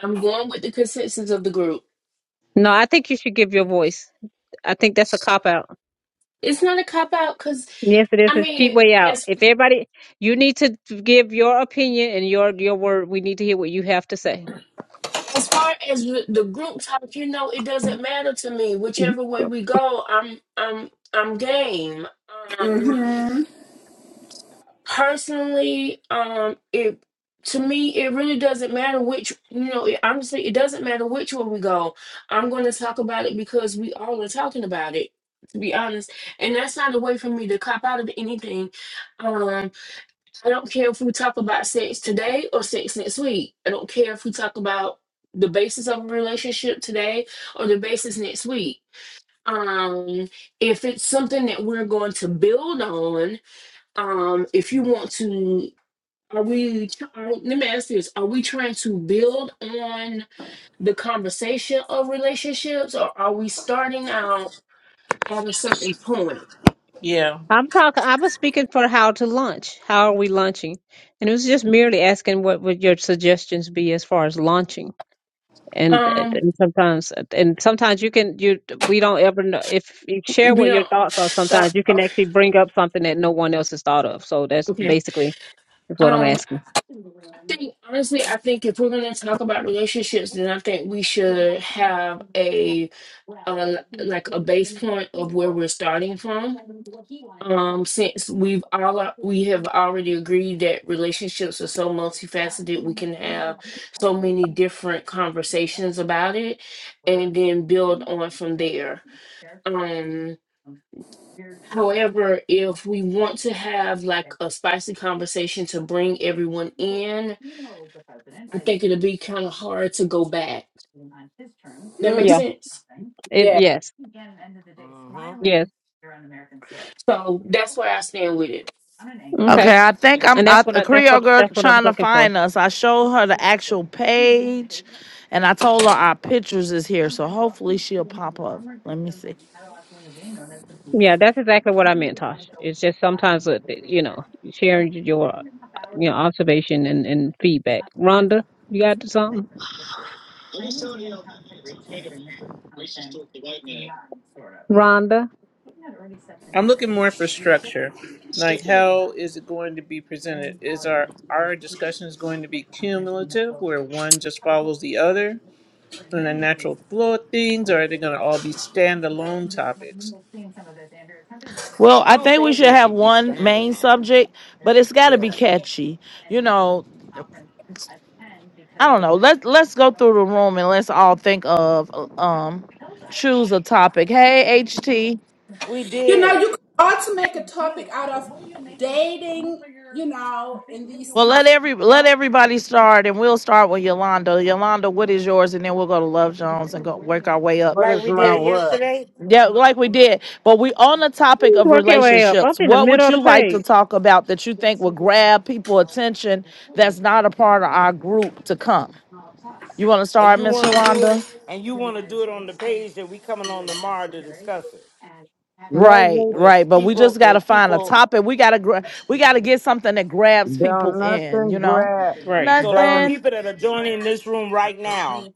S3: I'm going with the consensus of the group.
S2: No, I think you should give your voice. I think that's a cop out.
S3: It's not a cop out because,
S2: Yes, it is
S3: I
S2: a cheap
S3: mean,
S2: way out.
S3: as
S2: If everybody, you need to give your opinion and your your word. We need to hear what you have to say.
S3: as far as the the group talk, you know, it doesn't matter to me. Whichever way we go, I'm I'm I'm game. Um.
S8: Mm-hmm.
S3: personally um it to me it really doesn't matter which you know it, honestly it doesn't matter which one we go i'm going to talk about it because we all are talking about it to be honest and that's not a way for me to cop out of anything um i don't care if we talk about sex today or sex next week i don't care if we talk about the basis of a relationship today or the basis next week um if it's something that we're going to build on um if you want to are we, tr- are, let me ask this, are we trying to build on the conversation of relationships or are we starting out at a certain point?
S5: yeah,
S2: I'm talking. I was speaking for how to launch. How are we launching? And it was just merely asking what would your suggestions be as far as launching. And,
S3: Um,
S2: and sometimes, and sometimes you can you we don't ever know if you
S3: you
S2: share what your
S3: know,
S2: thoughts are. Sometimes
S3: thought,
S2: you can
S3: okay,
S2: actually bring up something that no one else has thought of. So that's
S3: okay.
S2: basically is what I'm
S3: Um,
S2: asking.
S3: I think, honestly, I think if we're going to talk about relationships, then I think we should have a, uh, like a base point of where we're starting from Um, since we've all we have already agreed that relationships are so multifaceted, we can have so many different conversations about it and then build on from there. Um, however, if we want to have like a spicy conversation to bring everyone in, I think it'll be kind of hard to go back. That makes
S8: Mm-hmm.
S2: Yeah.
S3: sense.
S2: It,
S8: Yeah.
S2: yes.
S9: Mm-hmm.
S2: Yes.
S3: So that's where I stand with it.
S8: Mhm.
S2: Okay.
S1: Okay, I think I'm
S2: And
S1: I,
S2: that's what
S1: a
S2: I, that's
S1: Creole
S2: what
S1: Girl
S2: that's what I was
S1: trying to
S2: looking for.
S1: find us. I showed her the actual page, and I told her our pictures is here, so hopefully she'll pop up. Let me see.
S2: Yeah, that's exactly what I meant, Tosh. It's just sometimes, uh, you know, sharing your, you know, observation and, and feedback. Rhonda, you got something? Rhonda?
S5: I'm looking more for structure. Like, how is it going to be presented? Is our our discussions going to be cumulative, where one just follows the other? in the natural floor things, or are they going to all be standalone topics?
S1: Well,
S9: I
S1: I
S9: don't
S1: think we
S9: think
S1: should
S9: they
S1: have
S9: should be
S1: one main
S9: standalone.
S1: subject, but it's got to be
S9: Yeah.
S1: catchy. You know, I don't know. Let's let's go through the room and let's all think of uh, um choose a topic. Hey, HT.
S9: We
S8: You know,
S9: did.
S8: you could also make a topic out of dating, you know, in these
S1: Well,
S8: times.
S1: let every let everybody start, and we'll start with Yolanda. Yolanda, what is yours, and then we'll go to Love Jones and go work our way up.
S10: What
S9: Like
S10: is
S9: we
S10: my
S1: And
S9: did
S10: word?
S9: yesterday.
S1: yeah, like we did. But we on the topic of
S2: Work your way up. I'm
S1: relationships.
S2: in the
S1: What would
S2: middle of the
S1: you like to
S2: page.
S1: talk about that you think will grab people attention that's not a part of our group to come? You want to
S9: And
S1: start,
S9: you
S1: Miss
S9: wanna do it
S1: Yolanda?
S9: and you wanna do it on the page that we coming on tomorrow to discuss it.
S1: Right,
S10: Maybe
S9: With
S1: right. But we just
S9: people
S1: gotta
S9: that
S1: find a
S9: people
S1: topic. We gotta gra- we gotta get something that grabs people
S10: don't
S1: in. You
S10: nothing
S1: know,
S10: grab.
S5: Right,
S9: so like the
S10: Don't
S1: nothing.
S9: people that are joining this room right now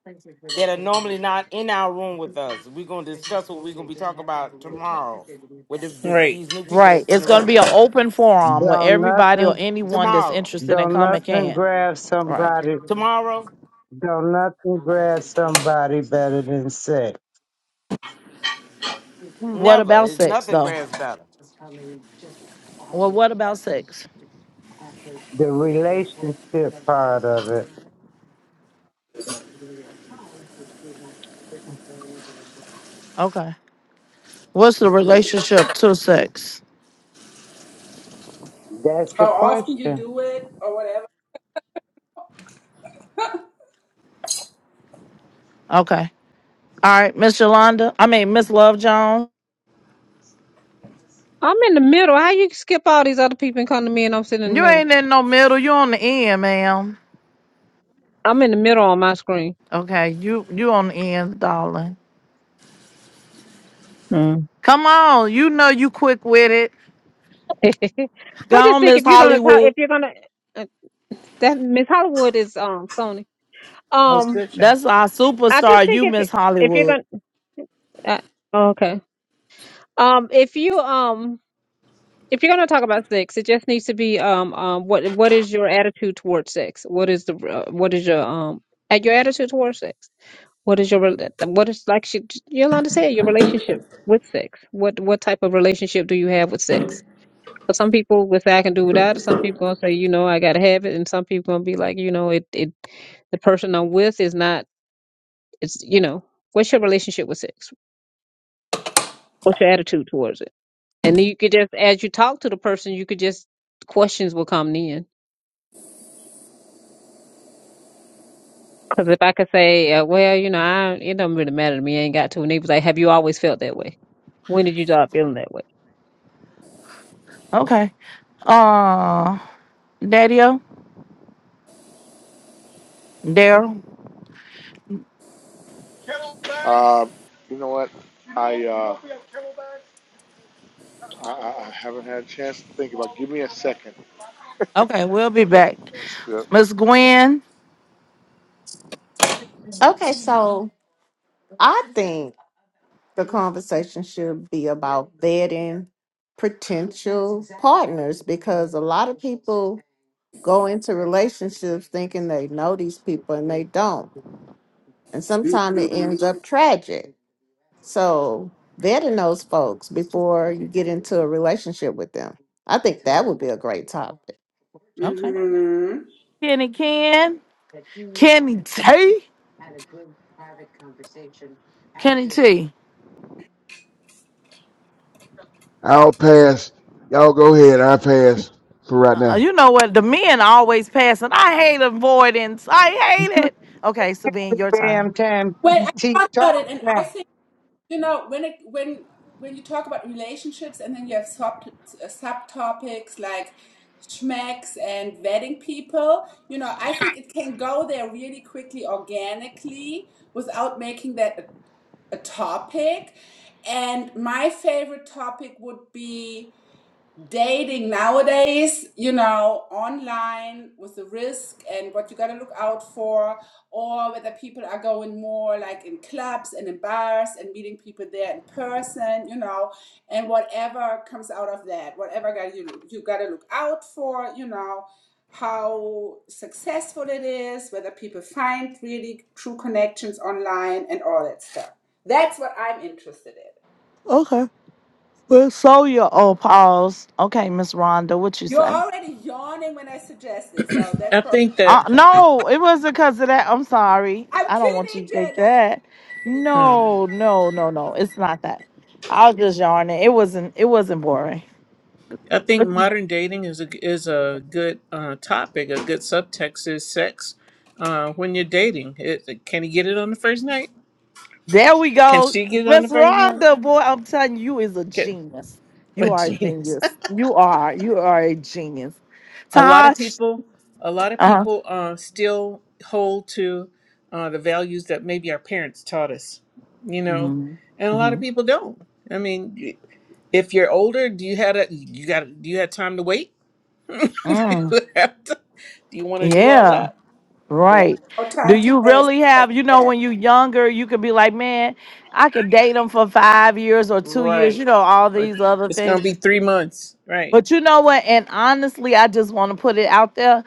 S9: that are normally not in our room with us. We're gonna discuss what we're gonna be talking about tomorrow with the, the,
S5: right.
S9: these new people that's
S1: Right.
S9: in
S1: It's
S9: the
S1: gonna
S9: room.
S1: be an open forum where
S10: don't
S1: everybody or
S10: nothing
S1: anyone that's
S9: Tomorrow.
S1: interested in
S10: Don't
S1: coming
S10: nothing
S1: can.
S10: grab
S1: Right.
S10: somebody.
S9: Tomorrow,
S10: Don't nothing grab somebody better than sex.
S1: What
S9: never.
S1: about
S9: It's
S1: sex
S9: nothing
S1: though?
S9: grabs better.
S1: Well, what about sex?
S10: The relationship part of it.
S1: Okay. What's the relationship to sex?
S10: That's
S8: how
S10: the
S8: often you
S10: question.
S8: do it or whatever.
S1: Okay. All right, Miss Yolanda. I mean, Miss Love Jones.
S2: I'm in the middle. How you skip all these other people and come to me and I'm sitting in the
S1: You
S2: middle?
S1: ain't in no middle. You on the end, ma'am.
S2: I'm in the middle on my screen.
S1: Okay. You you on the end, darling. Come on, you know you quick with it.
S2: [laughs]
S1: Go
S2: I just
S1: on,
S2: think
S1: Miss
S2: if you're gonna talk,
S1: Hollywood.
S2: if you're gonna uh, that Miss Hollywood is um Sony.
S5: That was
S2: Um,
S5: good, Sean.
S1: That's our
S2: I just
S1: superstar.
S2: think
S1: You
S2: if
S1: Miss
S2: if you're
S1: Hollywood.
S2: gonna uh, oh, okay. Um, if you um if you're gonna talk about sex, it just needs to be um um what what is your attitude towards sex? What is the uh, what is your um at your attitude towards sex? What is your rel- what is like she, Yolanda said your relationship with sex? What what type of relationship do you have with sex? But some people will say I can do without it. Some people gonna say, you know, I gotta have it, and some people gonna be like, you know, it it the person I'm with is not. It's you know, what's your relationship with sex? What's your attitude towards it? And then you could just, as you talk to the person, you could just questions will come in. Because if I could say, uh, well, you know, I it doesn't really matter to me. I ain't got to. And they was like, have you always felt that way? When did you start feeling that way?
S1: Okay. Uh Daddy O, Daryl.
S15: Uh, you know what? I, uh, I I haven't had a chance to think about. it. Give me a second.
S1: Okay, we'll be
S15: Okay.
S1: back.
S15: Yeah.
S1: Miss Gwen.
S6: Okay, so I think the conversation should be about vetting potential partners because a lot of people go into relationships thinking they know these people and they don't. And sometimes it ends up tragic. So vetting those folks before you get into a relationship with them. I think that would be a great topic.
S1: Okay.
S8: Mm-hmm.
S1: Kenny Ken. Kenny T. Kenny T.
S12: I'll pass. Y'all go ahead. I pass for right
S1: Uh,
S12: now.
S1: you know what? The men always passing. I hate avoidance. I
S10: You
S1: hate
S10: have
S1: it. Okay, Sabine, your
S10: a
S1: turn.
S10: damn time
S8: Well, I
S10: T
S8: thought
S10: talk
S8: about it, and
S10: now
S8: I think you know when it when when you talk about relationships, and then you have sub uh, subtopics like schmecks and vetting people. You know, I think it can go there really quickly, organically, without making that a, a topic. And my favorite topic would be dating nowadays, you know, online with the risk and what you got to look out for, or whether people are going more like in clubs and in bars and meeting people there in person, you know, and whatever comes out of that, whatever got you you got to look out for, you know, how successful it is, whether people find really true connections online and all that stuff. That's what I'm interested in.
S1: Okay. Well, so your oh pause. Okay, Miss Rhonda, what you
S8: You're
S1: say?
S8: already yawning when I suggested, so
S5: I
S8: that's
S5: think
S1: Uh,
S5: that
S1: no, it wasn't because of that. I'm sorry.
S8: I'm
S1: I don't want you
S8: kidding,
S1: to
S8: Jane.
S1: think
S8: No, I'm
S1: that.
S8: really kidding.
S5: hmm,
S1: No, no, no, no. It's not that. I was just yarning. It wasn't. It wasn't boring.
S5: I
S8: Mhm.
S5: think modern dating is a is a good uh, topic. A good subtext is sex uh, when you're dating. It, can he get it on the first night?
S1: There we
S5: Can
S1: go,
S5: she get it on the
S1: Miss
S5: first night?
S1: Rhonda. Boy, I'm telling you, you is a
S5: Can,
S1: genius.
S5: [laughs] oh,
S1: You are a
S5: jeez.
S1: genius. You are. You are a genius.
S5: a lot of
S1: Tosh.
S5: people a lot of
S1: Uh huh.
S5: people uh, still hold to uh, the values that maybe our parents taught us you know and
S1: Mm-hmm.
S5: a lot of
S1: Mm-hmm.
S5: people don't i mean y- if you're older do you had a you got do you have time to wait [laughs] do
S1: Mm.
S5: you have to, do you want to do all
S1: Yeah.
S5: that
S8: There's
S1: Right.
S8: no
S1: Do
S8: time to
S1: you
S8: waste.
S1: really
S8: And
S1: have, you know, when you younger, you could be like, man, I could date them for five years or two years,
S5: right
S1: you know, all
S5: Or-
S1: these other
S5: it's
S1: things.
S5: gonna be three months right
S1: But you know what? And honestly, I just want to put it out there.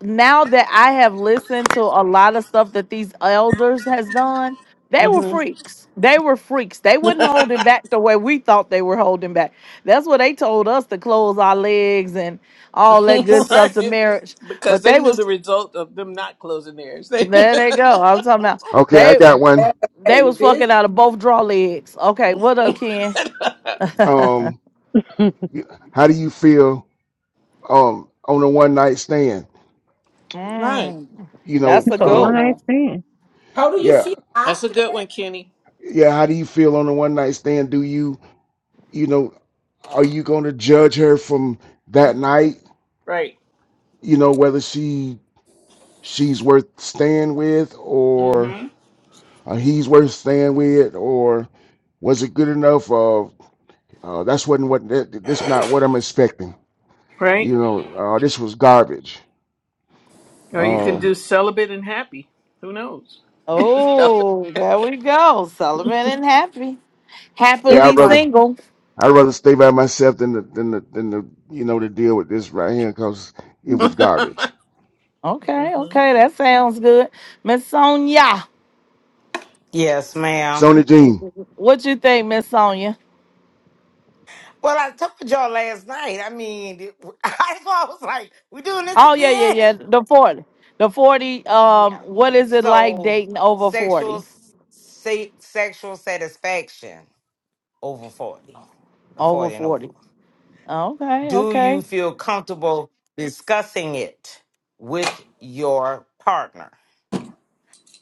S1: Now that I have listened to a lot of stuff that these elders has done, they were
S5: hmm
S1: freaks. They were freaks. They
S5: [laughs]
S1: wouldn't hold it back the way we thought they were holding back. That's what they told us to close our legs and all that good stuff to
S5: right
S1: marriage.
S5: because
S1: But
S5: they
S1: they
S5: knew the
S1: was
S5: result of them not closing theirs they
S1: there they go. I'm talking about
S12: Okay, I
S1: they
S12: got one.
S8: Better
S1: They
S8: getting
S1: was
S8: busy.
S1: fucking out of both draw legs. Okay, what up, Ken? [laughs]
S12: Um,
S2: [laughs]
S12: you- how do you feel um on a one night stand?
S5: [laughs] right
S1: Mm,
S12: You know,
S1: that's
S2: it's
S1: a
S2: a
S1: good
S2: one
S12: um,
S2: night
S1: one.
S2: stand.
S8: How do you
S12: yeah,
S8: feel
S5: that's a
S8: after
S5: good
S8: it?
S5: one kenny
S12: yeah. How do you feel on a one night stand? Do you, you know, are you going to judge her from that night?
S5: Right.
S12: You know, whether she she's worth staying with or,
S5: Mm-hmm.
S12: or he's worth staying with or was it good enough? Uh, that's wasn't what that, this not what I'm expecting.
S5: Right.
S12: You know, uh, this was garbage.
S5: Or you can
S12: Uh,
S1: Mhm.
S5: do celibate and happy. Who knows? [laughs]
S1: Oh, there we go. Sullivan and happy.
S12: yeah,
S2: It's
S12: I'd
S1: Happily
S12: rather
S2: possible.
S1: single.
S12: I'd rather stay by myself than the than the than the you know to deal with this right here because it was garbage.
S5: hmm
S1: Okay, okay, that sounds good. Miss Sonia.
S9: Yes, ma'am.
S12: Sony Jean,
S1: What you think, Miss Sonia?
S9: Well, I told y'all last night. I mean, it- [laughs] I was like, we doing this
S1: Oh yeah, yeah,
S9: again?
S1: yeah. The 40. The 40. Um,
S9: Yeah.
S1: what is it like
S9: So,
S1: dating over 40?
S9: sexual se- sexual satisfaction over 40, 40
S1: Over
S9: and over.
S1: 40. Okay,
S9: Do you
S1: okay.
S9: feel comfortable discussing it with your partner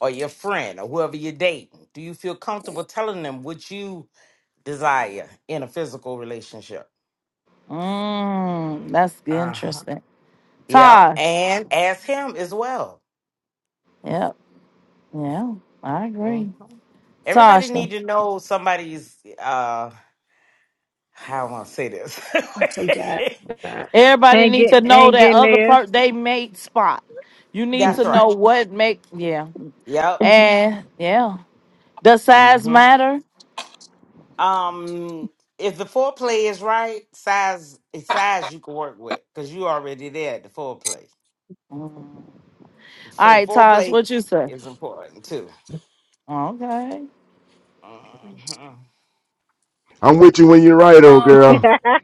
S9: or your friend or whoever you're dating? Do you feel comfortable telling them what you desire in a physical relationship?
S1: Mm, that's interesting.
S9: Yeah,
S1: Taj.
S9: and ask him as well.
S1: Yep. Yeah, I
S9: Mhm.
S1: agree.
S9: Everybody
S1: Tasha,
S9: need to know somebody's. uh How I want to say this.
S3: So God,
S9: [laughs]
S3: God.
S1: everybody
S2: Ain't
S1: needs
S2: get
S1: to know
S2: ain't
S1: that
S2: getting
S1: other
S2: there.
S1: part they mate spot. You need
S2: Mm.
S9: That's
S1: to know
S9: right.
S1: what make yeah.
S9: Yep.
S1: And yeah. Does size
S9: hmm
S1: matter?
S9: Um, if the foreplay is right, size it's size you can work with because you already there at the foreplay.
S1: Mm. All
S9: So
S1: right, Taj,
S9: foreplay
S1: what you say?
S9: is important too.
S1: Okay.
S9: Mhm.
S12: I'm with you when you're right, old
S3: um,
S12: girl.
S2: [laughs]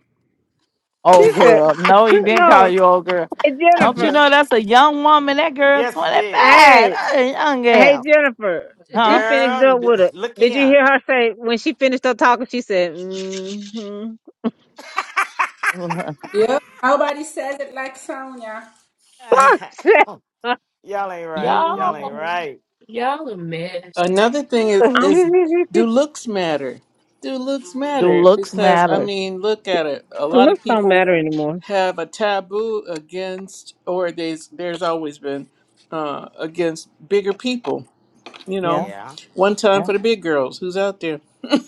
S2: she
S1: Old
S2: said,
S1: girl.
S2: [laughs]
S1: No, he
S9: [laughs]
S1: didn't call
S2: "No,
S1: you old girl.
S2: [laughs]
S1: Don't you
S3: n-
S2: Jennifer."
S1: know that's a young woman? That girl
S9: yes, he
S1: 25.
S9: did.
S2: Hey,
S1: That ain't young
S2: hey,
S1: gal.
S2: Jennifer. She
S1: Huh?
S2: finished
S9: Girl,
S2: up
S9: n-
S2: with it.
S9: look
S2: Did you
S9: at
S2: hear her say when she finished up talking? She said, "Mm-hmm."
S1: [laughs]
S8: Yeah. Nobody says it like Sonia.
S9: him.
S2: Fuck.
S9: [laughs]
S2: [laughs]
S9: Y'all ain't right. Y'all ain't
S3: y'all,
S2: mm-hmm.
S9: right.
S3: y'all a mess.
S5: Another thing is is do
S2: [laughs]
S5: looks matter? Do looks
S1: Do
S5: matter?
S1: looks
S5: Because I
S1: matter?
S5: mean, look at it. A lot
S2: Looks
S5: of
S2: don't
S5: people
S2: matter anymore.
S5: have a taboo against, or there's there's always been uh, against bigger people. You
S1: Yeah,
S5: know,
S9: Yeah.
S5: one time
S1: yeah.
S5: for the big girls. Who's out there?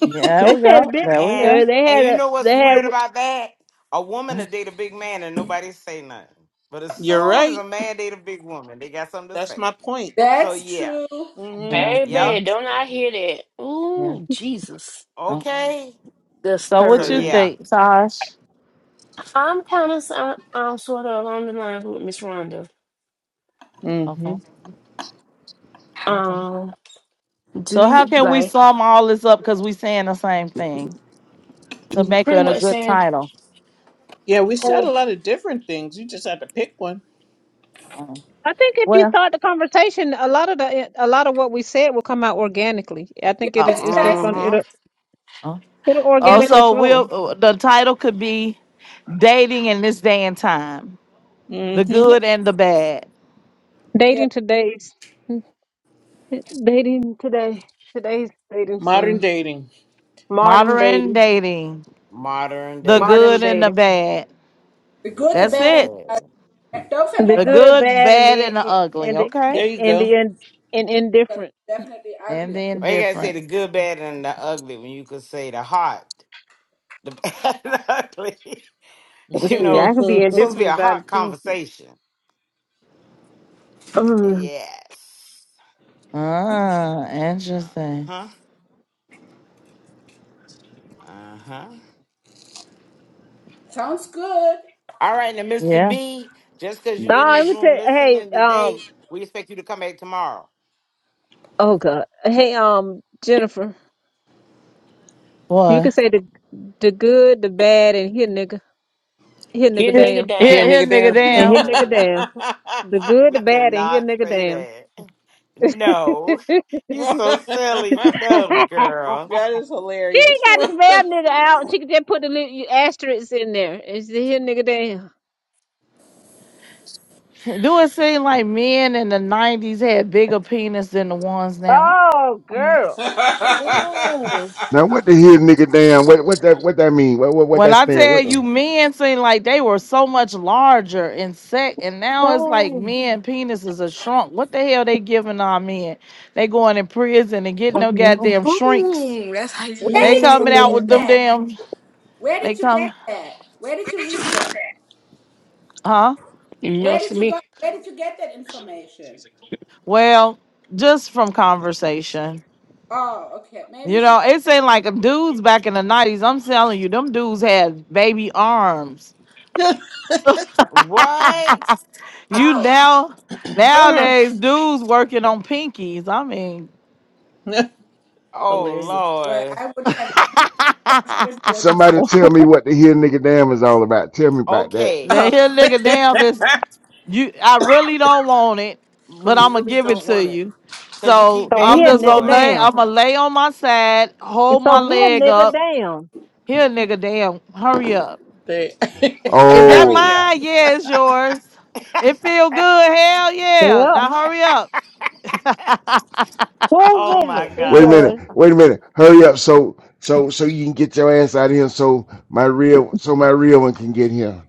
S1: Yeah, there
S2: They
S1: we
S2: said a
S1: go.
S2: bit.
S1: There we
S9: And
S1: go.
S2: Uh, they
S9: and
S2: had
S9: you
S2: a.
S9: know what's
S2: They had.
S9: weird about that? A woman to
S1: Mm,
S9: date a big man and nobody say nothing. But as
S5: You're
S9: soon as a
S5: right.
S9: man date a big woman, they got something to
S5: That's
S9: say.
S5: my point.
S9: So
S8: That's
S9: yeah.
S8: true.
S1: Yeah, yeah,
S9: Yep.
S3: Baby, don't I hear that?
S1: yeah.
S3: Ooh, Jesus.
S1: Uh-uh.
S9: Okay.
S3: That's
S1: So
S9: So
S1: what you
S3: her.
S9: yeah.
S1: think, Tosh?
S3: I'm kind of, I'm, I'm sort of along the lines with Miss Rhonda.
S5: Mm-hmm.
S1: Okay, okay.
S3: Um, do
S1: So
S3: you,
S1: how can we
S3: like,
S1: sum all this up because we saying the same thing to make
S3: pretty
S1: it a
S3: much
S1: good
S3: saying,
S1: title?
S5: Yeah, we said
S3: oh,
S5: a lot of different things. You just had to pick one.
S1: Uh,
S2: I think if you
S1: well,
S2: start the conversation, a lot of the a lot of what we said will come out organically. I
S8: Yeah,
S2: think it is.
S8: that's
S1: oh,
S2: It's
S8: what I
S2: just gonna.
S8: think.
S9: Mm-hmm.
S2: It'll.
S1: oh,
S2: It'll
S1: oh.
S3: but
S2: organically
S3: it,
S1: So
S2: flow.
S1: we'll uh, the title could be dating in this day and time, the
S5: Mm-hmm.
S8: Yeah.
S1: good and the bad,
S8: yeah.
S2: Dating today's dating today. Today's dating
S5: Modern
S2: scene.
S5: dating.
S2: Modern dating.
S1: modern dating,
S9: Modern
S1: the
S2: Modern
S9: dating.
S1: good and the
S2: dating.
S1: bad.
S8: The
S9: The
S8: good,
S9: good
S8: the
S1: That's
S9: and the
S8: bad, and
S1: it.
S9: bad.
S8: don't
S2: The
S8: forget
S1: The
S8: the
S2: good,
S8: ugly.
S1: good,
S2: bad, and
S1: bad,
S2: the
S1: and the ugly.
S2: and the
S1: Okay,
S5: There you
S2: and
S5: go.
S2: the and, and
S8: Because
S2: indifferent.
S8: it's definitely
S1: and
S8: ugly.
S1: the
S9: Why you gotta say the
S1: indifference.
S9: good, bad, and the ugly when you could say the hot, the [laughs] bad, and the ugly? [laughs]
S5: [laughs]
S2: Let's
S9: You
S5: Here,
S2: see, I
S9: know,
S2: can be
S9: it's supposed to be
S2: indifferent
S9: a
S2: about it
S9: hot
S2: too.
S9: conversation.
S2: Um,
S9: Yes.
S1: Ah,
S9: Uh
S1: interesting.
S9: huh. Uh huh.
S8: Sounds good.
S9: All right, now,
S1: Yeah.
S9: Mr. B, just because you
S2: no,
S9: in
S2: I'm
S9: this
S2: gonna
S9: room
S2: tell. Hey,
S9: listening today,
S2: um,
S9: we expect you to come back tomorrow.
S2: oh god. Hey, um, Jennifer, you
S1: Boy,
S2: can say the the good, the bad, and here nigga, here
S3: your
S2: nigga
S1: here,
S3: nigga
S2: damn,
S1: here,
S3: down.
S1: here,
S5: nigga,
S1: nigga,
S5: down.
S2: and here
S1: damn.
S2: nigga
S9: No,
S2: damn. The
S5: [laughs]
S2: good, the
S9: we
S2: bad, and here
S9: cannot
S2: nigga
S9: say
S2: damn.
S9: that. [laughs] No,
S2: [laughs] she
S9: [laughs] you so silly. No, girl.
S5: that is
S2: ain't
S5: hilarious. [laughs]
S2: got to spell nigga out. She could just put the little asterisks in there. It's the here nigga damn.
S1: Do it seem like men in the '90s had bigger penis than the ones now?
S2: Oh, girl. Oh,
S12: Now what the hell, nigga? Damn, what what that what that mean? What what what
S1: When
S12: that
S1: I
S12: stand?
S1: tell
S12: What
S1: you,
S12: the-
S1: men seem like they were so much larger in sex, and now it's like
S2: oh,
S1: men penises are shrunk. What the hell they giving our men? They going in prison and getting no
S2: mhm,
S1: goddamn shrinks.
S8: Where
S1: They
S8: did you
S1: coming out
S8: read
S1: with
S2: mm.
S1: them
S8: that?
S1: damn.
S8: Where
S1: They
S8: did you
S1: come,
S8: get that? Where did you read that?
S1: huh?
S3: You know
S8: Where
S3: what I
S8: did you
S3: mean?
S8: go? Where did you get that information?
S1: Well, just from conversation.
S8: Oh, okay. Maybe
S1: You
S8: she should.
S1: know, it seemed like them dudes back in the nineties. I'm telling you, them dudes had baby arms.
S9: What?
S1: [laughs] You now nowadays dudes working on pinkies. I mean,
S9: Oh,
S5: hilarious.
S8: Well,
S9: Lord.
S8: I
S1: [laughs]
S8: would have Good word.
S12: somebody tell me what the hell, nigga? Damn is all about. Tell me about that.
S9: Okay,
S1: they
S5: Oh.
S1: here
S5: [laughs]
S1: nigga damn is you. I really don't want it,
S5: when
S1: but
S5: you
S1: I'm gonna
S5: really
S1: give it
S5: don't
S1: to
S5: want it.
S1: you.
S9: because you
S1: So
S9: keep
S2: So
S1: I'm
S2: here,
S9: begging
S1: just
S2: nigga,
S1: gonna
S9: for it.
S1: lay.
S2: down.
S1: I'm gonna lay on my side,
S2: And
S1: hold
S2: So
S1: my
S2: here,
S1: leg
S2: nigga,
S1: up.
S2: down.
S1: Here, nigga, damn, hurry up.
S5: They- [laughs]
S1: Is that
S5: Hurry
S12: Oh.
S5: up.
S1: mine? Yeah, it's yours. It feel good. Hell yeah.
S2: Yep.
S1: Now hurry up.
S9: Oh,
S2: Whose is
S9: my
S2: it? It's
S12: Wait a
S9: God.
S12: minute.
S2: yours.
S12: Wait a minute. Hurry up so so so you can get your ass out of here so my real so my real one can get here.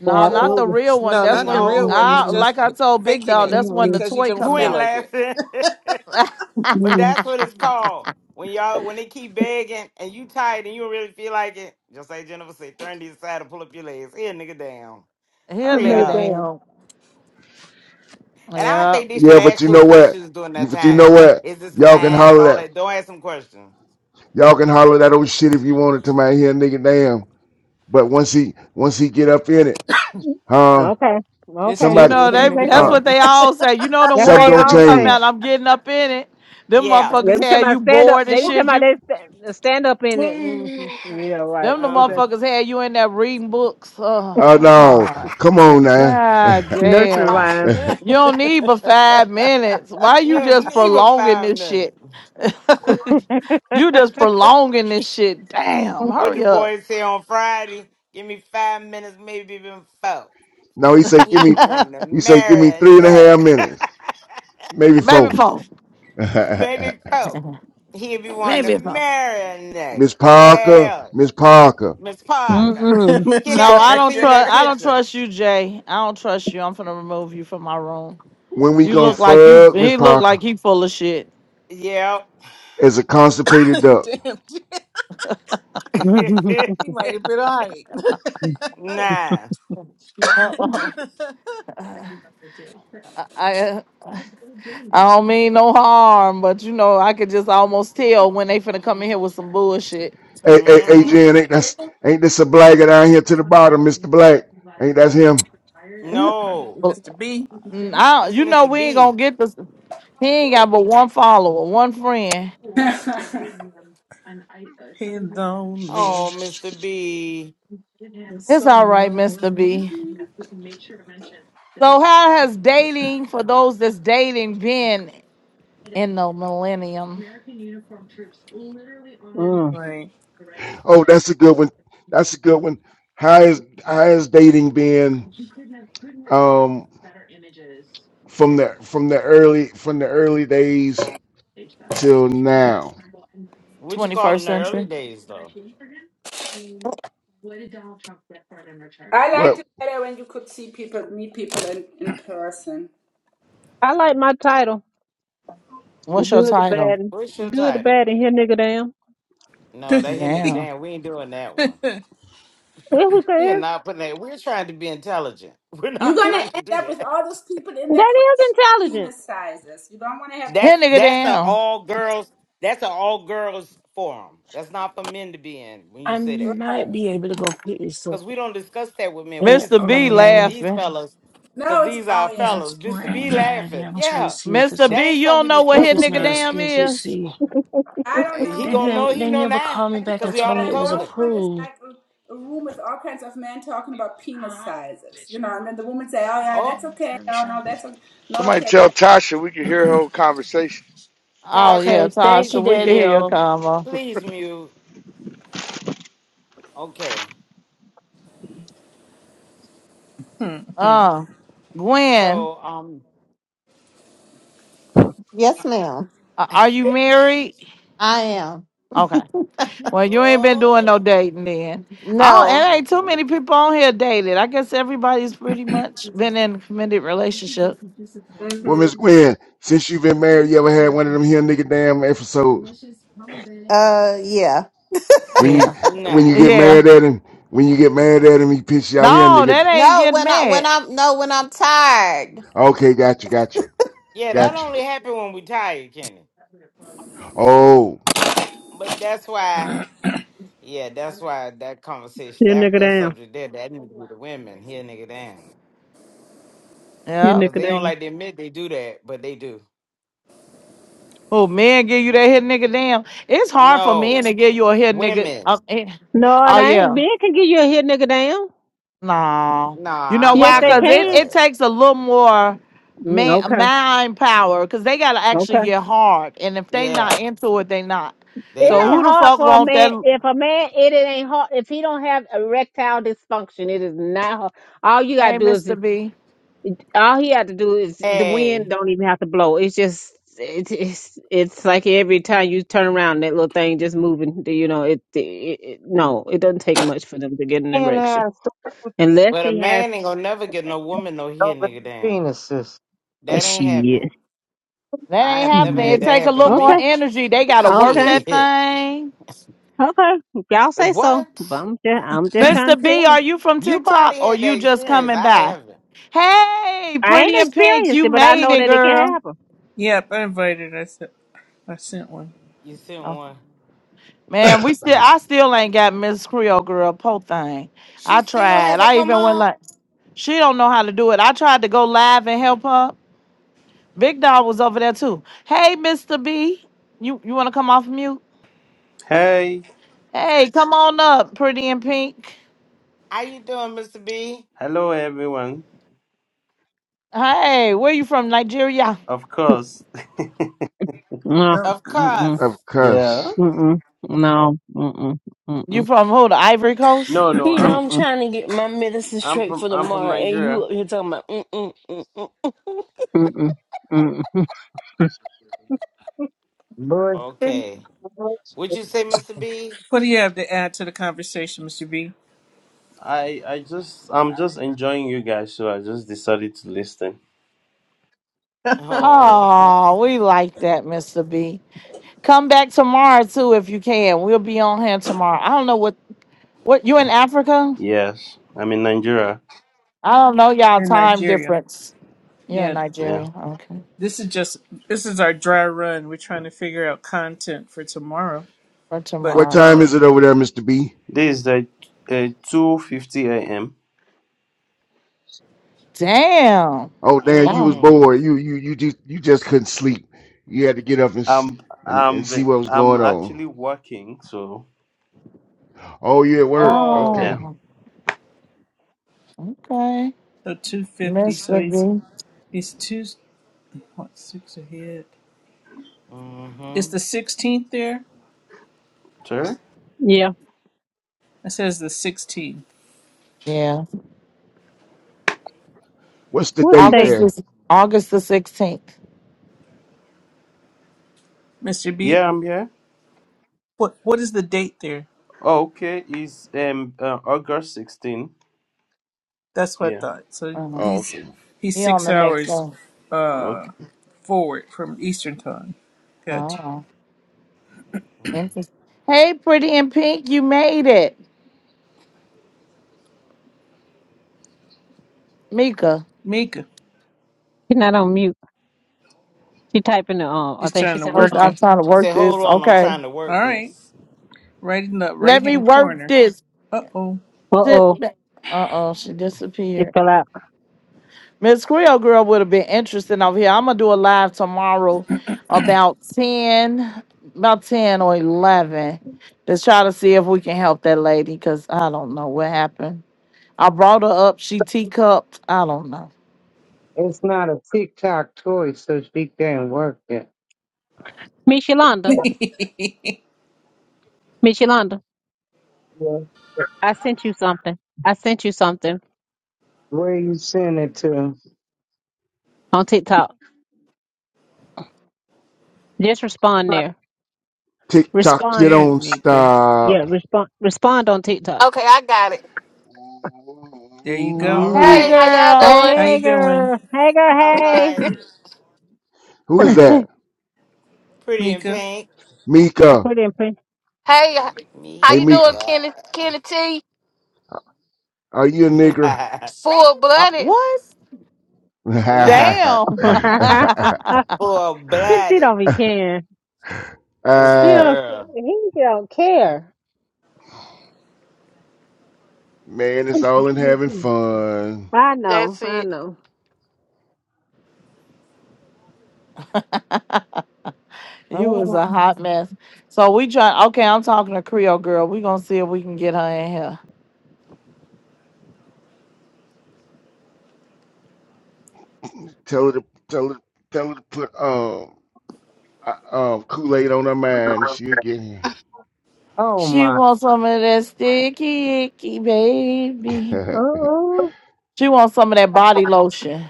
S1: No,
S5: So,
S1: not
S9: Oh,
S1: the
S2: Absolutely.
S1: real one.
S5: no,
S1: That's
S5: not the
S1: when
S5: real
S2: mm
S9: no.
S5: one. It's
S1: I
S2: mm
S5: just
S1: like I told Big
S5: faking
S2: mm
S1: Dog,
S5: it
S1: that's when the
S2: mm
S5: because you
S1: toy
S5: don't
S1: come
S5: feel
S9: Gwen
S1: out.
S5: like it.
S9: laughing. [laughs]
S1: [laughs] Here
S9: But that's what it's called. When y'all when they keep begging and you tired and you don't really feel like it, just like Jennifer said, turn to the side and pull up your legs. Here, nigga, down. Hurry
S1: nigga
S2: Nigga,
S9: up.
S2: down.
S1: down.
S9: And I don't
S1: Yeah.
S9: think they should
S12: Yeah, but
S9: ask
S12: you
S9: you
S12: know what?
S9: questions during
S12: You
S9: that
S12: but you know
S9: time.
S1: Uh,
S12: what?
S9: Is this
S12: Y'all
S1: well,
S12: can
S9: mine and
S12: holler
S9: all
S12: that
S9: that? Don't ask them questions.
S12: y'all can holler that old shit if you wanted to my here nigga damn. But once he once he get up in it, huh?
S2: Okay.
S5: It
S2: Okay.
S1: you
S5: still
S12: Somebody
S5: be
S1: know,
S2: If
S5: here,
S2: you
S1: they
S2: say
S5: nigga,
S1: that's
S2: so.
S12: uh
S5: down.
S1: what they
S12: s-
S1: all say. You know the
S2: That's what
S12: something
S2: they
S1: ones
S12: gonna
S1: that be
S2: all
S1: talking
S12: change.
S2: say.
S1: about I'm getting up in it. Them
S9: Yeah.
S1: motherfuckers
S2: Every time
S1: had
S2: I
S1: you
S2: stand up,
S1: bored and
S2: every
S3: Whoop,
S2: time
S1: shit.
S2: I
S1: You
S2: they sta- stand up in it. mm mm. Yeah, right.
S1: them the
S9: Uh
S2: Okay.
S1: motherfuckers had you in there reading books. Oh
S12: Oh
S1: my
S12: no,
S1: god.
S12: come on now.
S1: God
S2: Nursery
S1: damn.
S2: rhyme.
S1: You don't need but five minutes. Why you
S9: you
S1: just
S9: need
S1: prolonging
S9: five
S1: this
S9: minutes.
S1: shit? [laughs]
S2: [laughs]
S1: you just prolonging this shit. Damn,
S9: What the
S1: hurry up.
S9: boys say on Friday? Give me five minutes, maybe even four.
S12: [laughs] no, he say give
S9: He'll
S12: me
S9: be wanting
S1: [laughs]
S9: to
S12: he say give me
S9: marry a
S12: three and a half
S9: neck.
S12: minutes,
S9: [laughs]
S12: maybe
S1: maybe
S12: four.
S1: four.
S12: [laughs]
S9: Baby Coke. He be wanting to
S1: Maybe four.
S9: marry a nigga.
S12: Miss Parker,
S9: Yeah.
S12: Miss Parker,
S9: Miss Parker.
S2: Mm-mm.
S5: Miss
S9: Kenny, I
S1: No,
S9: got
S1: I
S9: to
S1: don't
S9: send you
S5: Parker.
S9: that
S1: trust I don't
S9: picture.
S1: trust you, Jay. I don't trust you. I'm gonna remove you from my room.
S12: when we
S1: You
S12: gonna
S9: Yeah,
S1: look like you
S9: please.
S12: fuck Miss
S1: he look
S12: Parker
S1: like he full of shit.
S9: Yep.
S12: as a constipated
S5: [laughs]
S12: duck?
S5: Damn, dude.
S9: [laughs]
S5: he might have been all right.
S2: [laughs]
S9: nah.
S1: Uh-oh. [laughs] I, I I don't mean no harm, but you know, I could just almost tell when they finna come in here with some bullshit.
S12: Hey, hey, hey,
S9: Mm-hmm.
S12: Jen, ain't that's ain't this a blagger down here to the bottom, Mister Black? Ain't that's him?
S9: No.
S5: Mr. B,
S1: Mm, I,
S9: This is
S1: you know,
S9: Mr.
S1: we ain't gonna
S9: B.
S1: get this. He ain't got but one follower, one friend.
S8: [laughs] I
S5: he's
S9: Oh,
S5: lonely.
S9: Mr. B.
S5: He's
S1: It's
S5: so
S1: all right, Mr. B.
S5: lonely.
S1: So, how has dating for those that's dating been in the millennium,
S2: Mm.
S5: Right.
S12: Oh, that's a good one. That's a good one. How is how is dating been um from the from the early from the early days till
S1: eh,
S12: now?
S9: What you call
S1: 21st
S9: in the early
S1: century?
S9: days though?
S6: [laughs]
S8: liked
S12: Well,
S8: it better when you could see people, meet people in, in person.
S2: I like my title. The
S1: What's your
S2: good, the
S1: title?
S2: bad, and
S9: What's your
S2: good, the
S9: title?
S2: bad, and here nigga damn.
S9: No, that hit nigga
S1: Damn.
S9: damn. We ain't doing that one.
S2: That's what that
S9: We are
S2: is.
S9: not putting that. We're trying to be intelligent. [laughs] We're
S8: You're
S9: not
S8: gonna
S9: trying to
S8: end
S9: do
S8: up with all
S9: that.
S8: those people in their
S2: That is intelligent.
S8: penis sizes. You don't want to have
S9: That's
S1: Hit nigga
S9: that's a
S1: down.
S9: all girls. That's an all girls forum. That's not for men to be in when you
S3: I
S9: say that,
S8: right.
S3: might be able to go pick this up.
S9: because we don't discuss that with men. We
S3: And,
S1: Mr. B
S9: discussing that with
S3: um,
S9: these
S1: laughing.
S9: fellas, because
S8: No, it's
S9: these are our
S8: oh
S3: this
S8: yeah.
S3: is
S9: fellas.
S3: for
S9: Mister B
S3: anxiety.
S9: laughing.
S3: I'm trying to
S9: Yeah,
S3: see if it's
S1: Mr.
S3: a,
S9: that
S1: B,
S9: ain't
S1: you
S9: something
S1: don't
S9: we
S1: know what
S3: if
S9: discuss
S1: hit
S9: with
S3: it's
S1: nigga
S3: not a
S9: men.
S1: damn
S3: schedule
S1: is?
S3: C.
S8: I don't
S9: Eh, He
S8: know
S3: They,
S9: gonna
S8: him.
S3: never,
S9: know. He
S3: they
S9: know
S3: never
S9: now,
S3: called me
S8: But you
S3: back
S8: know,
S9: because
S3: and
S9: we all
S3: told
S8: what
S3: me
S9: done
S3: it
S8: I
S3: was
S9: told
S8: don't
S9: him.
S8: want is
S3: approved.
S8: like a, a room with all kinds of men talking about penis
S3: Huh?
S8: sizes. You know, and then the woman say, "Oh yeah,
S9: Oh,
S8: that's okay. Oh no, that's o- not
S15: Somebody
S8: okay."
S15: tell Tasha we can hear her whole conversation.
S1: Oh, yeah,
S9: Tasha,
S3: Okay, thank you,
S9: please
S1: Tasha, we can
S3: Daddy
S1: hear
S9: mute.
S1: your
S3: O.
S1: combo.
S9: Please mute. Okay.
S1: Uh, Gwen,
S9: So um.
S6: yes, ma'am.
S1: a-
S9: [laughs]
S1: are you married?
S6: I am.
S1: Okay. Well, you ain't been doing
S9: Oh.
S1: no dating then. I don't,
S6: No.
S1: it ain't too
S9: Mm-mm.
S1: many people on here dated. I guess everybody's pretty much been in a committed relationship.
S12: well,
S8: Mhm.
S12: Miss Gwen, since you've been married, you ever had one of them here nigga damn episodes?
S6: Uh yeah.
S12: When you
S1: Yeah.
S12: when
S9: Nah.
S12: you get
S1: Yeah.
S12: mad at him, when you get mad at him, he piss you out here, and they
S1: No,
S12: get
S1: that ain't
S6: No,
S1: getting
S6: when I when
S1: mad.
S6: I'm no when I'm tired.
S12: okay. Got you, got you,
S9: Yeah, that
S12: got you.
S9: only happened when we tired, Kenny.
S12: Oh,
S9: But that's why, yeah, that's why that conversation,
S2: Here
S9: that
S2: nigga
S9: that
S2: damn.
S9: subject there, that need to be the women here, nigga, down,
S2: Here
S1: Yeah.
S9: because
S2: nigga
S9: they don't
S2: damn.
S9: like to admit they do that, but they do.
S1: Oh, men give you that hit nigga damn. It's hard for men to
S9: No,
S1: give you a hit nigga.
S9: women.
S1: Oh, eh.
S2: No, it
S1: Oh,
S2: ain't.
S1: yeah.
S2: Ben can give you a here nigga damn.
S1: No. You
S9: Nah,
S1: know
S9: I've
S2: Yes,
S1: why?
S9: never
S2: they
S1: Because
S9: had
S2: can.
S1: it, it
S9: that.
S1: takes a little more
S2: Mm,
S1: man,
S2: okay.
S1: mind power because they got to actually
S2: Okay.
S1: get hard. And if they not
S9: Yeah,
S1: into it, they not.
S2: It
S9: they
S1: So
S2: ain't
S1: who the
S9: not.
S2: hard
S1: fuck
S2: for a
S1: want
S2: man.
S1: that?
S2: If a man, it, it ain't hard. If he don't have erectile dysfunction, it is not hard. All you gotta
S1: Hey,
S2: do is,
S1: Mr.
S2: just-
S1: B.
S2: all he had to do is the wind
S9: Hey,
S2: don't even have to blow. It's just, it's, it's, it's like every time you turn around, that little thing just moving. You know, it, it, it no, it doesn't take much for them to get an
S10: and
S2: erection
S10: have sex
S2: unless
S9: but a
S2: he has.
S9: man ain't gonna never get no woman no here,
S10: over
S9: nigga,
S10: the
S9: down.
S10: penises.
S9: That ain't
S2: Shit,
S9: happening.
S1: That
S9: I
S2: shit.
S1: ain't
S9: have never
S1: happening.
S9: had
S1: It
S9: that
S1: take a
S9: happen
S1: little
S9: to
S1: more
S2: Okay,
S9: me.
S1: energy. They gotta work
S2: okay,
S1: that
S9: Shit,
S1: thing.
S2: okay. Y'all
S9: [laughs]
S2: say so,
S9: what?
S2: but I'm just, I'm just trying
S1: Mr.
S2: to tell
S1: B,
S2: you.
S1: are you from
S9: You
S1: TikTok
S9: probably
S1: or
S9: had
S1: you
S9: that
S1: just
S9: experience.
S1: coming
S9: I
S1: back?
S9: haven't.
S1: Hey,
S2: I ain't
S1: pretty and pink,
S2: experienced
S1: you
S2: it, but I
S1: made
S2: know
S1: it,
S2: that it can
S1: girl.
S2: happen.
S5: Yep, I invited. I sent, I sent one.
S9: You sent
S1: Oh,
S9: one.
S1: man, we still I still ain't got Miss Creole girl po thing.
S9: She
S1: I
S9: still
S1: tried.
S9: hasn't
S1: I
S9: come
S1: even went
S9: up.
S1: like she don't know how to do it. I tried to go live and help her. Big Dog was over there too. Hey, Mr. B. You you wanna come off mute?
S17: Hey,
S1: Hey, come on up, pretty and pink.
S9: How you doing, Mr. B?
S17: hello everyone.
S1: Hey, where you from? Nigeria?
S17: Of course.
S2: No,
S9: Of course.
S2: mm-mm,
S12: of
S17: Yeah.
S12: course.
S2: mm-mm, no, mm-mm,
S1: You
S2: mm-mm,
S1: from who? The Ivory Coast?
S17: No, no,
S3: Pete,
S17: I'm
S3: I'm
S2: mm-mm,
S3: trying to get my medicine
S17: I'm
S3: straight
S17: from
S3: for
S17: I'm from
S3: tomorrow, and you
S17: Nigeria.
S3: up here talking about mm mm mm mm.
S2: mm-mm, mm-mm.
S10: Bullshit.
S9: Okay. Would you say, Mr. B?
S5: What do you have to add to the conversation, Mr. B?
S17: I I just I'm just enjoying you guys, so I just decided to listen.
S9: Oh. [laughs]
S1: Oh, we like that, Mr. B. Come back tomorrow too if you can. We'll be on here tomorrow. I don't know what what you in Africa?
S17: Yes, I'm in Nigeria.
S1: I don't know y'all
S5: In
S1: time
S5: Nigeria.
S1: difference. You in
S5: Yeah.
S17: Yeah.
S1: Nigeria. Okay.
S5: This is just this is our dry run. We're trying to figure out content for tomorrow.
S1: For
S12: What
S5: But
S1: tomorrow.
S12: time
S5: uh
S12: is it over there, Mister B?
S17: This is the uh, 2:50 a.m.
S1: Damn.
S12: Oh, damn, you was
S1: Wow.
S9: mm.
S12: bored. You you you just you just couldn't sleep. You had to get up and s-
S17: I'm
S12: and and see
S17: I'm
S12: what was
S17: I'm
S12: going on.
S17: actually working, so
S12: Oh, you at work?
S9: Oh.
S17: yeah.
S12: Okay.
S1: Oh, okay.
S5: so two fifty, so
S1: Mr.
S5: he's
S1: B.
S5: he's two what six ahead. It's
S9: Mm-hmm.
S5: the sixteenth there?
S17: Sure.
S2: Yeah.
S5: It says the 16th.
S1: Yeah.
S12: What's the
S2: What's the
S12: date
S2: day?
S1: August
S12: there?
S1: is August the 16th.
S5: Mr. B,
S17: Yeah, I'm here.
S5: what what is the date there?
S17: Oh, okay, it's um uh, August 16.
S5: That's what I
S17: Yeah.
S5: thought. So
S1: Uh,
S12: Oh,
S5: he's
S12: okay.
S5: he's
S1: he on
S5: six
S1: the next
S5: hours
S1: one.
S5: uh
S17: Okay.
S5: forward from Eastern time. Gotcha.
S1: Oh. Interesting. Hey, pretty in pink, you made it. Mika.
S5: Mika,
S2: She's not on mute. She typing it on. I
S5: he's
S2: think she
S5: trying to
S2: said,
S1: She
S2: hold
S1: said,
S5: work
S2: on.
S1: I'm
S5: it.
S1: trying to
S9: She
S1: work
S9: said, hold
S1: this.
S9: on, I'm
S1: Okay.
S9: trying to
S5: All
S9: work
S5: right,
S9: this.
S5: right in the right
S1: Let me
S5: hand
S1: work
S5: corner.
S1: this.
S5: Uh oh.
S2: Uh-oh.
S1: Sit back. Uh-oh, she
S2: It
S1: disappeared.
S2: fell out.
S1: Miss Creole Girl would have been interesting over here. I'm gonna do a live tomorrow about 10, about 10 or 11. Let's try to see if we can help that lady because I don't know what happened. I brought her up. She teacupped. I don't know.
S10: It's not a TikTok toy, so she can't work it.
S2: Miss
S5: [laughs]
S2: Yolanda,
S5: There's
S2: Miss Yolanda,
S10: Yeah.
S2: I sent you something. I sent you something
S10: Where you send it to?
S2: on TikTok. Just respond there.
S12: TikTok, you
S2: Respond.
S12: don't
S5: Mika.
S2: Yeah,
S12: stop.
S2: respond. Respond on TikTok.
S18: Okay, I got it.
S5: There you
S9: All
S5: go.
S1: Hey,
S12: Who
S18: Hey,
S9: right.
S18: how
S1: girl.
S18: y'all
S5: How
S18: doing?
S2: Hey,
S5: you doing,
S2: girl. Hey, girl.
S9: All
S2: Hey.
S9: right.
S12: is that?
S9: Pretty in
S5: Mika?
S9: pink.
S12: Mika.
S2: Put in,
S18: Hey, how
S12: Hey,
S18: you doing,
S12: Mika,
S9: Mika.
S18: Kenny? Kenny T,
S12: are you a nigger?
S18: full
S1: Uh,
S18: blooded.
S1: what?
S12: [laughs]
S9: [laughs] nah.
S12: uh,
S1: Damn.
S2: put
S1: [laughs]
S2: [laughs]
S9: Full
S2: Kids, he
S9: blooded.
S2: don't be caring.
S9: That's my
S2: He
S12: man,
S2: don't,
S9: girl.
S2: he don't care.
S12: it's
S2: [laughs]
S12: all in having fun.
S2: I know,
S18: That's
S2: I
S18: it.
S2: know.
S1: [laughs] You was
S10: Oh,
S1: a hot mess. So we try. Okay, I'm talking to Creole girl. We gonna see if we can get her in here.
S12: Tell her to tell her tell her to put um uh, um Kool Aid on her mind. She'll get him.
S10: oh
S1: She
S10: my.
S1: wants some of that sticky icky, baby.
S12: [laughs]
S2: Oh,
S1: She wants some of that body lotion.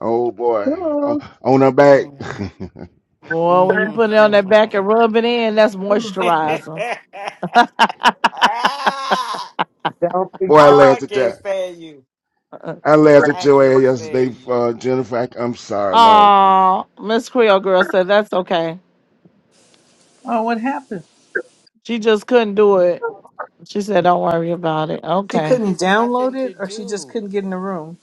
S12: oh boy, on,
S2: oh.
S12: on her back. [laughs]
S1: Boy, when
S9: Mm.
S1: you put it on that back and rub it in, that's moisturizer.
S9: [laughs] Ah!
S12: boy, I
S9: Oh, I
S12: laughed at
S9: can't
S12: that.
S9: stand you.
S1: [laughs]
S12: I laughed at
S9: I
S12: your ass
S9: can't stand
S12: yesterday,
S9: you.
S12: uh, Jennifer. I, I'm sorry, Lord.
S1: Oh, Miss Creole girl said that's okay.
S5: Oh, what happened?
S1: She just couldn't do it. She said, "Don't worry about it."
S5: She
S1: Okay.
S9: It
S5: couldn't
S9: is
S5: download
S9: nothing to
S5: it, or she just
S9: do.
S5: couldn't get in the room.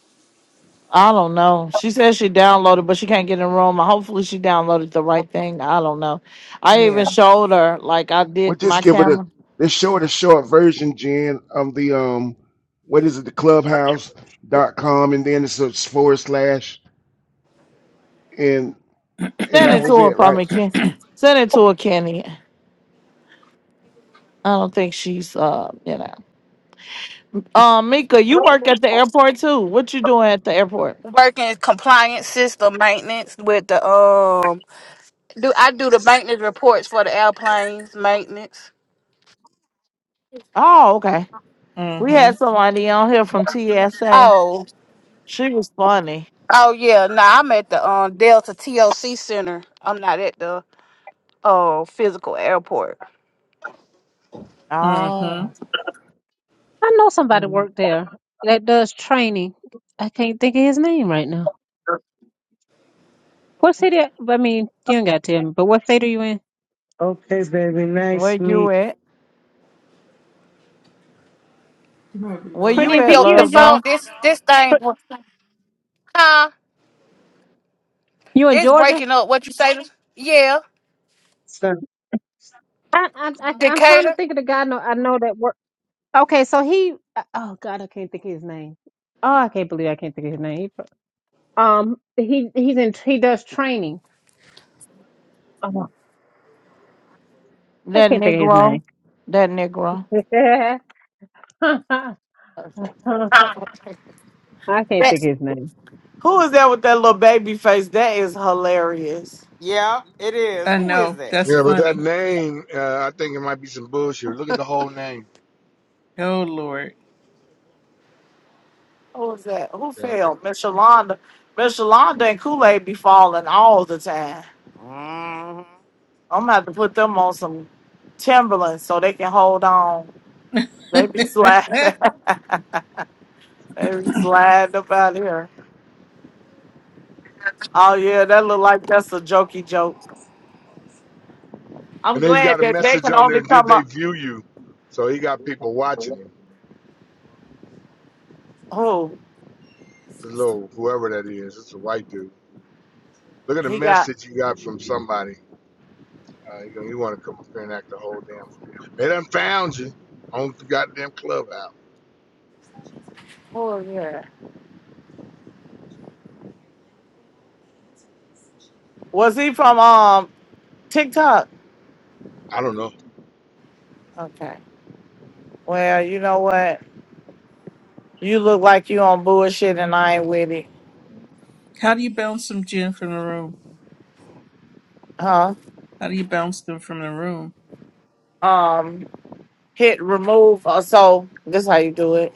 S1: I don't know. She says she downloaded, but she can't get in the room. Hopefully, she downloaded the right thing. I don't know. I even
S5: Yeah.
S1: showed her, like I
S12: Well,
S1: did
S12: just
S1: my
S12: give it a
S1: camera.
S12: the short, a short version, Jen, of the um, what is it, the clubhouse dot com, and then it's a forward slash. and and
S1: Send
S12: that
S1: it
S12: was
S1: to her
S12: it,
S1: for
S12: right?
S1: me, Ken. Send it to her, Kenny. I don't think she's, uh, you know. Um, Mika, you work at the airport too. What you doing at the airport?
S18: Working compliance system maintenance with the um. Do I do the maintenance reports for the airplanes maintenance?
S1: Oh, okay. We
S5: Mm-hmm.
S1: had somebody on here from TSA.
S18: Oh,
S1: She was funny.
S18: oh yeah. No, I'm at the um Delta TOC Center. I'm not at the uh physical airport.
S5: Mm-hmm.
S1: Oh,
S2: I know somebody
S1: mhm.
S2: worked there that does training. I can't think of his name right now. What city? I mean, you ain't got to tell me, but what state are you in?
S10: Okay, baby.
S1: where
S10: Nice
S1: you
S10: meet.
S1: at? Where
S2: Pretty
S1: you
S2: and
S1: at,
S2: pink.
S18: Yo,
S2: you
S18: the
S2: in
S1: love
S2: Georgia?
S18: phone.
S1: John?
S18: This this thing. Huh?
S2: You in
S18: It's
S2: Georgia?
S18: breaking up. What you say? Yeah,
S2: I, I, I, I'm trying
S18: Decatur.
S2: to think of the guy I know, I know that work. Okay, so he. uh, Oh God, I can't think of his name. Oh, I can't believe I can't think of his name. Um, he he's in he does training. I
S1: That
S2: can't think of his
S1: Negro.
S2: name.
S1: That Negro.
S2: [laughs] I can't think of his name.
S1: Who is that with that little baby face? That is hilarious.
S9: Yeah, it is.
S5: I
S9: Who is
S5: know.
S9: that?
S5: That's
S15: Yeah, but that
S5: funny.
S15: name, uh, I think it might be some bullshit. Look at the whole name.
S5: Oh Lord.
S1: Who is that? Who
S15: Yeah, I think.
S1: fell? Miss Yolanda. Miss Yolanda and Kool-Aid be falling all the time.
S9: Mm-hmm.
S1: I'm gonna have to put them on some Timberlands so they can hold on. They be
S5: [laughs]
S1: sliding. [laughs] they be sliding up out here. Oh yeah, that look like that's a jokey joke. I'm
S15: And then he's
S1: glad
S15: got a
S1: that they
S15: message
S1: can
S15: on there.
S1: only
S15: Did
S1: come
S15: they
S1: up.
S15: view you? So he got people watching him.
S1: Who
S15: This little whoever that is. It's a white dude. Look at the
S1: he got?
S15: message you got from somebody. Uh, you know, you want to come up here and act a whole damn fool. They done found you on the goddamn clubhouse.
S1: Was he from um TikTok?
S15: I don't know.
S1: Okay. Well, you know what? You look like you on bullshit and I ain't with it.
S5: How do you bounce some gin from the room?
S1: Huh?
S5: How do you bounce them from the room?
S1: Um hit remove uh, so this how you do it.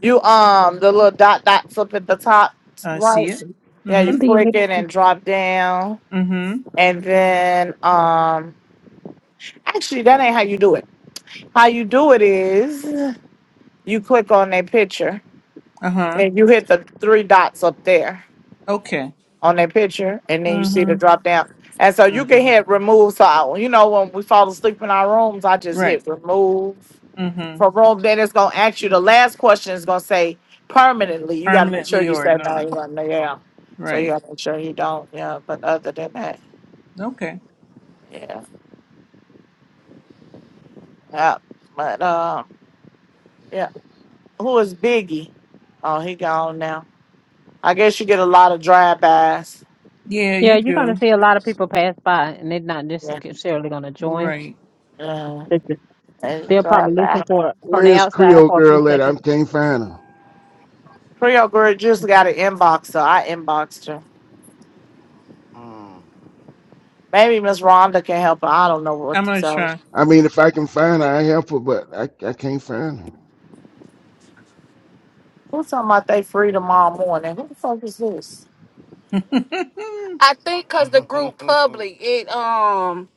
S1: You um the little dot dots up at the top
S5: I see
S1: right.
S5: it.
S1: Yeah, you
S2: And
S5: Mm-hmm.
S2: then
S1: click it
S2: it-
S1: and drop down
S5: Mm-hmm.
S1: and then um actually that ain't how you do it. How you do it is you click on their picture
S5: Uh-huh.
S1: and you hit the three dots up there
S5: Okay.
S1: on that picture, and then you see the
S5: Mm-hmm.
S1: drop down. And so you can
S5: Mm-hmm.
S1: hit remove. So I, you know when we fall asleep in our rooms, I just
S5: Right.
S1: hit remove
S5: Mm-hmm.
S1: from room. Then it's gonna ask you the last question is gonna say permanently. You gotta make sure
S5: Permanently
S1: you
S5: or
S1: say no, you
S5: not.
S1: run there. yeah. So you
S5: Right.
S1: gotta make sure you don't, yeah. But other than that,
S5: Okay.
S1: yeah. yeah. But um yeah. Who is Biggie? Oh, he gone now. I guess you get a lot of drive bys.
S5: Yeah,
S2: yeah,
S5: you
S2: you're
S5: do.
S2: gonna see a lot of people pass by, and they're not
S1: Yeah.
S2: necessarily gonna join.
S5: Right.
S1: Yeah.
S2: [laughs]
S1: And
S2: They'll probably
S1: drive
S2: listen for from the
S12: Where's
S2: outside
S12: Creole
S2: for a few
S12: girl at? I
S2: seconds.
S12: can't find her.
S1: Creole girl just got an inbox, so I inboxed her.
S9: Mm-hmm.
S1: Maybe Miss Rhonda can help her. I don't know what
S5: I'm
S1: to
S5: gonna
S1: tell her.
S5: try.
S12: I mean, if I can find her, I help her, but I, I can't find her.
S1: Who's talking about they free tomorrow morning? Who the fuck is this?
S5: [laughs]
S18: I think because the group
S9: mm
S18: public, it um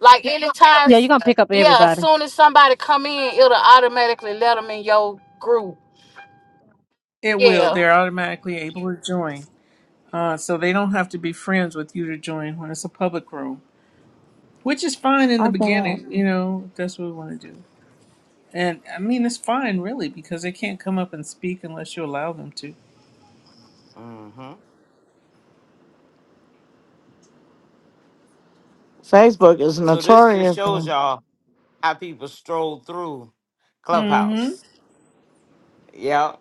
S18: like Yeah, anytime,
S2: Yeah, you're gonna pick up
S18: yeah. As
S2: everybody.
S18: soon as somebody come in, it'll automatically let them in your group.
S5: it will.
S18: Yeah,
S5: They're automatically able to join. Uh, so they don't have to be friends with you to join when it's a public room, which is fine in the
S1: I can't.
S5: beginning. You know, if that's what we want to do. And I mean, it's fine, really, because they can't come up and speak unless you allow them to.
S9: hmm
S1: Facebook is
S9: [laughs] So this just
S1: notorious.
S9: shows y'all how people stroll through
S5: Mm hmm.
S9: Clubhouse. Yeah.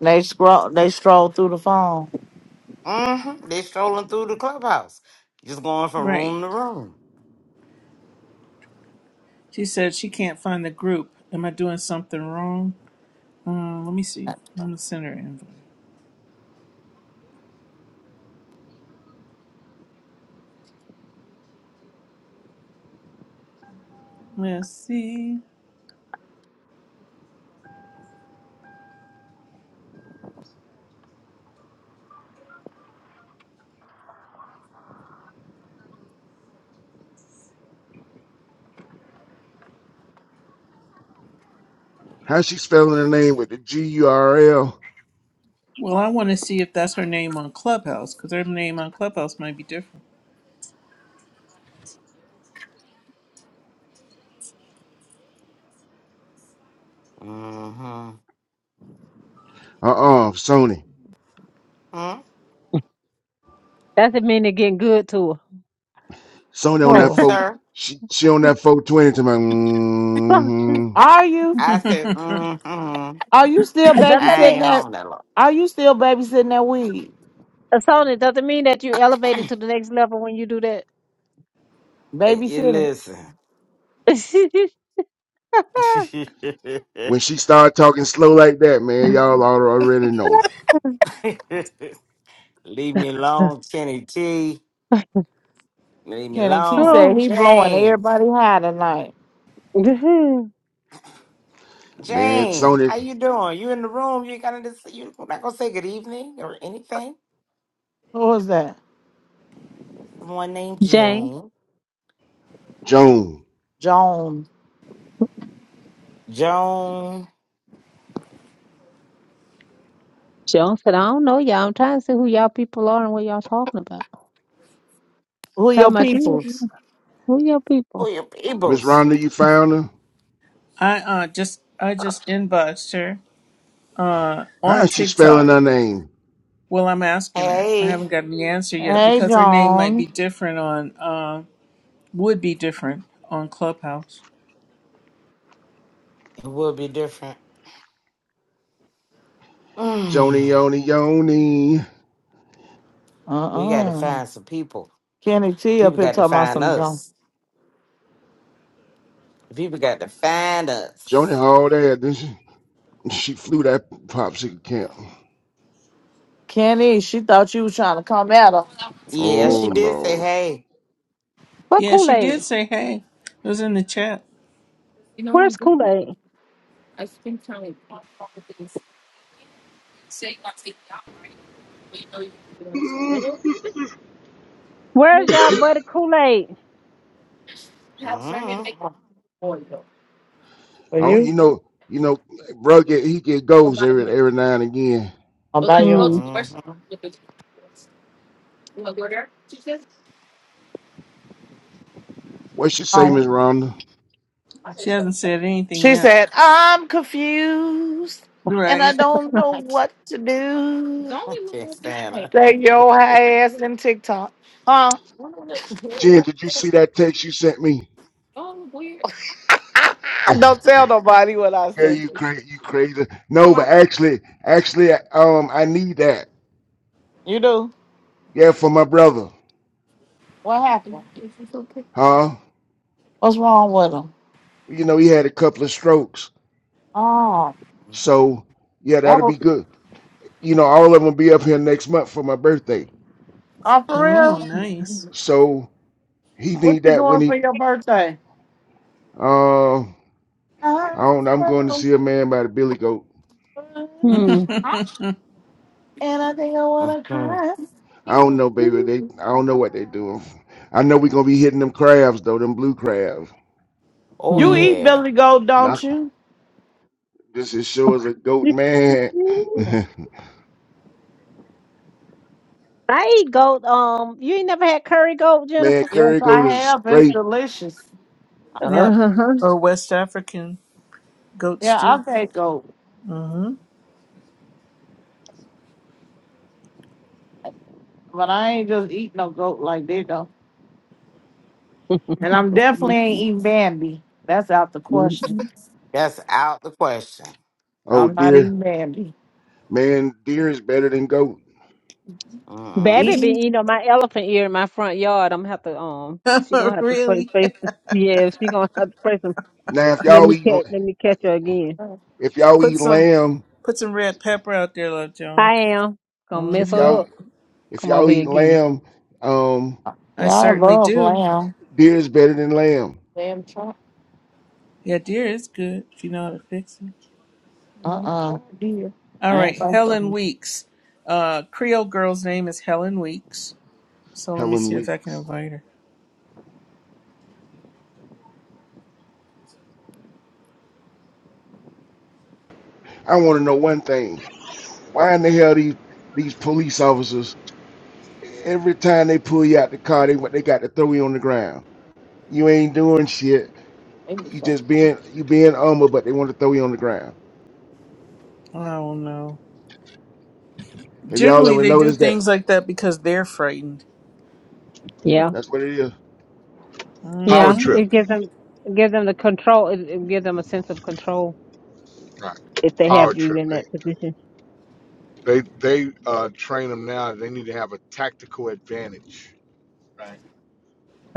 S1: They scroll. They stroll through the phone.
S9: Mm-hmm. They strolling through the clubhouse. Just going from
S5: Right.
S9: room to room.
S5: She said she can't find the group. Am I doing something wrong? Uh, let me see. I'm going to send her an invite. Let's see.
S12: How's she spelling her name with the G U R L?
S5: Well, I want to see if that's her name on Clubhouse, because her name on Clubhouse might be different.
S9: Mm-hmm.
S12: Uh uh, Sony.
S9: hmm
S2: Doesn't mean they're getting good to
S12: Sony on that
S1: Who
S12: four.
S9: Sir.
S12: She she on that four twenty to my.
S2: her. [laughs] does
S12: Mm-hmm.
S1: are you?
S9: I said,
S5: [laughs]
S9: mm-hmm.
S1: Are you still
S2: that
S9: I
S2: mean
S1: babysitting
S9: ain't
S1: that?
S9: home that long.
S1: Are you still babysitting that weed?
S2: uh, Sonya, does it mean that you elevating to the next level when you do that?
S9: Hey, you
S1: Babysitting.
S9: listen.
S2: [laughs]
S12: When
S9: [laughs]
S12: she started talking slow like that, man, y'all al- already know,
S9: Leave me alone, Kenny T. Leave me
S1: Kenny T
S9: alone.
S1: said
S2: oh.
S1: he blowing
S9: Jane.
S1: everybody high tonight.
S2: [laughs]
S12: man.
S9: Jane,
S12: Sony
S9: how you doing? You in the room. You ain't got to say, you not gonna say good evening or anything.
S1: Who was that?
S9: Someone named
S2: Jane
S9: Jane.
S12: Joan,
S1: Joan.
S9: Joan.
S2: Jones said, I don't know y'all. I'm trying to see who y'all people are and what y'all talking about.
S1: Who
S2: Talking
S1: your
S2: about you.
S1: peoples?
S2: Who your
S9: Who
S2: people?
S9: your
S12: Miss
S9: peoples?
S12: Rhonda, you found her.
S5: I uh just I just inboxed her on
S12: How's she spelling
S5: TikTok.
S12: her name?
S5: Well, I'm asking her. I
S9: Hey.
S5: haven't gotten the answer yet
S1: Hey,
S5: because her name might be
S1: Joan.
S5: different on um, would be different on Clubhouse.
S9: It will be different. [sighs] Mm.
S12: Joni Yoni Yoni.
S9: we got to
S1: Uh-uh.
S9: find some people.
S1: Kenny T up
S9: People
S1: here
S9: got to
S1: talking about
S9: find
S1: some Joan.
S9: us. People got to find
S12: Joni
S9: us.
S12: Hall there, didn't she? [laughs] She flew that popsicle camp.
S1: Kenny, she thought you was trying to come at her.
S9: Yeah,
S12: Oh
S9: she did say
S12: Lord.
S9: hey.
S2: What
S5: Yeah,
S2: Kool
S5: she
S2: Aid?
S5: did say hey. It was in the chat.
S2: Where's Kool Aid?
S15: Mm-hmm.
S2: Where's y'all buddy Kool-Aid?
S9: Mm-hmm.
S1: Were
S12: Oh, you
S1: you?
S12: know, you know, bro get he get goals every every now and again.
S2: Hmm.
S9: mm
S12: What you say,
S1: Oh,
S12: Miss Rhonda?
S5: She hasn't said anything
S1: She
S5: yet.
S1: said, I'm confused and I
S5: Right.
S1: don't know
S9: I [laughs] can't
S1: what to do.
S9: I can't stand her.
S1: Take your high ass in TikTok. Huh?
S12: Jen, did you see that text you sent me?
S1: [laughs]
S12: [laughs] yeah,
S1: don't tell nobody what I sent
S12: you
S1: you.
S12: crazy, you crazy. No, but actually, actually, um, I need that.
S1: You do?
S12: Yeah, for my brother,
S1: What happened?
S12: huh?
S1: What's wrong with them?
S12: You know, he had a couple of strokes,
S1: Oh,
S12: so yeah,
S1: that
S12: that'll
S1: was,
S12: be good. You know, all of them will be up here next month for my birthday,
S1: oh, for
S5: Oh,
S1: real?
S5: nice.
S12: so he
S1: What
S12: need
S1: you
S12: that when
S1: doing
S12: he,
S1: for your birthday?
S12: um,
S1: I'm
S12: I don't. I'm going to
S1: so
S12: see a man by the Billy Goat.
S1: blue,
S5: [laughs]
S2: Hmm.
S1: Huh? and I think I wanna
S9: hmm
S1: cry.
S12: I don't know, baby. They. I don't know what they doing. I know we gonna be hitting them crabs though. Them blue crabs.
S9: Oh,
S1: You
S2: Hmm.
S1: eat
S9: yeah.
S1: belly Goat, don't
S12: Knock.
S1: you?
S12: This is sure as a goat, man.
S2: I eat goat. Um, you ain't never had curry goat,
S12: [laughs] man,
S2: Jennifer?
S1: Yes,
S12: curry goat
S1: I
S12: is
S1: have. It's
S12: straight.
S1: delicious.
S5: yep.
S2: Uh-huh.
S5: Or West African goat
S1: Yeah,
S5: stew.
S1: I've had goat,
S5: hmm
S1: but I ain't just eat no goat like that though. And I'm definitely ain't eating Bambi. That's out the question.
S9: That's out the question.
S12: Oh
S1: I'm not
S12: dear,
S1: eating Bambi.
S12: man, deer is better than goat.
S9: Mm-mm.
S2: Baby been
S1: Eating?
S2: eating on my elephant ear in my front yard. I'm gonna have to um she
S5: [laughs]
S2: gonna have to play
S5: really?
S2: face the yeah, she gonna have to face some
S12: Now if
S2: let
S12: y'all
S2: me
S12: eat,
S2: catch let me catch her again.
S12: if y'all
S5: Put
S12: eat
S5: some
S12: lamb,
S5: put some red pepper out there, Love Joan.
S2: I am. Gonna mess
S12: if
S2: her
S5: hmm
S12: y'all
S2: up.
S12: if
S2: Come over
S12: y'all
S2: here
S12: eat
S2: again.
S12: lamb, um,
S5: I
S1: Yeah, I
S5: certainly
S1: love
S5: do.
S1: lamb.
S12: deer is better than lamb.
S1: Lamb chop,
S5: Yeah, dear, it's good if you know how to fix it.
S1: Uh uh dear.
S5: All
S1: I ain't
S5: right,
S1: like
S5: Helen
S1: them.
S5: Weeks. Uh, Creole girl's name is Helen Weeks. So let me
S12: Helen
S5: see if I can
S12: Weeks.
S5: invite her.
S12: I want to know one thing. Why in the hell these these police officers? Every time they pull you out the car, they what they got to throw you on the ground. You ain't doing shit.
S1: Maybe
S12: You
S1: so.
S12: just being you being humble, but they want to throw you on the ground.
S5: I don't know.
S12: Have y'all
S5: Generally,
S12: ever
S5: they do
S12: noticed that?
S5: things like that because they're frightened.
S2: Yeah.
S12: That's what it is.
S15: Power
S2: Yeah.
S5: Mm-hmm.
S15: trip,
S2: It gives them it gives them the control it, it gives them a sense of control.
S15: right?
S2: if they
S15: Power
S2: have you
S15: trip.
S2: in
S15: They
S2: that position,
S15: they they uh, train them now. They need to have a tactical advantage, right?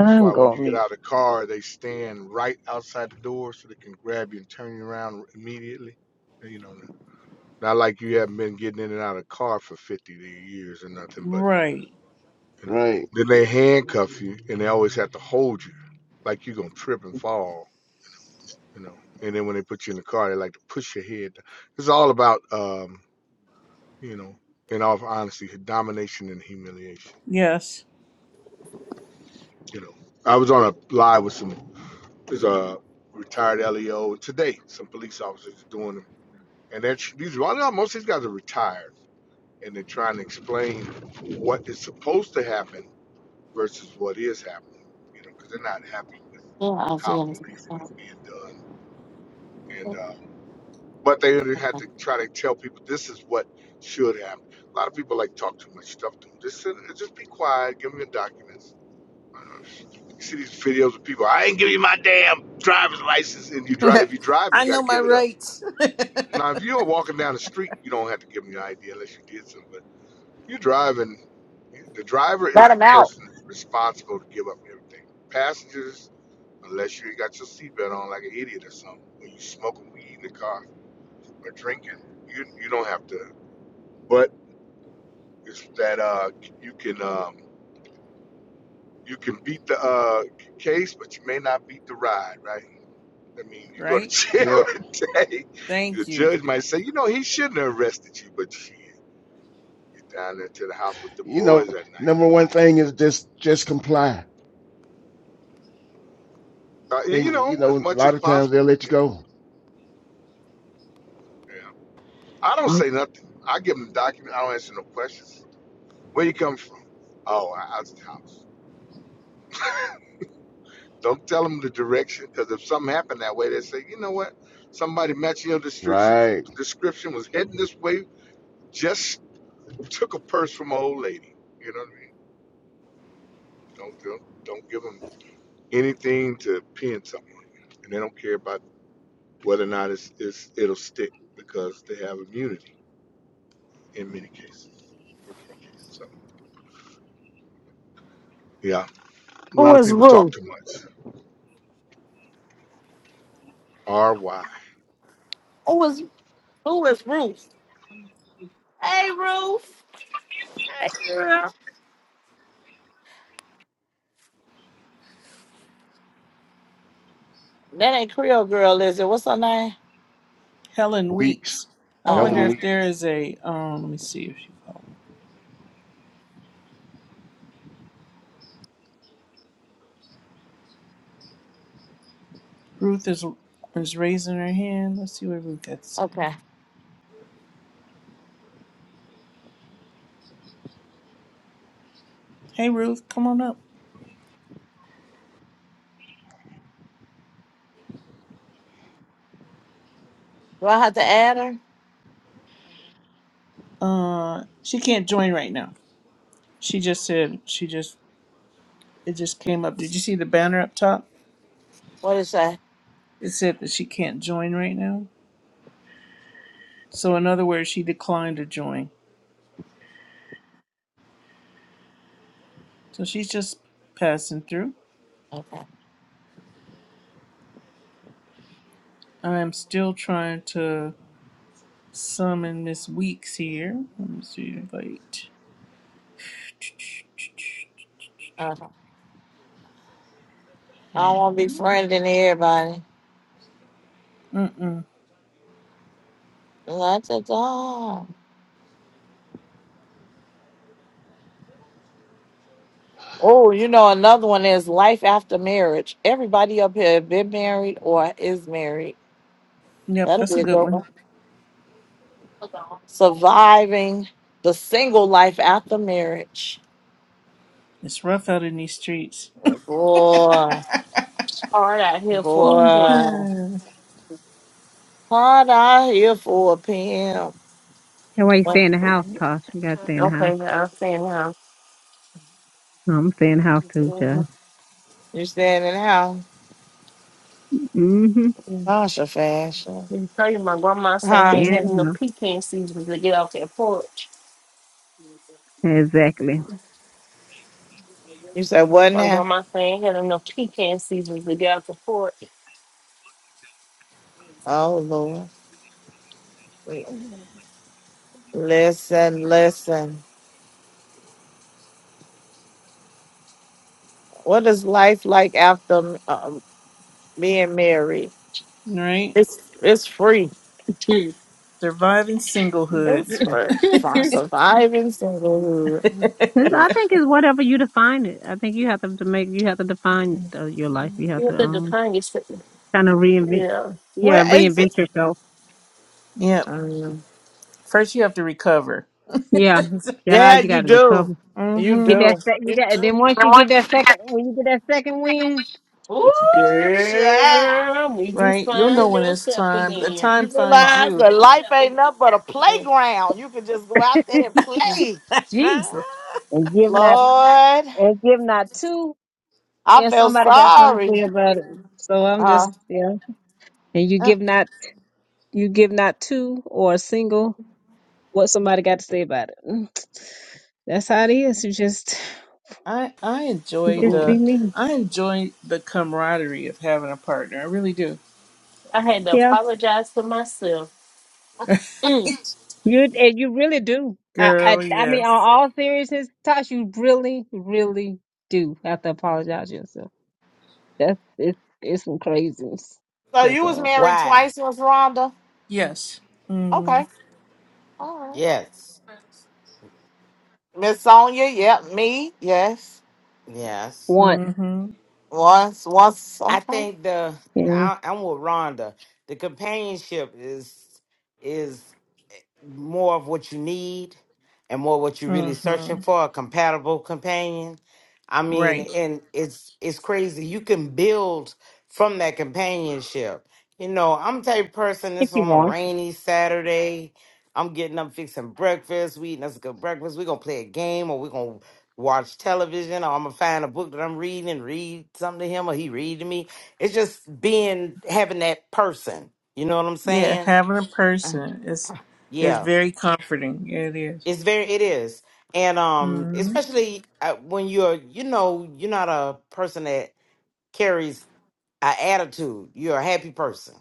S15: That's why when
S2: going
S15: you
S2: to
S15: get
S2: mute.
S15: out of the car, they stand right outside the door so they can grab you and turn you around immediately. You know, not like you haven't been getting in and out of the car for fifty years or nothing, but
S5: Right.
S15: You know,
S12: Right.
S15: then they handcuff you and they always have to hold you, like you're gonna trip and fall. You know, and then when they put you in the car, they like to push your head. down. It's all about, um, you know, in all honesty, domination and humiliation.
S5: Yes.
S15: You know, I was on a live with some, there's a retired LEO today. Some police officers are doing them, and they're these. Well, most of these guys are retired, and they're trying to explain what is supposed to happen versus what is happening, you know, because they're not happy with
S1: Yeah, I see
S15: how
S1: them.
S15: policing is being done. And uh, but they had to try to tell people this is what should happen. A lot of people like talk too much stuff to them. Just sit, just be quiet. Give them your documents. I you see these videos of people. I ain't give you my damn driver's license. And you
S5: [laughs]
S15: drive. If you drive,
S5: I
S15: you got
S5: know
S15: to
S5: my
S15: give it up.
S5: rights. [laughs]
S15: Now, if you're walking down the street, you don't have to give them your ID unless you did something. But you're driving. The driver is
S1: Let
S15: the
S1: him out.
S15: person that's responsible to give up everything. Passengers unless you ain't got your seatbelt on like an idiot or something. When you smoking weed in the car or drinking, you you don't have to. But it's that uh you can um you can beat the uh case, but you may not beat the ride, right? I mean, you go to
S5: Right.
S15: jail
S12: Yeah.
S15: [laughs] today. The
S5: Thank you,
S15: judge might say, you know, he shouldn't have arrested you, but shit, you're down there to the house with them
S12: You know,
S15: boys at night.
S12: number one thing is just just comply.
S15: Uh, you
S12: And
S15: know,
S12: you
S15: as
S12: know, a
S15: much as
S12: lot of times
S15: possible.
S12: they'll let you
S15: Yeah,
S12: go.
S15: yeah. I don't say nothing. I give them the document. I don't answer no questions. Where you come from? Oh, I, I was at the house. Don't tell them the direction because if something happened that way, they say, you know what? Somebody matching your description
S12: Right.
S15: description was heading this way, just took a purse from an old lady. You know what I mean? Don't don't, don't give them anything to pin something on you, and they don't care about whether or not it's, it's it'll stick because they have immunity in many cases. So yeah, a
S1: Who
S15: lot of
S1: is
S15: people talk
S1: Ruth?
S15: too much. R Y.
S1: Who is who is Ruth? Hey Ruth. That ain't Creole girl, is it? What's her name?
S5: Helen
S12: Weeks.
S5: Weeks. I
S1: Oh
S12: Hell
S5: wonder
S12: in
S1: hell.
S5: if
S12: weeks.
S5: there is a. Um. Let me see if she follows. Ruth is is raising her hand. Let's see what Ruth got to say. Hey, Ruth, come on up.
S1: Do I have to add her?
S5: Uh, she can't join right now. She just said she just it just came up. Did you see the banner up top?
S1: What is that?
S5: It said that she can't join right now. So, in other words, she declined to join. So she's just passing through.
S1: Okay.
S5: I'm still trying to summon Miss Weeks here. Let me see, invite.
S1: Uh-huh. I don't wanna be friending everybody.
S5: Mm-mm.
S1: That's it all. Oh, you know another one is life after marriage. Everybody up here have been married or is married.
S5: Yep,
S1: That'll
S5: that's
S1: be
S5: a
S1: a
S5: good
S1: good
S5: one.
S1: one. Surviving the single life after marriage.
S5: It's rough out in these streets.
S1: Boy,
S3: Hard out here for a pimp.
S1: boy.
S5: Mhm.
S1: Hard out here for a PM.
S2: That why you
S1: What?
S2: stay in the house, Tosh. You gotta stay in the house.
S3: Okay, I'm saying now.
S2: I'm gonna stay in the house too, child.
S1: You standing out.
S2: Mm-hmm.
S1: Tasha fashion.
S3: You tell you my grandma saying I
S1: Huh?
S3: ain't
S2: Staying in
S3: having no
S2: the house.
S3: pecan season to get off that porch.
S2: Exactly.
S1: You said what now?
S3: Enough to get off the porch.
S1: Oh Lord. Listen, listen. What is life like after um, being married?
S5: right?
S1: It's it's free.
S5: Surviving singlehood.
S1: It's free for surviving singlehood.
S2: It's, I think it's whatever you define it. I think you have to, to make you have to define uh, your life. You have to um kind of reinvent. Yeah,
S1: What is
S2: reinvent
S1: it?
S2: yourself.
S5: Yep.
S1: Um,
S5: First, you have to recover.
S2: Yeah,
S1: yeah,
S2: child, you
S1: you
S2: gotta
S1: do.
S2: recover.
S1: You
S2: Get
S5: Mm-hmm.
S2: that.
S1: do.
S2: Sec- you
S1: You
S2: got.
S1: do.
S2: Then once you get that second, when you get that second win,
S1: Ooh,
S2: [laughs]
S1: child.
S3: Girl, will you
S5: Right? You'll know
S3: find
S5: when it's
S3: yourself
S5: time. The
S3: again?
S1: You
S5: time finds
S1: realize
S5: you.
S1: that life ain't nothing but a
S3: Mm-mm.
S1: playground. You can just go out there and play.
S5: [laughs]
S3: Jesus.
S5: uh-uh.
S2: and give not
S1: Lord,
S2: and give not two.
S1: I
S2: And
S1: feel
S2: somebody got something to
S1: sorry.
S2: say about it. So I'm just,
S1: Uh,
S2: yeah. And you give not, you give not two or a single what somebody got to say about it. Mm. That's how it is. You just,
S5: I I
S2: you
S5: enjoy
S2: just be
S5: the
S2: me.
S5: I enjoy the camaraderie of having a partner. I really do.
S2: Yeah. You, and you really do. I, I,
S5: Girl,
S2: I mean, on
S5: yes.
S2: all seriousness, Tosh, you really, really do have to apologize to yourself. That's, it's, it's some craziness.
S1: so
S2: That's
S1: you was
S2: all.
S1: married
S9: Why?
S1: twice, Miss Rhonda?
S5: Yes. Mm,
S1: Okay.
S9: Yes.
S1: Miss Sonia, yep. Me, yes.
S9: Yes.
S2: Want,
S5: mm-hmm.
S1: Once, once.
S9: I
S1: Okay.
S9: think the,
S2: you know,
S9: I, I'm with Rhonda. The companionship is, is more of what you need and more what you're really searching
S5: Mm-hmm.
S9: for a compatible companion i mean
S5: Right.
S9: and it's it's crazy you can build from that companionship you know i'm the type of person
S2: if
S9: that's
S2: you
S9: on a
S2: want.
S9: rainy saturday i'm getting up fixing breakfast we eating us a good breakfast we're gonna play a game or we're gonna watch television or i'm gonna find a book that i'm reading and read something to him or he read to me it's just being having that person you know what i'm
S5: Yeah,
S9: saying
S5: having a person is is
S9: Yeah.
S5: very comforting. Yeah, It is.
S9: It's very, it is, and um,
S5: Mm-hmm.
S9: especially uh, when you're, you know, you're not a person that carries an attitude. You're a happy person,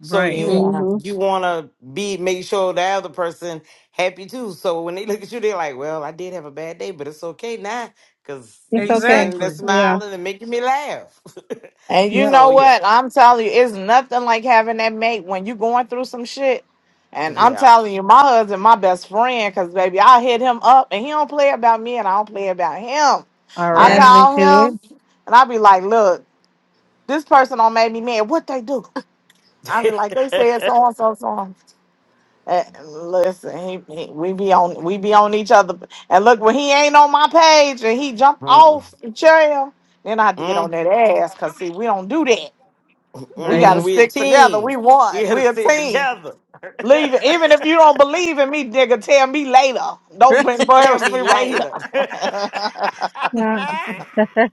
S9: so
S5: Right.
S1: Yeah.
S9: you
S2: hmm
S9: you want to be make sure the other person happy too. So when they [laughs] look at you, they're like, "Well, I did have a bad day, but it's okay now because
S2: It's
S9: you
S2: okay.
S9: standing there
S5: Exactly.
S2: Yeah.
S9: smiling and making me laugh." [laughs]
S1: And you
S2: Yep.
S1: know
S9: so yeah,
S1: what? I'm telling you, it's nothing like having that mate when you going through some shit. And I'm
S9: yeah,
S1: telling you, my husband, my best friend, because baby, I hit him up and he don't play about me and I don't play about him.
S5: All
S1: I
S2: As
S9: nah.
S5: right.
S2: we
S1: call him
S2: should.
S1: and I be like, look, this person don't make me mad. What they do? I be like, they
S9: [laughs]
S1: said so and so so. on." And listen, he, he, we be on we be on each other. And look, when he ain't on my page and he jump off
S9: Mm-mm.
S1: the trail, then I have to get on that ass. Cause see, we don't do that. We
S5: Right.
S2: Yeah.
S1: gotta
S9: Mm-mm, we a
S1: stick together.
S9: team.
S1: We
S9: We
S1: want.
S9: had to
S1: We a
S9: sit
S1: team.
S9: together. [laughs]
S1: Leave it. Even if you don't believe in me, nigga, tell me later.
S5: [laughs]
S1: Don't
S9: Tell
S1: embarrass
S9: me
S1: me right
S9: later.
S1: now. [laughs]
S2: Yeah.
S9: [laughs]
S2: [laughs]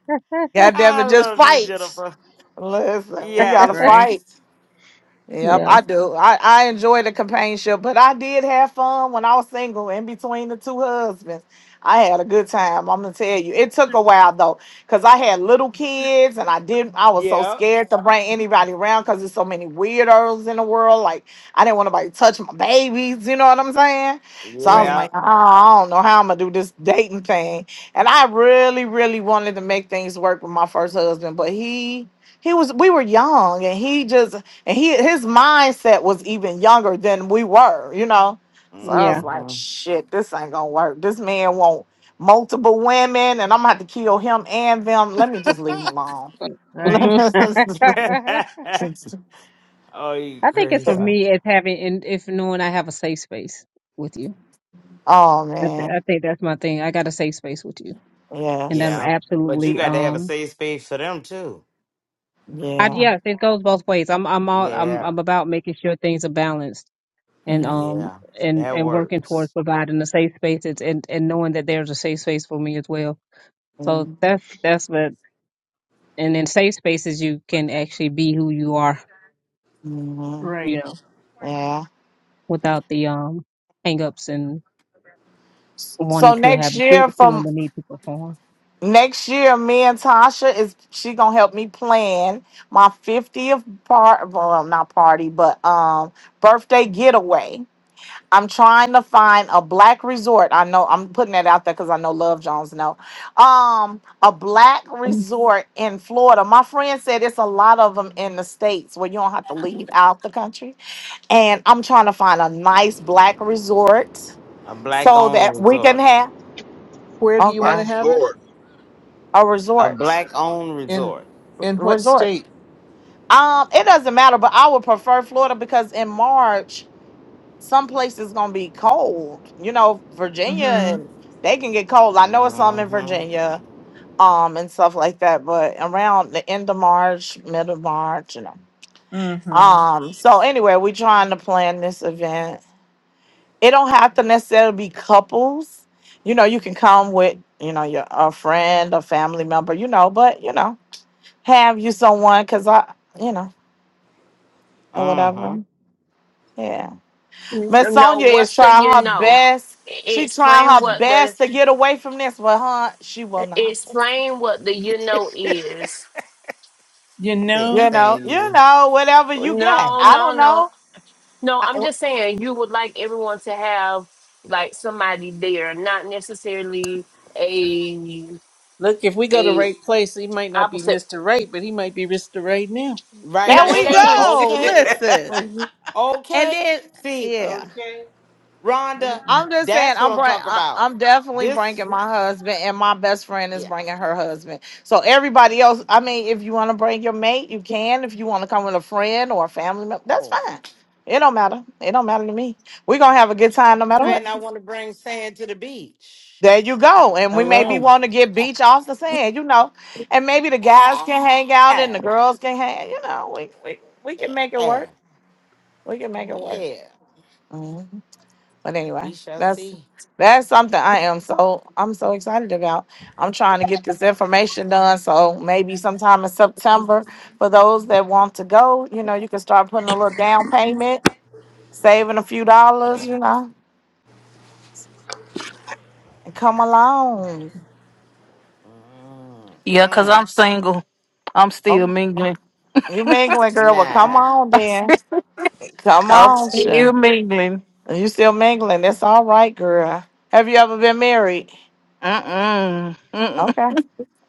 S1: God damn
S9: I
S1: it, just
S9: love you,
S1: fight.
S9: Jennifer.
S1: Listen, we gotta
S9: Yes.
S5: right.
S1: fight. Yep,
S2: Yeah.
S1: I do. I, I enjoy the companionship, but I did have fun when I was single in between the two husbands. I had a good time. I'm gonna tell you. It took a while though, because I had little kids and I didn't I was so
S9: Yeah.
S1: scared to bring anybody around because there's so many weirdos in the world. Like I didn't want nobody to touch my babies, you know what I'm saying? So I was
S5: Right.
S9: Yeah.
S1: like, oh, I don't know how I'm gonna do this dating thing. And I really, really wanted to make things work with my first husband, but he he was we were young and he just and he his mindset was even younger than we were, you know. So I
S2: Yeah.
S1: was like,
S9: hmm
S1: shit, this ain't gonna work. This man want multiple women, and I'm gonna have to kill him and them. Let me just leave him alone. [laughs]
S5: Right.
S2: Mhm. [laughs] I
S9: [laughs] oh, you
S2: think it's for
S9: crazy.
S2: me it's having and if knowing I have a safe space with you.
S1: oh
S2: I, th-
S1: man,
S2: I think that's my thing. I got a safe space with you, and I'm
S1: yes,
S9: Yeah. But you
S2: absolutely
S9: got to have a
S2: um.
S9: safe space for them, too.
S2: I,
S1: yeah,
S2: yes, it goes both ways. I'm I'm all I'm
S9: Yeah.
S2: I'm about making sure things are balanced and
S1: yeah.
S2: um
S9: Yeah.
S2: and
S9: That
S2: and working towards
S9: works.
S2: providing a safe space it's, and and knowing that there's a safe space for me as well. So that's that's what and in safe spaces you can actually be who you are.
S1: Mhm.
S5: Right.
S1: yeah.
S2: without the um hangups and wanting
S1: So
S2: to have
S1: next
S2: feel-
S1: year,
S2: feeling
S1: from
S2: the need to perform.
S1: Next year, me and Tasha is she gonna help me plan my fiftieth part, well, not party, but um, birthday getaway. I'm trying to find a black resort. I know I'm putting that out there because I know Love Jones know. Um, a black
S2: Mm.
S1: resort in Florida. My friend said it's a lot of them in the states where you don't have to leave out the country. And I'm trying to find a nice black resort
S9: A black
S1: so
S9: owned
S1: that we can
S9: resort.
S1: have
S5: Where do you
S15: Why
S5: want
S1: okay
S5: to have it?
S15: Lord.
S1: a
S9: A
S1: resort
S9: black owned
S5: In
S9: resort.
S5: in
S2: [laughs]
S5: what
S1: resort.
S5: state?
S1: Um, it doesn't matter, but I would prefer Florida because in March, some places gonna be cold. You know, Virginia and they can get cold. I know it's some in
S9: Mm-hmm.
S1: Virginia, um, and stuff like that, but around the end of March, middle of March, you know.
S5: Mm-hmm.
S1: Um, so anyway, we trying to plan this event. It don't have to necessarily be couples. You know, you can come with, you know, your a friend, a family member, you know, but you know, have you someone because I, you know, or whatever.
S9: Mm-hmm.
S1: Yeah. But
S3: No,
S1: Sonya is
S3: what's the
S1: trying
S3: you
S1: her
S3: know?
S1: best.
S3: E-
S1: She trying
S3: Explain
S1: her
S3: what the
S1: best to get away from this, but huh, she will not.
S3: Explain what the you know is.
S5: You
S9: I can't
S1: You
S5: know,
S1: know,
S9: stand
S1: you
S9: you.
S1: know, whatever you got.
S3: No,
S1: I don't
S3: no, no.
S1: know.
S3: No, I'm
S1: I-
S3: just saying you would like everyone to have like somebody there, not necessarily a
S5: look, if we go to
S3: a
S5: right place, he might not be
S3: opposite.
S5: Mr. Right, but he might be Mr. Right now.
S9: Right
S1: there
S3: Not it
S1: we
S9: now.
S3: ain't
S1: go.
S9: Okay.
S1: Listen,
S3: even-
S1: and
S9: Okay.
S1: then
S9: See,
S1: yeah,
S5: Okay.
S9: Rhonda,
S1: I'm just saying,
S9: that's what
S1: I'm
S9: I'm
S1: bring,
S9: talking
S1: I,
S9: about.
S1: I'm definitely
S9: This,
S1: bringing my husband, and my best friend is
S9: yeah,
S1: bringing her husband. So everybody else, I mean, if you want to bring your mate, you can. If you want to come with a friend or a
S9: I
S1: family
S9: don't
S1: member, that's
S9: know.
S1: fine. It don't matter. It don't matter to me. We're gonna have a good time no
S9: I
S1: matter
S9: might
S1: what.
S9: not want to bring sand to the beach.
S1: There you go. And we maybe
S5: Hello.
S1: want to get beach off the sand, you know. And maybe the guys can hang out and the
S9: [laughs]
S1: girls can hang, you know, we we, we can make it work. We can make
S9: Oh,
S1: it work.
S9: yeah.
S1: Mhm. But
S9: We
S1: anyway,
S9: shall
S1: that's
S9: see.
S1: that's something I am so I'm so excited about. I'm trying to get this information done. So maybe sometime in September for those that want to go, you know, you can start putting a little down payment, saving a few dollars, you know, and come along.
S9: Mm,
S18: Yeah, cause I'm
S9: mm.
S18: single. I'm still
S1: Oh,
S18: mingling.
S1: you mingling girl, well come
S9: Nah.
S1: on Come
S18: I'm
S1: on, Sha.
S18: still mingling.
S1: You still mingling. That's all right, girl. Have you ever been married?
S18: Mm-mm. Mm-mm.
S1: Okay.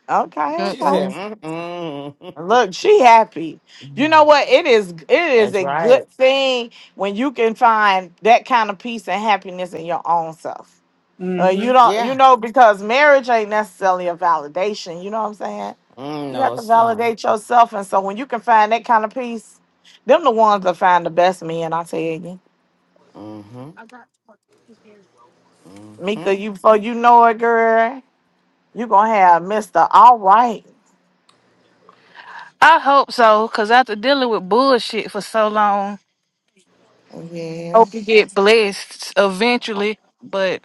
S1: Okay,
S9: She
S1: okay.
S9: said,
S18: Mm-mm.
S9: mm,
S1: Look, she happy. You
S9: mm.
S1: know
S9: [laughs]
S1: what? It is it is
S9: That's
S1: a
S9: right.
S1: good thing when you can find that kind of peace and happiness in your own self. Uh,
S5: Mm-hmm.
S1: you don't you
S9: Yeah.
S1: know because marriage ain't necessarily a validation, you know what I'm saying?
S9: Mm,
S1: You
S9: no,
S1: have to
S9: it's not.
S1: validate yourself and so when you can find that kind of peace, them the ones that find the best men, I tell you.
S9: Mm-hmm. mm-hmm.
S1: Mika, you before you know it, girl. you gonna have Mr. All Right.
S18: I hope so, cause after dealing with bullshit for so long,
S1: Yeah,
S18: hope you get blessed eventually. But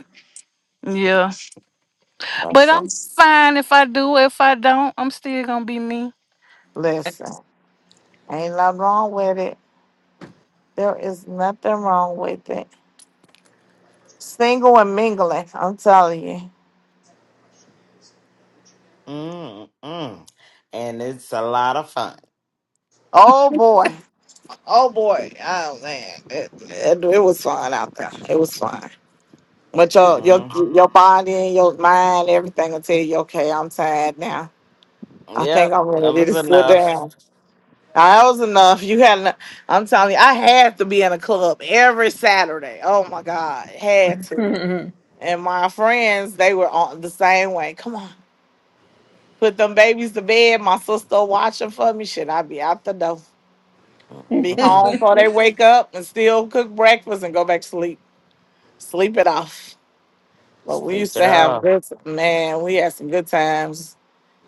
S18: yeah,
S1: for
S18: but I'm
S1: sure.
S18: fine if I do. If I don't, I'm still gonna be me.
S1: Listen, ain't nothing wrong with it. There is nothing wrong with it. Single and mingling, I'm telling you.
S9: Mm, mm. And it's a lot of fun.
S1: Oh boy. Oh boy. Oh man. It, it, it was fun out there. It was fun. But your your
S9: hmm
S1: your body and your mind, everything will tell you, okay, I'm tired now. I think
S9: Yep,
S1: I'm
S9: enough
S1: ready
S9: is
S1: to sit
S9: enough.
S1: down. I was enough. You had, enough. I'm telling you, I had to be in a club every Saturday. Oh my God, had to.
S5: [laughs]
S1: And my friends, they were on the same way. Come on, put them babies to bed. My sister watching for me. Should I be out the door? Be
S9: hmm
S1: home before they wake up and still cook breakfast and go back to sleep. Sleep it off. But we
S9: Sleep
S1: used
S9: it
S1: to have
S9: off
S1: good man. We had some good times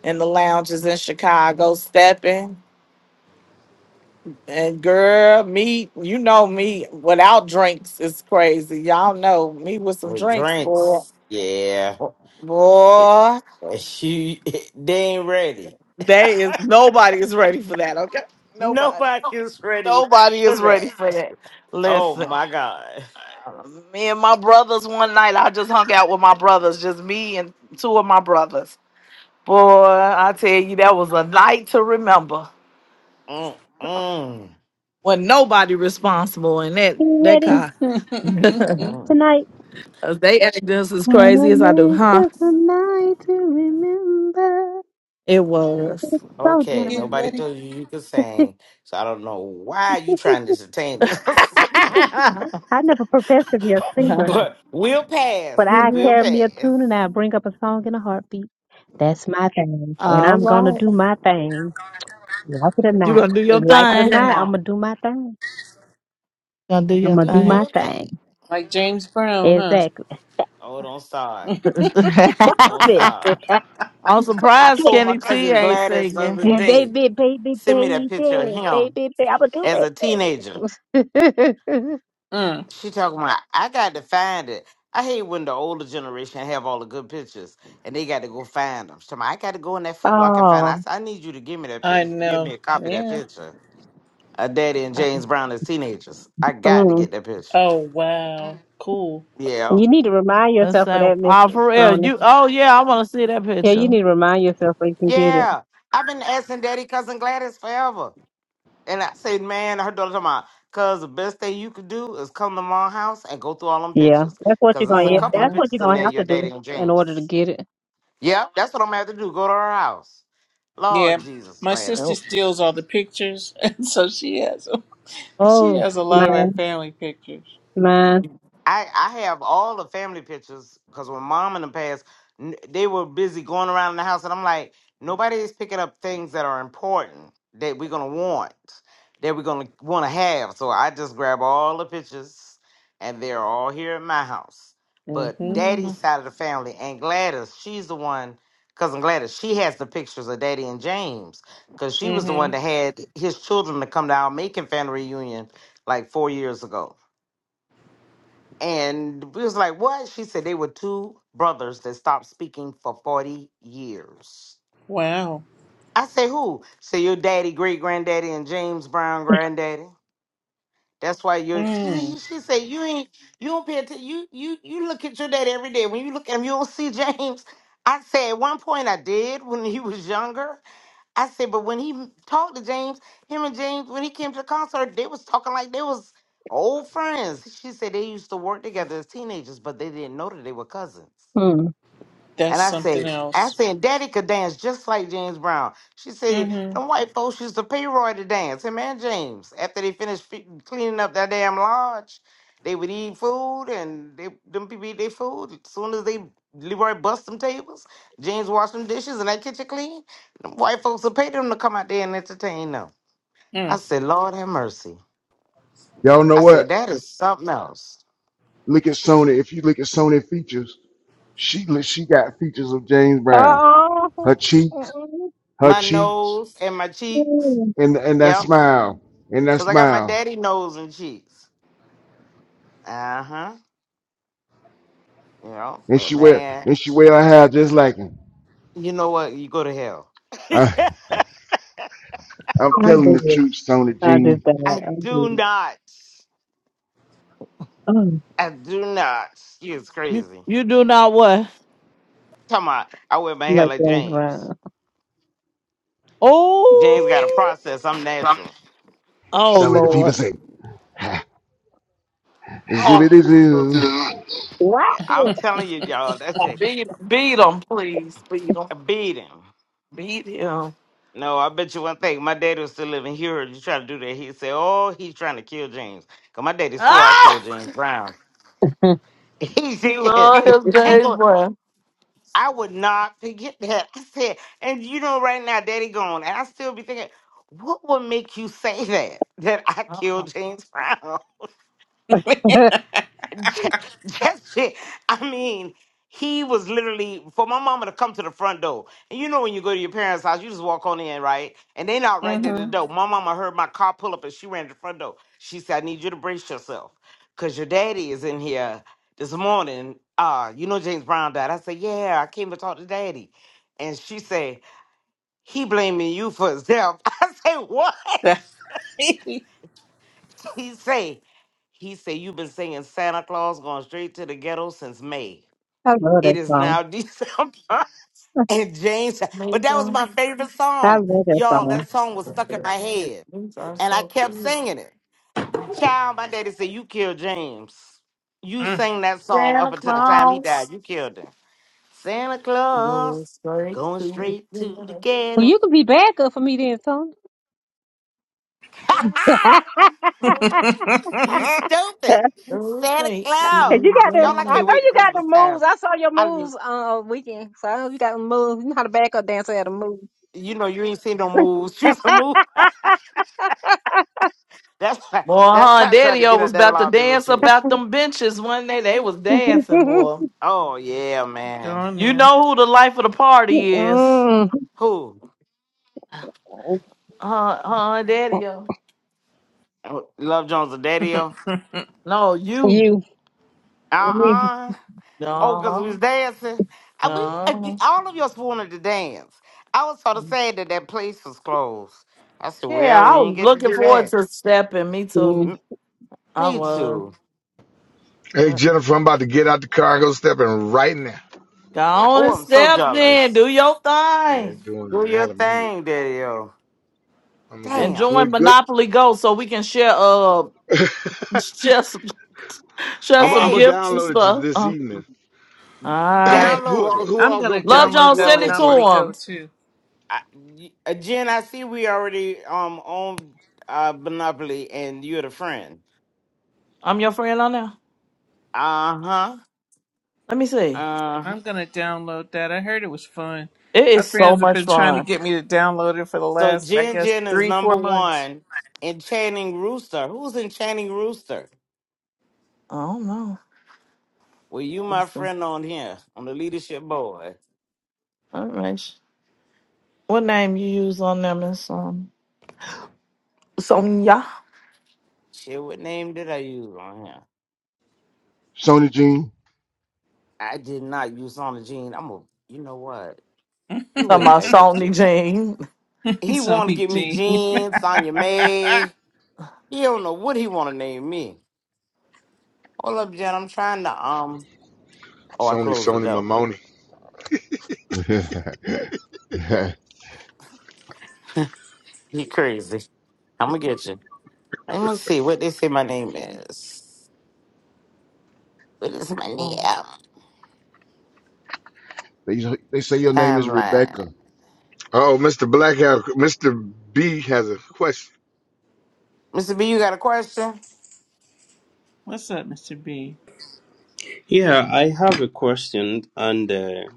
S1: in the lounges in Chicago, stepping. And girl, me, you know me without drinks is crazy. Y'all know me with some
S9: with
S1: drinks, boy.
S9: drinks. Yeah, It-
S1: Boy,
S9: [laughs] you they ain't ready.
S1: they is nobody is ready for that. Okay, nobody,
S9: Nobody's ready
S1: nobody
S9: for
S1: is ready
S9: that.
S1: for that.
S9: Oh
S1: Listen,
S9: my god.
S1: uh, me and my brothers one night, I just hung out with my brothers, just me and two of my brothers. Boy, I tell you, that was a night to remember.
S9: Mm, mm,
S1: When nobody responsible in that that car,
S9: mm.
S1: [laughs] they act just as crazy as I do, huh?
S2: Yes, I do love-
S1: It was.
S9: Okay,
S5: Get
S9: nobody
S5: ready.
S9: told you you could sing, so I don't know why you trying to
S2: [laughs]
S9: entertain
S1: [laughs]
S9: us. [laughs]
S2: I never professed to be a singer.
S9: But we'll pass.
S2: But
S1: you
S2: I
S9: We'll
S1: ready?
S2: carry me a
S9: pass.
S2: tune and I bring up a song in a heartbeat. That's my thing. And
S9: Oh
S1: All
S2: I'm gonna
S1: right.
S2: do
S9: Jesus.
S2: my thing. Like it or
S1: You
S2: not.
S1: gonna do your
S2: Like it or
S1: thing.
S2: not, I'm
S9: Well,
S2: gonna do my thing.
S1: Gonna do
S2: I'm
S1: your
S2: gonna
S9: do
S2: do
S1: thing.
S2: my
S9: your thing.
S2: thing.
S5: Like James Brown, huh?
S2: Exactly.
S9: Oh, don't start.
S1: [laughs]
S2: What's
S9: Don't
S2: this? [laughs]
S9: start.
S1: I'm
S2: What's
S9: I
S1: surprised
S9: told
S2: this?
S9: my
S1: Kenny T
S9: cousin
S1: ain't
S9: Gladys the
S1: singing.
S9: other
S2: Baby,
S9: day,
S2: baby, baby,
S9: send me that picture of
S2: baby,
S9: him
S2: baby. I'm gonna do
S9: as a teenager.
S2: it.
S5: Mm.
S9: She talking about, I got to find it. I hate when the older generation have all the good pictures and they got to go find them. She talking about, I got to go in that
S2: [laughs]
S9: Foot Locker and find it.
S2: oh.
S9: I said, I need you to give me that
S5: I
S9: pic- give me
S5: know.
S9: a copy of that
S5: Yeah.
S9: picture. Uh, Daddy and
S1: Uh,
S9: James Brown as teenagers. I got to
S2: Mm.
S9: get that picture.
S5: Oh, wow. Cool.
S9: Yeah.
S2: You need to remind
S1: Miss
S2: yourself of
S1: Sam,
S2: that, Miss
S1: oh for real.
S2: Sonia.
S1: You oh yeah, I wanna see that
S2: Yeah, you
S1: picture.
S2: need to remind yourself where you can get it.
S9: Yeah. I've been asking Daddy Cousin Gladys forever. And I said, man, I heard all the time about, cause the best thing you could do is come to my house and go through all them
S2: Yeah,
S9: pictures.
S2: that's what you're
S9: Cause
S2: gonna.
S9: there's a
S2: yeah,
S9: couple of
S2: That's
S5: Uh-huh.
S2: what you're
S9: pictures in
S2: gonna
S9: there
S2: have
S9: you're
S2: to do
S9: dating
S2: in order to
S9: James.
S2: get it.
S9: Yep, that's what I'm gonna have to do. Go to her house.
S5: Yeah.
S9: Lord Jesus,
S5: My sister
S1: Nope.
S5: steals all
S9: Gladys.
S5: the pictures, [laughs] and so she has she
S1: Oh,
S5: has a
S2: Man,
S5: lot of our family pictures.
S2: man.
S9: I I have all the family pictures because when mom in the past, n- they were busy going around in the house, and I'm like, nobody is picking up things that are important that we're gonna want, that we're gonna want to have. So I just grab all the pictures, and they're all here at my house. But
S5: Mm-hmm.
S9: daddy's side of the family and Gladys, she's the one, cousin Gladys, she has the pictures of daddy and James because she was the one
S5: Mm-hmm.
S9: that had his children to come to our Macon family reunion like four years ago. And it was like, what? She said they were two brothers that stopped speaking for 40 years.
S5: Wow.
S9: I say, who? Say your daddy, great granddaddy, and James Brown granddaddy. That's why you're
S5: Mm.
S9: she she said you ain't you don't pay attention. You you you look at your daddy every day. When you look at him, you don't see [laughs] James. I say at one point I did when he was younger. I said, but when he talked to James, him and James, when he came to the concert, they was talking like they was old friends. She said they used to work together as teenagers, but they didn't know that they were cousins.
S2: Hmm.
S9: And
S5: That's
S9: I
S5: something
S9: say, I
S5: else.
S9: said, Daddy could dance just like James Brown. She said,
S5: Mm-hmm.
S9: them white folks used to pay Roy to dance, him and James. After they finished fe- cleaning up that damn lodge, they would eat food and they, them people eat their food. As soon as they, Leroy bust them tables, James washed them dishes and that kitchen clean, them white folks would pay them to come out there and entertain them. I
S5: Mm.
S9: said, Lord have mercy.
S12: Y'all know
S9: I
S12: what?
S9: said, that is something else.
S12: Look at Sony. If you look at Sony features, she she got features of James Brown.
S2: Oh,
S12: Her cheeks, her
S9: My
S12: cheeks,
S9: nose and my cheeks.
S12: and and that
S9: Yep.
S12: smile and that
S9: Because I got my
S12: smile
S9: daddy nose and cheeks. Uh huh. You know,
S12: and
S9: but
S12: she wear
S9: man,
S12: and she wear her hair just like him.
S9: you know what? You go to hell.
S12: I, I'm
S2: I
S12: telling
S2: did
S12: the
S2: it.
S12: truth, Sony
S2: I
S12: Jean.
S2: did
S9: [laughs]
S2: that.
S9: I
S2: I did
S9: do
S2: it.
S9: not.
S2: Oh,
S9: I do not. It's
S1: you
S9: crazy.
S1: you do not what?
S9: Come on. I wear my hair
S2: like
S9: like
S2: James
S9: James.
S2: Brown.
S9: James got a
S1: Oh,
S9: process. I'm natural.
S1: oh
S12: Some of the people
S1: Lord,
S12: say, [laughs] "Ha,
S9: Ha!
S12: "Zibbity zoo,
S2: What?
S9: I'm telling you, y'all, that's a,
S1: beat beat him, please, beat him,
S9: a beating.
S1: beat him.
S9: No, I bet you one thing. My daddy was still living here. You try to do that. He'd say, Oh, he's trying to kill James. Because my daddy swore I
S1: [laughs]
S9: killed James Brown.
S2: [laughs] I
S9: [laughs] He
S1: He
S9: said,
S1: love his
S9: I ain't
S1: days,
S9: gonna
S1: boy.
S9: I would not forget that. I said, and you know, right now, Daddy gone, and I still be thinking, what would make you say that that I
S1: Uh-uh.
S9: killed James Brown? [laughs]
S5: [laughs]
S9: that that shit. I mean, he was literally for my mama to come to the front door. And you know when you go to your parents' house, you just walk on in, right? And they not right there at the
S5: mm-hmm.
S9: door. My mama heard my car pull up and she ran to the front door. She said, I need you to brace yourself. Cause your daddy is in here this morning. Uh, you know James Brown died. I said, Yeah, I came to talk to daddy. And she said, He blaming you for his death. [laughs] I say, What?
S5: [laughs]
S9: She say, he said, You've been singing Santa Claus going straight to the ghetto since May.
S2: love
S9: It
S2: that
S9: is
S2: song.
S9: now [laughs] December. And James, but
S1: Meet
S9: that was
S1: them.
S9: my favorite
S2: I
S9: song.
S2: love that
S9: Y'all,
S2: song.
S9: that song was stuck in my head.
S1: These are
S9: And I
S1: so
S9: kept
S1: cute.
S9: singing it. Child, my daddy said, You killed James. You
S5: mm.
S9: sang that song up
S1: Santa
S9: until the time he died.
S1: Claus
S9: You killed him. Santa Claus
S1: goes straight
S9: going
S1: to
S9: straight
S1: the
S9: to the
S1: winner.
S2: Well,
S9: ghetto.
S2: you could be bad good for me then, Tony.
S9: [laughs]
S1: Santa
S2: [laughs]
S1: Claus
S9: you
S5: [laughs]
S9: stupid.
S1: goes
S9: Santa
S1: straight to
S2: 'Cause
S9: Claus.
S2: you
S1: the
S2: got the,
S9: Y'all, I
S2: I
S9: can't
S1: winner.
S2: know
S9: wait to
S2: you got the
S9: Christmas time.
S2: moves. I saw your
S9: I,
S2: moves uh weekend, so I know you got the moves. You know how to back up dancer at a move.
S9: you know, you ain't seen no moves. [laughs] Choose a move. [laughs] That's why,
S1: Boy,
S9: that's
S1: huh?
S9: why I tried to
S1: Daddy
S9: get
S1: O
S9: out
S1: was
S9: that
S1: about to
S9: lobby with
S1: dance
S9: you.
S1: up out them benches one day. They was dancing,
S2: [laughs]
S1: boy.
S9: Oh yeah,
S5: Go
S9: man.
S5: on
S1: You
S5: there.
S1: know who the life of the party is.
S2: Mm,
S9: Who?
S1: Huh, huh, Daddy O.
S9: Oh, Love Jones and Daddio?
S5: [laughs]
S1: No, you.
S2: you, I mean,
S9: Uh-uh. Oh, because we
S1: Uh-huh.
S9: was dancing. And we ag-
S1: No.
S9: all of us wanted to dance. I was sort of sad that that place was closed. I said,
S1: Yeah,
S9: well, we
S1: I
S9: ain't
S1: was
S9: get to
S1: looking
S9: do
S1: forward
S9: that.
S1: to stepping. Me too.
S2: mm.
S9: M-
S1: I
S9: me
S1: was.
S9: too.
S15: Hey
S1: Yeah.
S15: Jennifer, I'm about to get out the car and go stepping right now.
S1: Go on
S9: Oh,
S1: and
S9: I'm so
S1: step then. Do
S9: jealous.
S1: your
S15: They- They're
S1: thing.
S15: doing
S9: Do
S15: an
S9: your
S15: Alameda.
S9: thing, Daddio.
S15: I'm gonna give them
S1: And
S9: Damn.
S1: join
S15: twenty good.
S1: Monopoly Go so we can share uh
S15: [laughs]
S1: [laughs] share some, share
S15: I'm
S1: some
S15: I'm gonna
S9: Hey,
S1: gifts and
S15: download it to
S1: stuff.
S15: this
S1: Uh,
S15: evening.
S1: all
S15: [coughs]
S5: I'm,
S1: right.
S15: [clears throat] who
S9: download
S15: all
S9: it.
S15: who
S5: I'm
S15: all's
S5: gonna
S15: gonna
S1: Love
S15: play?
S5: download
S1: John,
S15: Who
S5: that
S15: all
S1: send it
S15: gonna
S1: to
S15: play?
S5: Monopoly Go
S1: him.
S5: too.
S9: I, y- uh, Jen, I see we already um on uh, Monopoly, and you're the friend.
S1: I'm your friend on there.
S9: Uh huh.
S1: Let me see.
S9: Uh-huh.
S5: I'm gonna download that. I heard it was fun.
S1: It
S5: My
S1: is so
S5: friends have
S1: much
S5: been trying to
S1: fun.
S5: get me to download it for the
S9: So
S5: last, I
S9: Jin
S5: guess,
S9: Jin is
S5: three, four
S9: number
S5: months. [laughs]
S9: one. Enchanting Rooster. Who's Enchanting Rooster?
S1: I don't know.
S9: Well, you my
S1: It's some-
S9: friend on here, on the leadership board.
S1: all right. What name you use on them is um Sonya.
S9: Shit, what name did I use on here?
S12: Sony Jean."
S9: I did not use on the Gene. I'm a, you know what? You
S1: Talking
S9: wait,
S1: about
S9: I get
S1: Sony
S9: you.
S1: Jean.
S9: He
S5: So,
S9: want to give me
S5: Gene.
S9: Gene. Sonya May. He don't know what he want to name me. Hold up, Jen. I'm trying to, um, oh, I
S15: Sony
S9: closed the
S15: Sony
S9: door.
S15: Mamoni.
S12: [laughs]
S9: [laughs] You crazy. I'm going to get you. Let me see what they say my name is. What is my
S1: [laughs]
S9: damn
S1: Oh,
S12: they they say your name is
S9: timeline?
S12: Rebecca.
S15: Oh, Mr. Black Mr. B has a question.
S9: Mr. B, you got a question?
S5: [laughs] What's up, Mr. B?
S17: Yeah, I have a question and uh,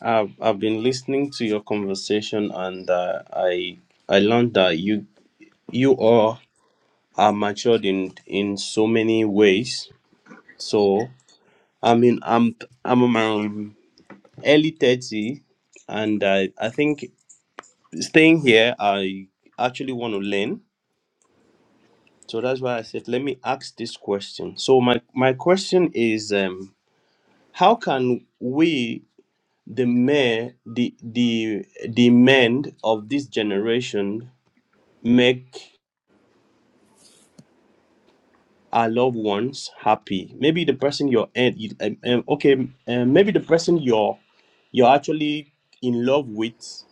S17: I've I've been listening to your conversation and uh, I I learned that you you all are matured in in so many ways. So I mean I'm I'm in my early thirty and I I think staying here I actually want to learn. So that's why I said let me ask this question. So my my question is um how can we the men the the the men of this generation make our loved ones happy. Maybe the person you're in, you- um, um, okay, um, maybe the person you're you're actually in love with.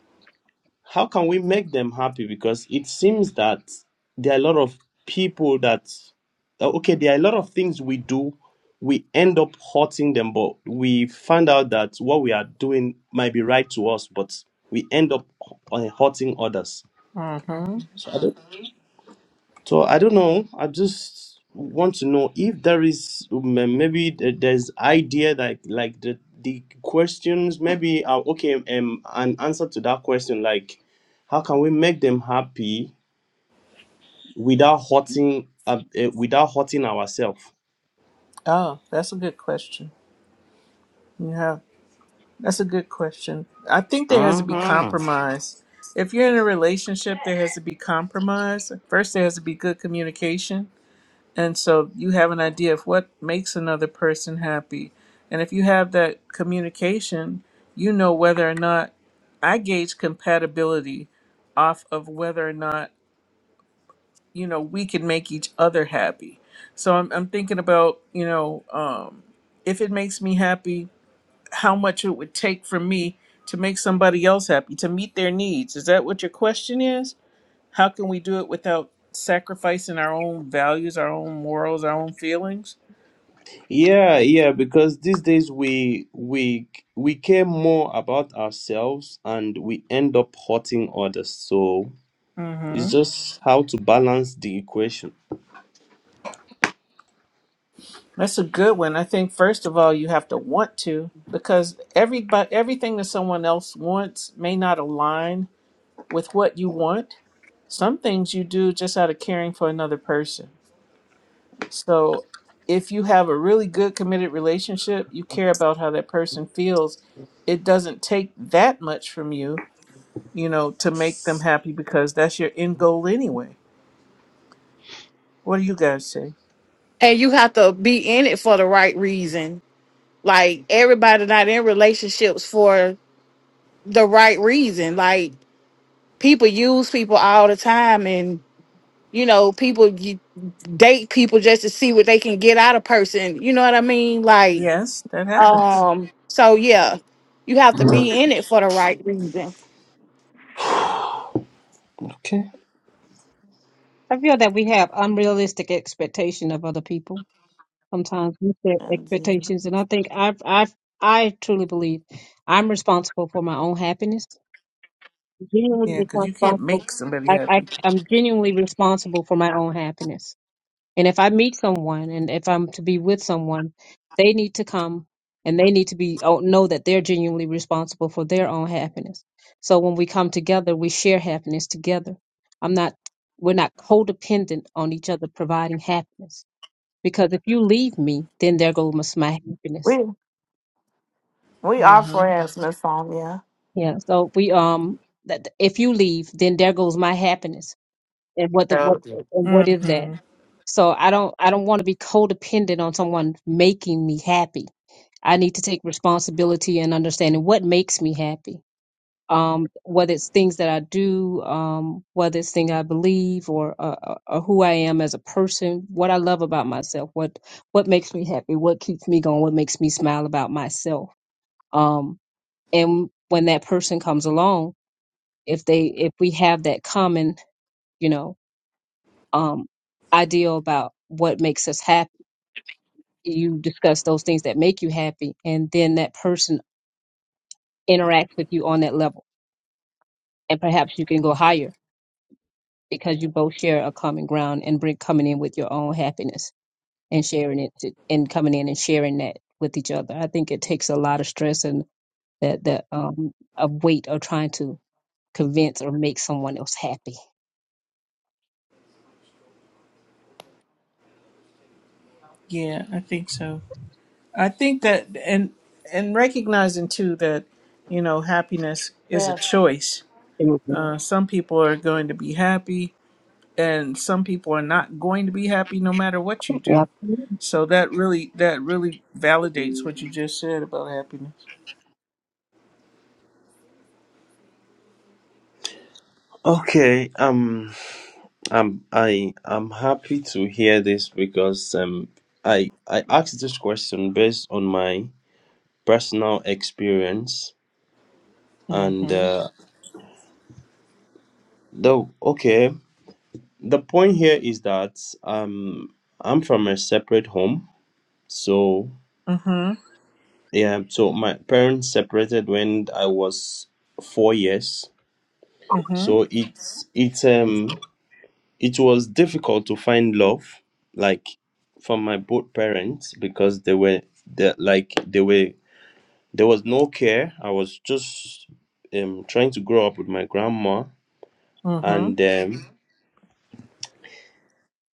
S17: How can we make them happy? Because it seems that there are a lot of people that uh, okay, there are a lot of things we do. We end up hurting them, but we find out that what we are doing might be right to us, but we end up uh, hurting others.
S5: Mm-hmm.
S17: So I don't know. I just want to know if there is um, maybe th- there's idea like like the the questions maybe uh, okay um an answer to that question like how can we make them happy without hurting uh, uh, without hurting ourselves.
S5: Oh, that's a good question. You have. That's a good question. I think there has to be
S9: Mm-hmm.
S5: compromise. If you're in a relationship, there has to be compromise. First, there has to be good communication. And so you have an idea of what makes another person happy. And if you have that communication, you know whether or not I gauge compatibility off of whether or not, you know, we can make each other happy. So I'm, I'm thinking about, you know, um, if it makes me happy, how much it would take for me to make somebody else happy, to meet their needs. Is that what your question is? How can we do it without sacrificing our own values, our own morals, our own feelings?
S17: Yeah, yeah, because these days we we we care more about ourselves and we end up hurting others. So
S5: hmm
S17: it's just how to balance the equation.
S5: That's a good one. I think first of all, you have to want to, because everybody, everything that someone else wants may not align with what you want. Some things you do just out of caring for another person. So if you have a really good committed relationship, you care about how that person feels. It doesn't take that much from you, you know, to make them happy because that's your end goal anyway. What do you guys say?
S18: and you have to be in it for the right reason. Like everybody not in relationships for the right reason. Like people use people all the time, and you know people you date people just to see what they can get out of person. You know what I mean? Like
S5: Yes, that happens.
S18: um, so yeah, you have to be in it for the right reason.
S17: Okay.
S2: I feel that we have unrealistic expectation of other people. Sometimes we set
S1: and,
S2: expectations, and I think I, I, I truly believe I'm responsible for my own happiness. Genuinely
S5: Yeah, because you can't
S2: responsible.
S5: make somebody
S2: I, I,
S5: happy.
S2: I'm genuinely responsible for my own happiness. And if I meet someone and if I'm to be with someone, they need to come and they need to be oh, know that they're genuinely responsible for their own happiness. So when we come together, we share happiness together. I'm not we're not codependent on each other providing happiness because if you leave me, then there goes my happiness.
S1: we We are
S5: Mm-hmm.
S1: friends, Miss Sonia.
S2: Yeah. So we um that if you leave, then there goes my happiness. And what the what and what is that?
S5: Mm-hmm.
S2: So I don't I don't want to be codependent on someone making me happy I need to take responsibility and understanding what makes me happy. Um, whether it's things that I do, um, whether it's things I believe, or, uh, uh, or who I am as a person, what I love about myself, what what makes me happy, what keeps me going, what makes me smile about myself. Um, and when that person comes along, if they if we have that common, you know, um, ideal about what makes us happy, you discuss those things that make you happy, and then that person interacts with you on that level and perhaps you can go higher because you both share a common ground and bring coming in with your own happiness and sharing it to, and coming in and sharing that with each other. I think it takes a lot of stress and that that um a weight of trying to convince or make someone else happy.
S5: Yeah, I think so. I think that and and recognizing too that you know happiness is a
S1: Yes.
S5: choice.
S2: Absolutely.
S5: Uh, some people are going to be happy and some people are not going to be happy no matter what you do.
S2: Yeah.
S5: So that really that really validates what you just said about happiness.
S17: Okay, um, um, I I'm happy to hear this because um, I I asked this question based on my personal experience,
S5: Mhm.
S17: and uh, though okay, the point here is that um, I'm from a separate home, so
S5: Mhm.
S17: yeah, so my parents separated when I was four years,
S5: Mhm.
S17: so it's it's um It was difficult to find love, like from my both parents, because they were they like they were there was no care. I was just um trying to grow up with my grandma,
S5: Mhm.
S17: and um,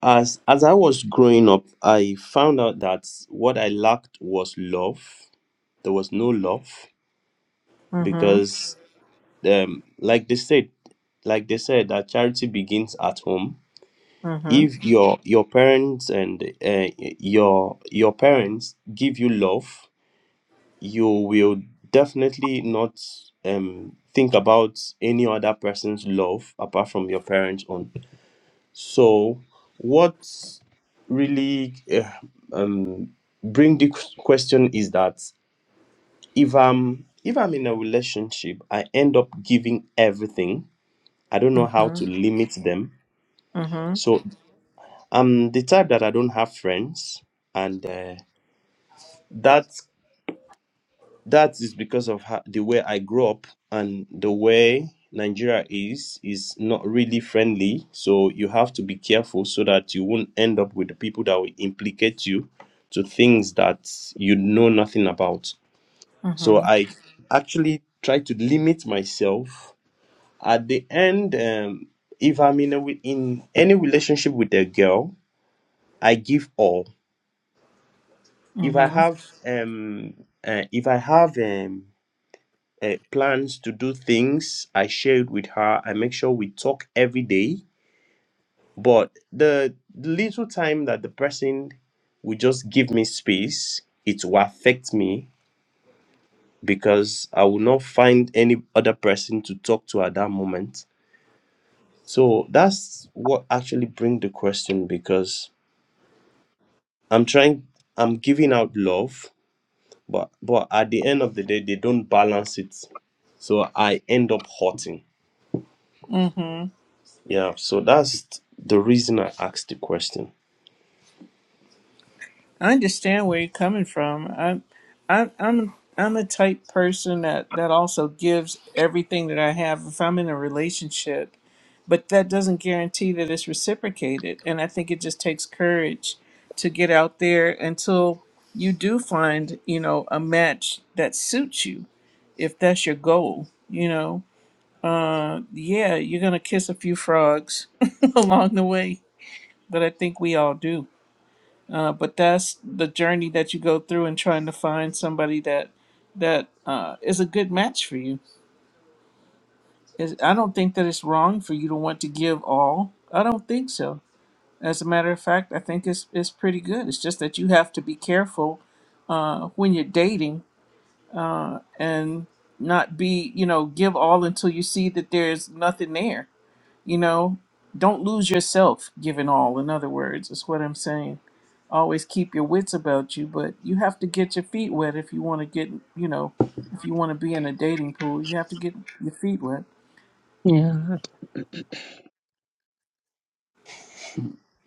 S17: as as I was growing up, I found out that what I lacked was love. There was no love
S5: Mhm.
S17: because um like they said, like they said that charity begins at home
S5: Mhm.
S17: if your your parents and uh, your your parents give you love you will definitely not um think about any other person's love apart from your parents own so what really uh, um bring the question is that if i'm if i'm in a relationship i end up giving everything i don't know how to
S5: Mhm.
S17: limit them
S5: Mhm.
S17: So. I'm the type that I don't have friends, and uh, that that is because of how, the way I grew up and the way Nigeria is is not really friendly. So you have to be careful so that you won't end up with the people that will implicate you to things that you know nothing about. So
S5: Mhm.
S17: I actually try to limit myself. At the end, um, if I'm in a, re- in any relationship with a girl, I give all if I
S5: Mhm.
S17: have um uh, if I have um uh, plans to do things, I share it with her. I make sure we talk every day. But the little time that the person will just give me space, it will affect me because I will not find any other person to talk to at that moment. So that's what actually bring the question because I'm trying I'm giving out love But but at the end of the day, they don't balance it. So I end up hurting.
S5: Mhm.
S17: Yeah. So that's the reason I asked the question. [laughs]
S5: I understand where you're coming from. I'm, I'm, I'm, I'm a type person that that also gives everything that I have if I'm in a relationship, but that doesn't guarantee that it's reciprocated. And I think it just takes courage to get out there until you do find, you know, a match that suits you. If that's your goal, you know, uh, yeah, you're gonna kiss a few frogs [laughs] along the way, but I think we all do uh, but that's the journey that you go through in trying to find somebody that that uh, is a good match for you. Is I don't think that it's wrong for you to want to give all. I don't think so. As a matter of fact, I think it's it's pretty good. It's just that you have to be careful uh, when you're dating and not be you know give all until you see that there's nothing there. You know, don't lose yourself giving all. In other words, is what I'm saying. always keep your wits about you, but you have to get your feet wet if you want to get, you know, if you want to be in a dating pool, you have to get your feet wet.
S2: Yeah. abs- [clears throat]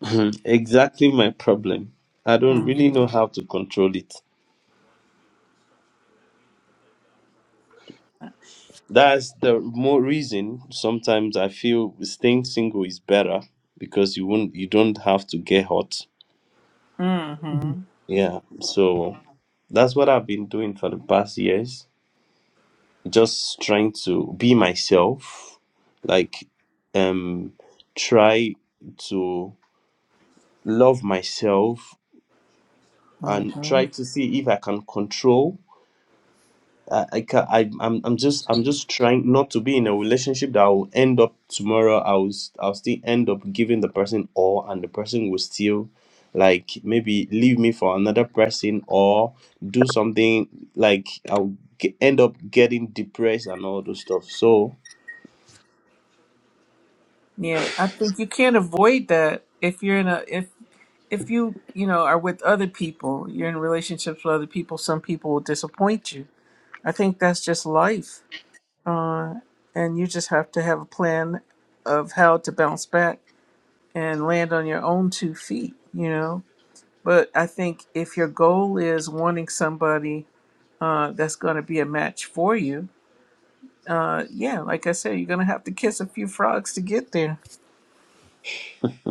S17: Mhm. exactly my problem. I don't really
S5: hmm
S17: know how to control it. That's the more reason sometimes I feel staying single is better because you won't you don't have to get hot.
S2: Mhm.
S5: hmm
S17: Yeah. So that's what I've been doing for the past years. just trying to be myself like um try to love myself and
S5: hmm
S17: try to see if i can control i, I can I, I'm, I'm just i'm just trying not to be in a relationship that will end up tomorrow i'll s- i'll still end up giving the person all and the person will still like maybe leave me for another person or do something like i'll ge- end up getting depressed and all those stuff so
S5: Yeah, I think you can't avoid that if you're in a if if you you know are with other people, you're in relationships with other people. Some people will disappoint you. I think that's just life, and you just have to have a plan of how to bounce back and land on your own two feet. You know, But I think if your goal is wanting somebody uh, that's going to be a match for you, uh, yeah, like I said, you're going to have to kiss a few frogs to get there.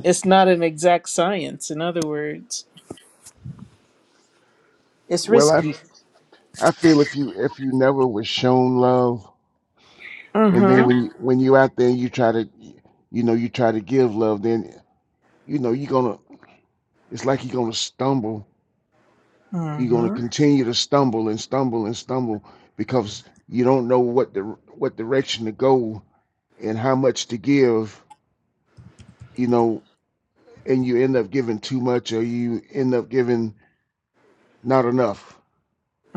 S5: It's not an exact science, in other words, it's
S12: Well, I,
S5: risky.
S12: I feel if you if you never was shown love, and then
S5: Mm
S12: when you when you out there and you try to, you know, you try to give love, then you know you're gonna. It's like you're gonna stumble
S5: hmm. Mm
S12: you're going to
S5: hmm.
S12: continue to stumble and stumble and stumble because you don't know what the what direction to go and how much to give you know and you end up giving too much or you end up giving not enough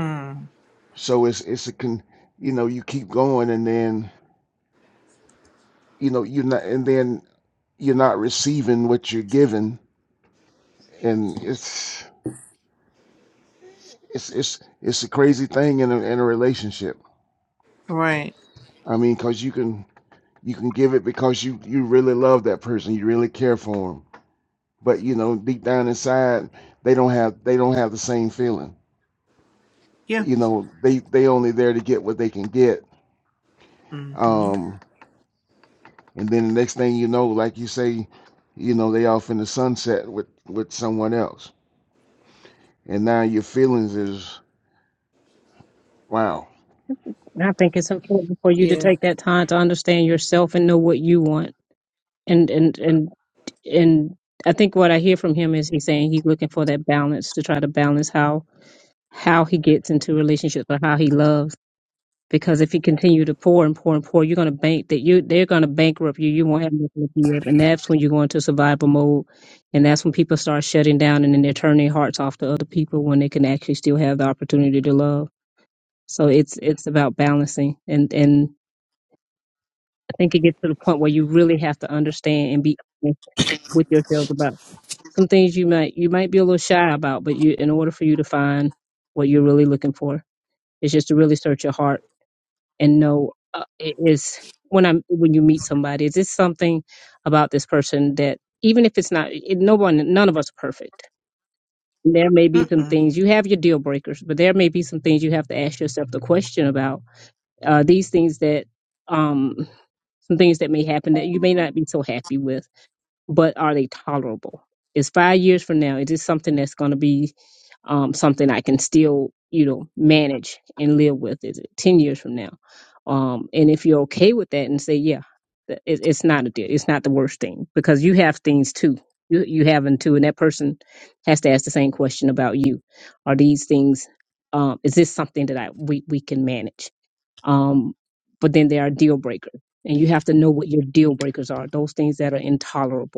S5: Mm.
S12: so it's it's a con you know you keep going and then you know you're not and then you're not receiving what you're giving and it's it's it's it's a crazy thing in a in a relationship
S5: Right.
S12: i mean because you can You can give it because you you really love that person. You really care for them. But you know, deep down inside, they don't have they don't have the same feeling.
S5: Yeah.
S12: You know, they they only there to get what they can get.
S5: Mm hmm.
S12: Um, and then the next thing you know, like you say, you know, they off in the sunset with with someone else. And now your feelings is wow.
S2: And I think it's important for you to
S5: Yeah.
S2: take that time to understand yourself and know what you want. And and and and I think what I hear from him is he's saying he's looking for that balance to try to balance how how he gets into relationships or how he loves. because if you continue to pour and pour and pour, you're going to bank that you they're going to bankrupt you. You won't have nothing to give, and that's when you go into survival mode, and that's when people start shutting down and then they're turning their hearts off to other people when they can actually still have the opportunity to love. So it's it's about balancing, and and I think it gets to the point where you really have to understand and be honest with yourself about some things you might you might be a little shy about, but you in order for you to find what you're really looking for, it's just to really search your heart and know uh, it is when I'm when you meet somebody, is this something about this person that even if it's not, it, no one, none of us are perfect. There may be
S5: Mm
S2: some
S5: mm.
S2: things you have your deal breakers, but there may be some things you have to ask yourself the question about. Uh, these things that, um, some things that may happen that you may not be so happy with but are they tolerable? Is five years from now, is this something that's going to be um, something I can still, you know, manage and live with? Is it 10 years from now? Um, and if you're okay with that and say, yeah, th- it, it's not a deal, it's not the worst thing because you have things too. You, you have them too, and that person has to ask the same question about you. Are these things, um, is this something that I we, we can manage? Um, but then there are deal breakers, and you have to know what your deal breakers are, those things that are intolerable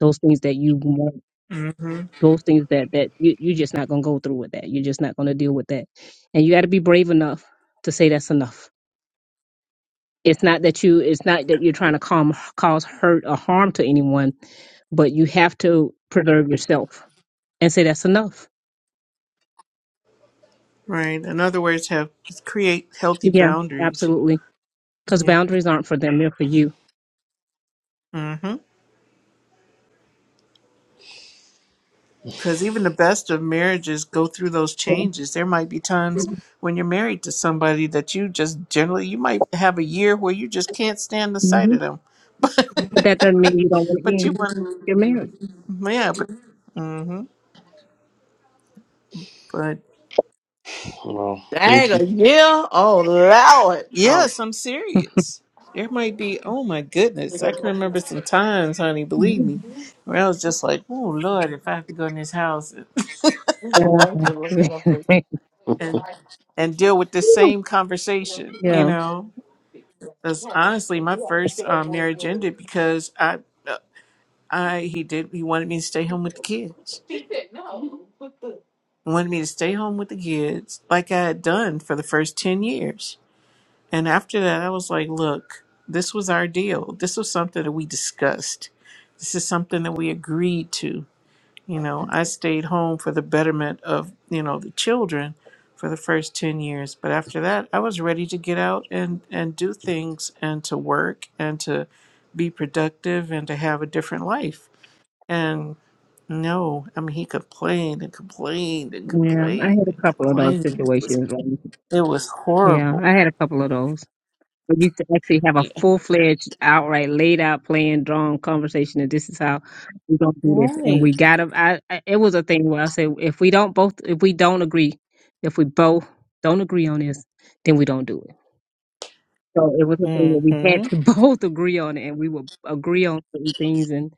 S2: those things that you want
S5: Mm hmm.
S2: those things that that you, you're just not going to go through with that you're just not going to deal with that and you got to be brave enough to say that's enough it's not that you it's not that you're trying to calm, cause hurt or harm to anyone but you have to preserve yourself and say that's enough
S5: Right. In other words, have create healthy
S2: yeah
S5: boundaries.
S2: absolutely because
S5: Yeah.
S2: boundaries aren't for them they're for you
S5: Mm-hmm. Because even the best of marriages go through those
S2: yeah.
S5: changes. There might be times when you're married to somebody that you just generally, you might have a year where you just can't stand the sight
S2: hmm
S5: of them.
S2: but that doesn't mean you don't want to
S5: But you
S2: end
S5: want,
S2: your marriage
S5: yeah, but, hmm but
S17: Wow. Thank
S1: Dang
S17: you.
S1: a year? Oh Lord. Oh.
S5: yes, I'm serious. There might be, oh my
S1: We
S5: goodness, I can
S1: go
S5: remember some times, honey, believe
S2: Mhm.
S5: me, where I was just like, oh Lord, if I have to go in this house
S1: lunch and look that up
S2: yeah
S1: too.
S17: Uh,
S5: [laughs] and and deal with the
S2: [laughs]
S5: same conversation, you
S2: yeah
S5: know. Because honestly, my first uh, marriage ended because I I he did he wanted me to stay home with the kids. He wanted me to stay home with the kids like I had done for the first 10 years. And after that I was like, look, this was our deal. This was something that we discussed. This is something that we agreed to. You know, I stayed home for the betterment of, you know, the children for the first 10 years, but after that I was ready to get out and and do things and to work and to be productive and to have a different life. No, I mean he complained and complained and
S2: yeah i had
S5: complained
S2: a
S5: and
S2: couple of those
S5: complained. It was
S2: situations
S5: it was
S2: Yeah,
S5: horrible.
S2: I had a couple of those. But you to actually have a
S5: Yeah.
S2: full fledged, outright laid out plan, drawn conversation, and this is how we're gonna do this. And
S5: Right.
S2: we got to I, I it was a thing where I said, if we don't both, if we don't agree, if we both don't agree on this, then we don't do it. So it was a thing that we had
S5: Mm-hmm.
S2: to [laughs] both agree on it, and we would agree on certain things, and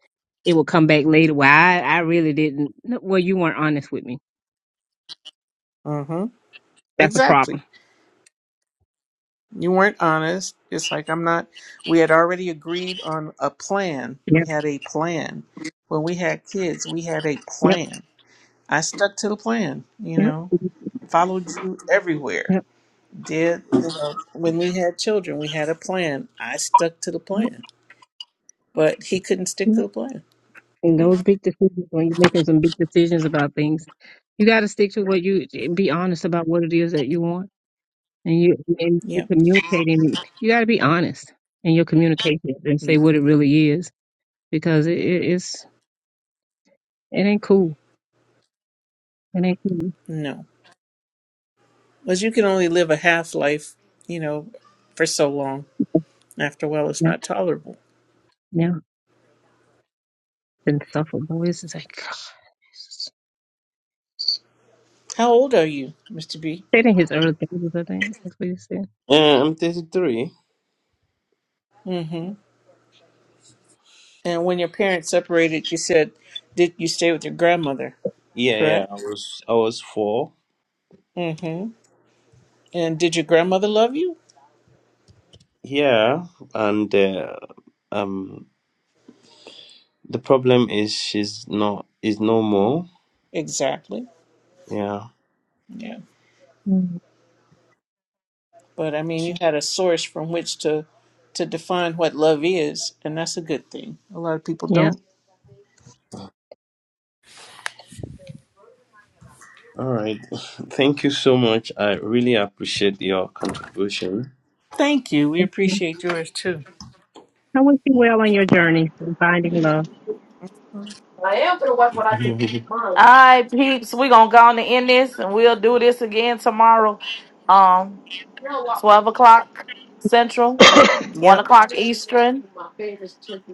S2: it would come back later. Well, I, I really didn't. no, Well, you weren't honest with me.
S5: Mm-hmm.
S2: That's a problem.
S5: Exactly. You weren't honest. It's like I'm not we had already agreed on a plan. We
S2: Yep.
S5: had a plan. When we had kids, we had a
S2: Yep.
S5: plan. I stuck to the plan, you
S2: Yep.
S5: know. Followed you everywhere.
S2: Yep.
S5: Did you know when we had children, we had a plan. I stuck to the
S2: Yep.
S5: plan. But he couldn't stick
S2: Yep.
S5: to the plan.
S2: And those big decisions, when you're making some big decisions about things, you got to stick to what you be honest about what it is that you want, and you and you
S5: Yep.
S2: communicating. You got to be honest in your communication and say
S5: Mm.
S2: what it really is, because it, it it's it ain't cool. It ain't cool.
S5: No. Because you can only live a half life, you know, for so long. After a while, it's
S2: Yeah,
S5: not tolerable.
S2: yeah. Been suffer boys. It's like [sighs]
S5: How old are you, Mr. B?
S2: said in his early days, I think that's what he said.
S17: I'm 33.
S5: Mm-hmm. And when your parents separated, you said, did you stay with your grandmother,
S17: Yeah, yeah. I
S5: correct?
S17: was I was four.
S5: Mm-hmm. And did your grandmother love you?
S17: Yeah, and uh, um, the problem is she's not is no more.
S5: Exactly.
S17: Yeah.
S5: Yeah.
S2: Mm,
S5: But I mean, you had a source from which to to define what love is, and that's a good thing. A lot of people
S2: yeah.
S5: don't.
S17: All right. [laughs] Thank you so much. I really appreciate your contribution.
S5: Thank you. We appreciate yours too.
S2: I wish you well on your journey in finding love.
S17: [laughs]
S1: right, peeps. We're gonna go on and end this and we'll do this again tomorrow. Um, twelve o'clock central, one
S5: Yep.
S1: o'clock east.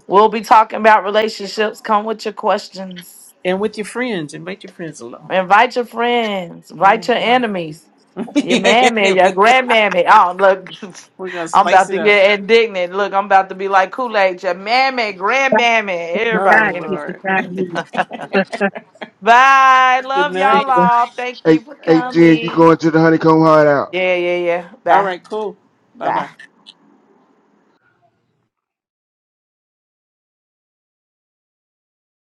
S1: We'll be talking about relationships. Come with your questions.
S5: And with your friends, invite your friends along.
S1: Invite your friends, invite your
S5: Mhm.
S1: enemies.
S5: [laughs]
S1: Your mammy, your
S5: Anyways,
S1: grandmammy. Oh, look, [laughs]
S5: we're going to
S1: I'm
S5: spice
S1: about
S5: it
S1: to
S5: up.
S1: get indignant. Look, I'm about to be like Kool Aid. Your mammy, grandmammy,
S2: Beside
S5: Oh,
S1: everybody.
S2: God,
S1: Anyway,
S5: Lord.
S2: beside me.
S1: [laughs] bye.
S5: Good
S1: Love y'all
S2: [laughs]
S5: night.
S1: all. Thank
S12: Hey,
S1: you for
S12: hey, Jen, you
S1: coming.
S12: going to the honeycomb hideout?
S1: Yeah, yeah, yeah.
S5: All
S1: Bye,
S5: right, cool. Bye
S1: bye.
S5: bye.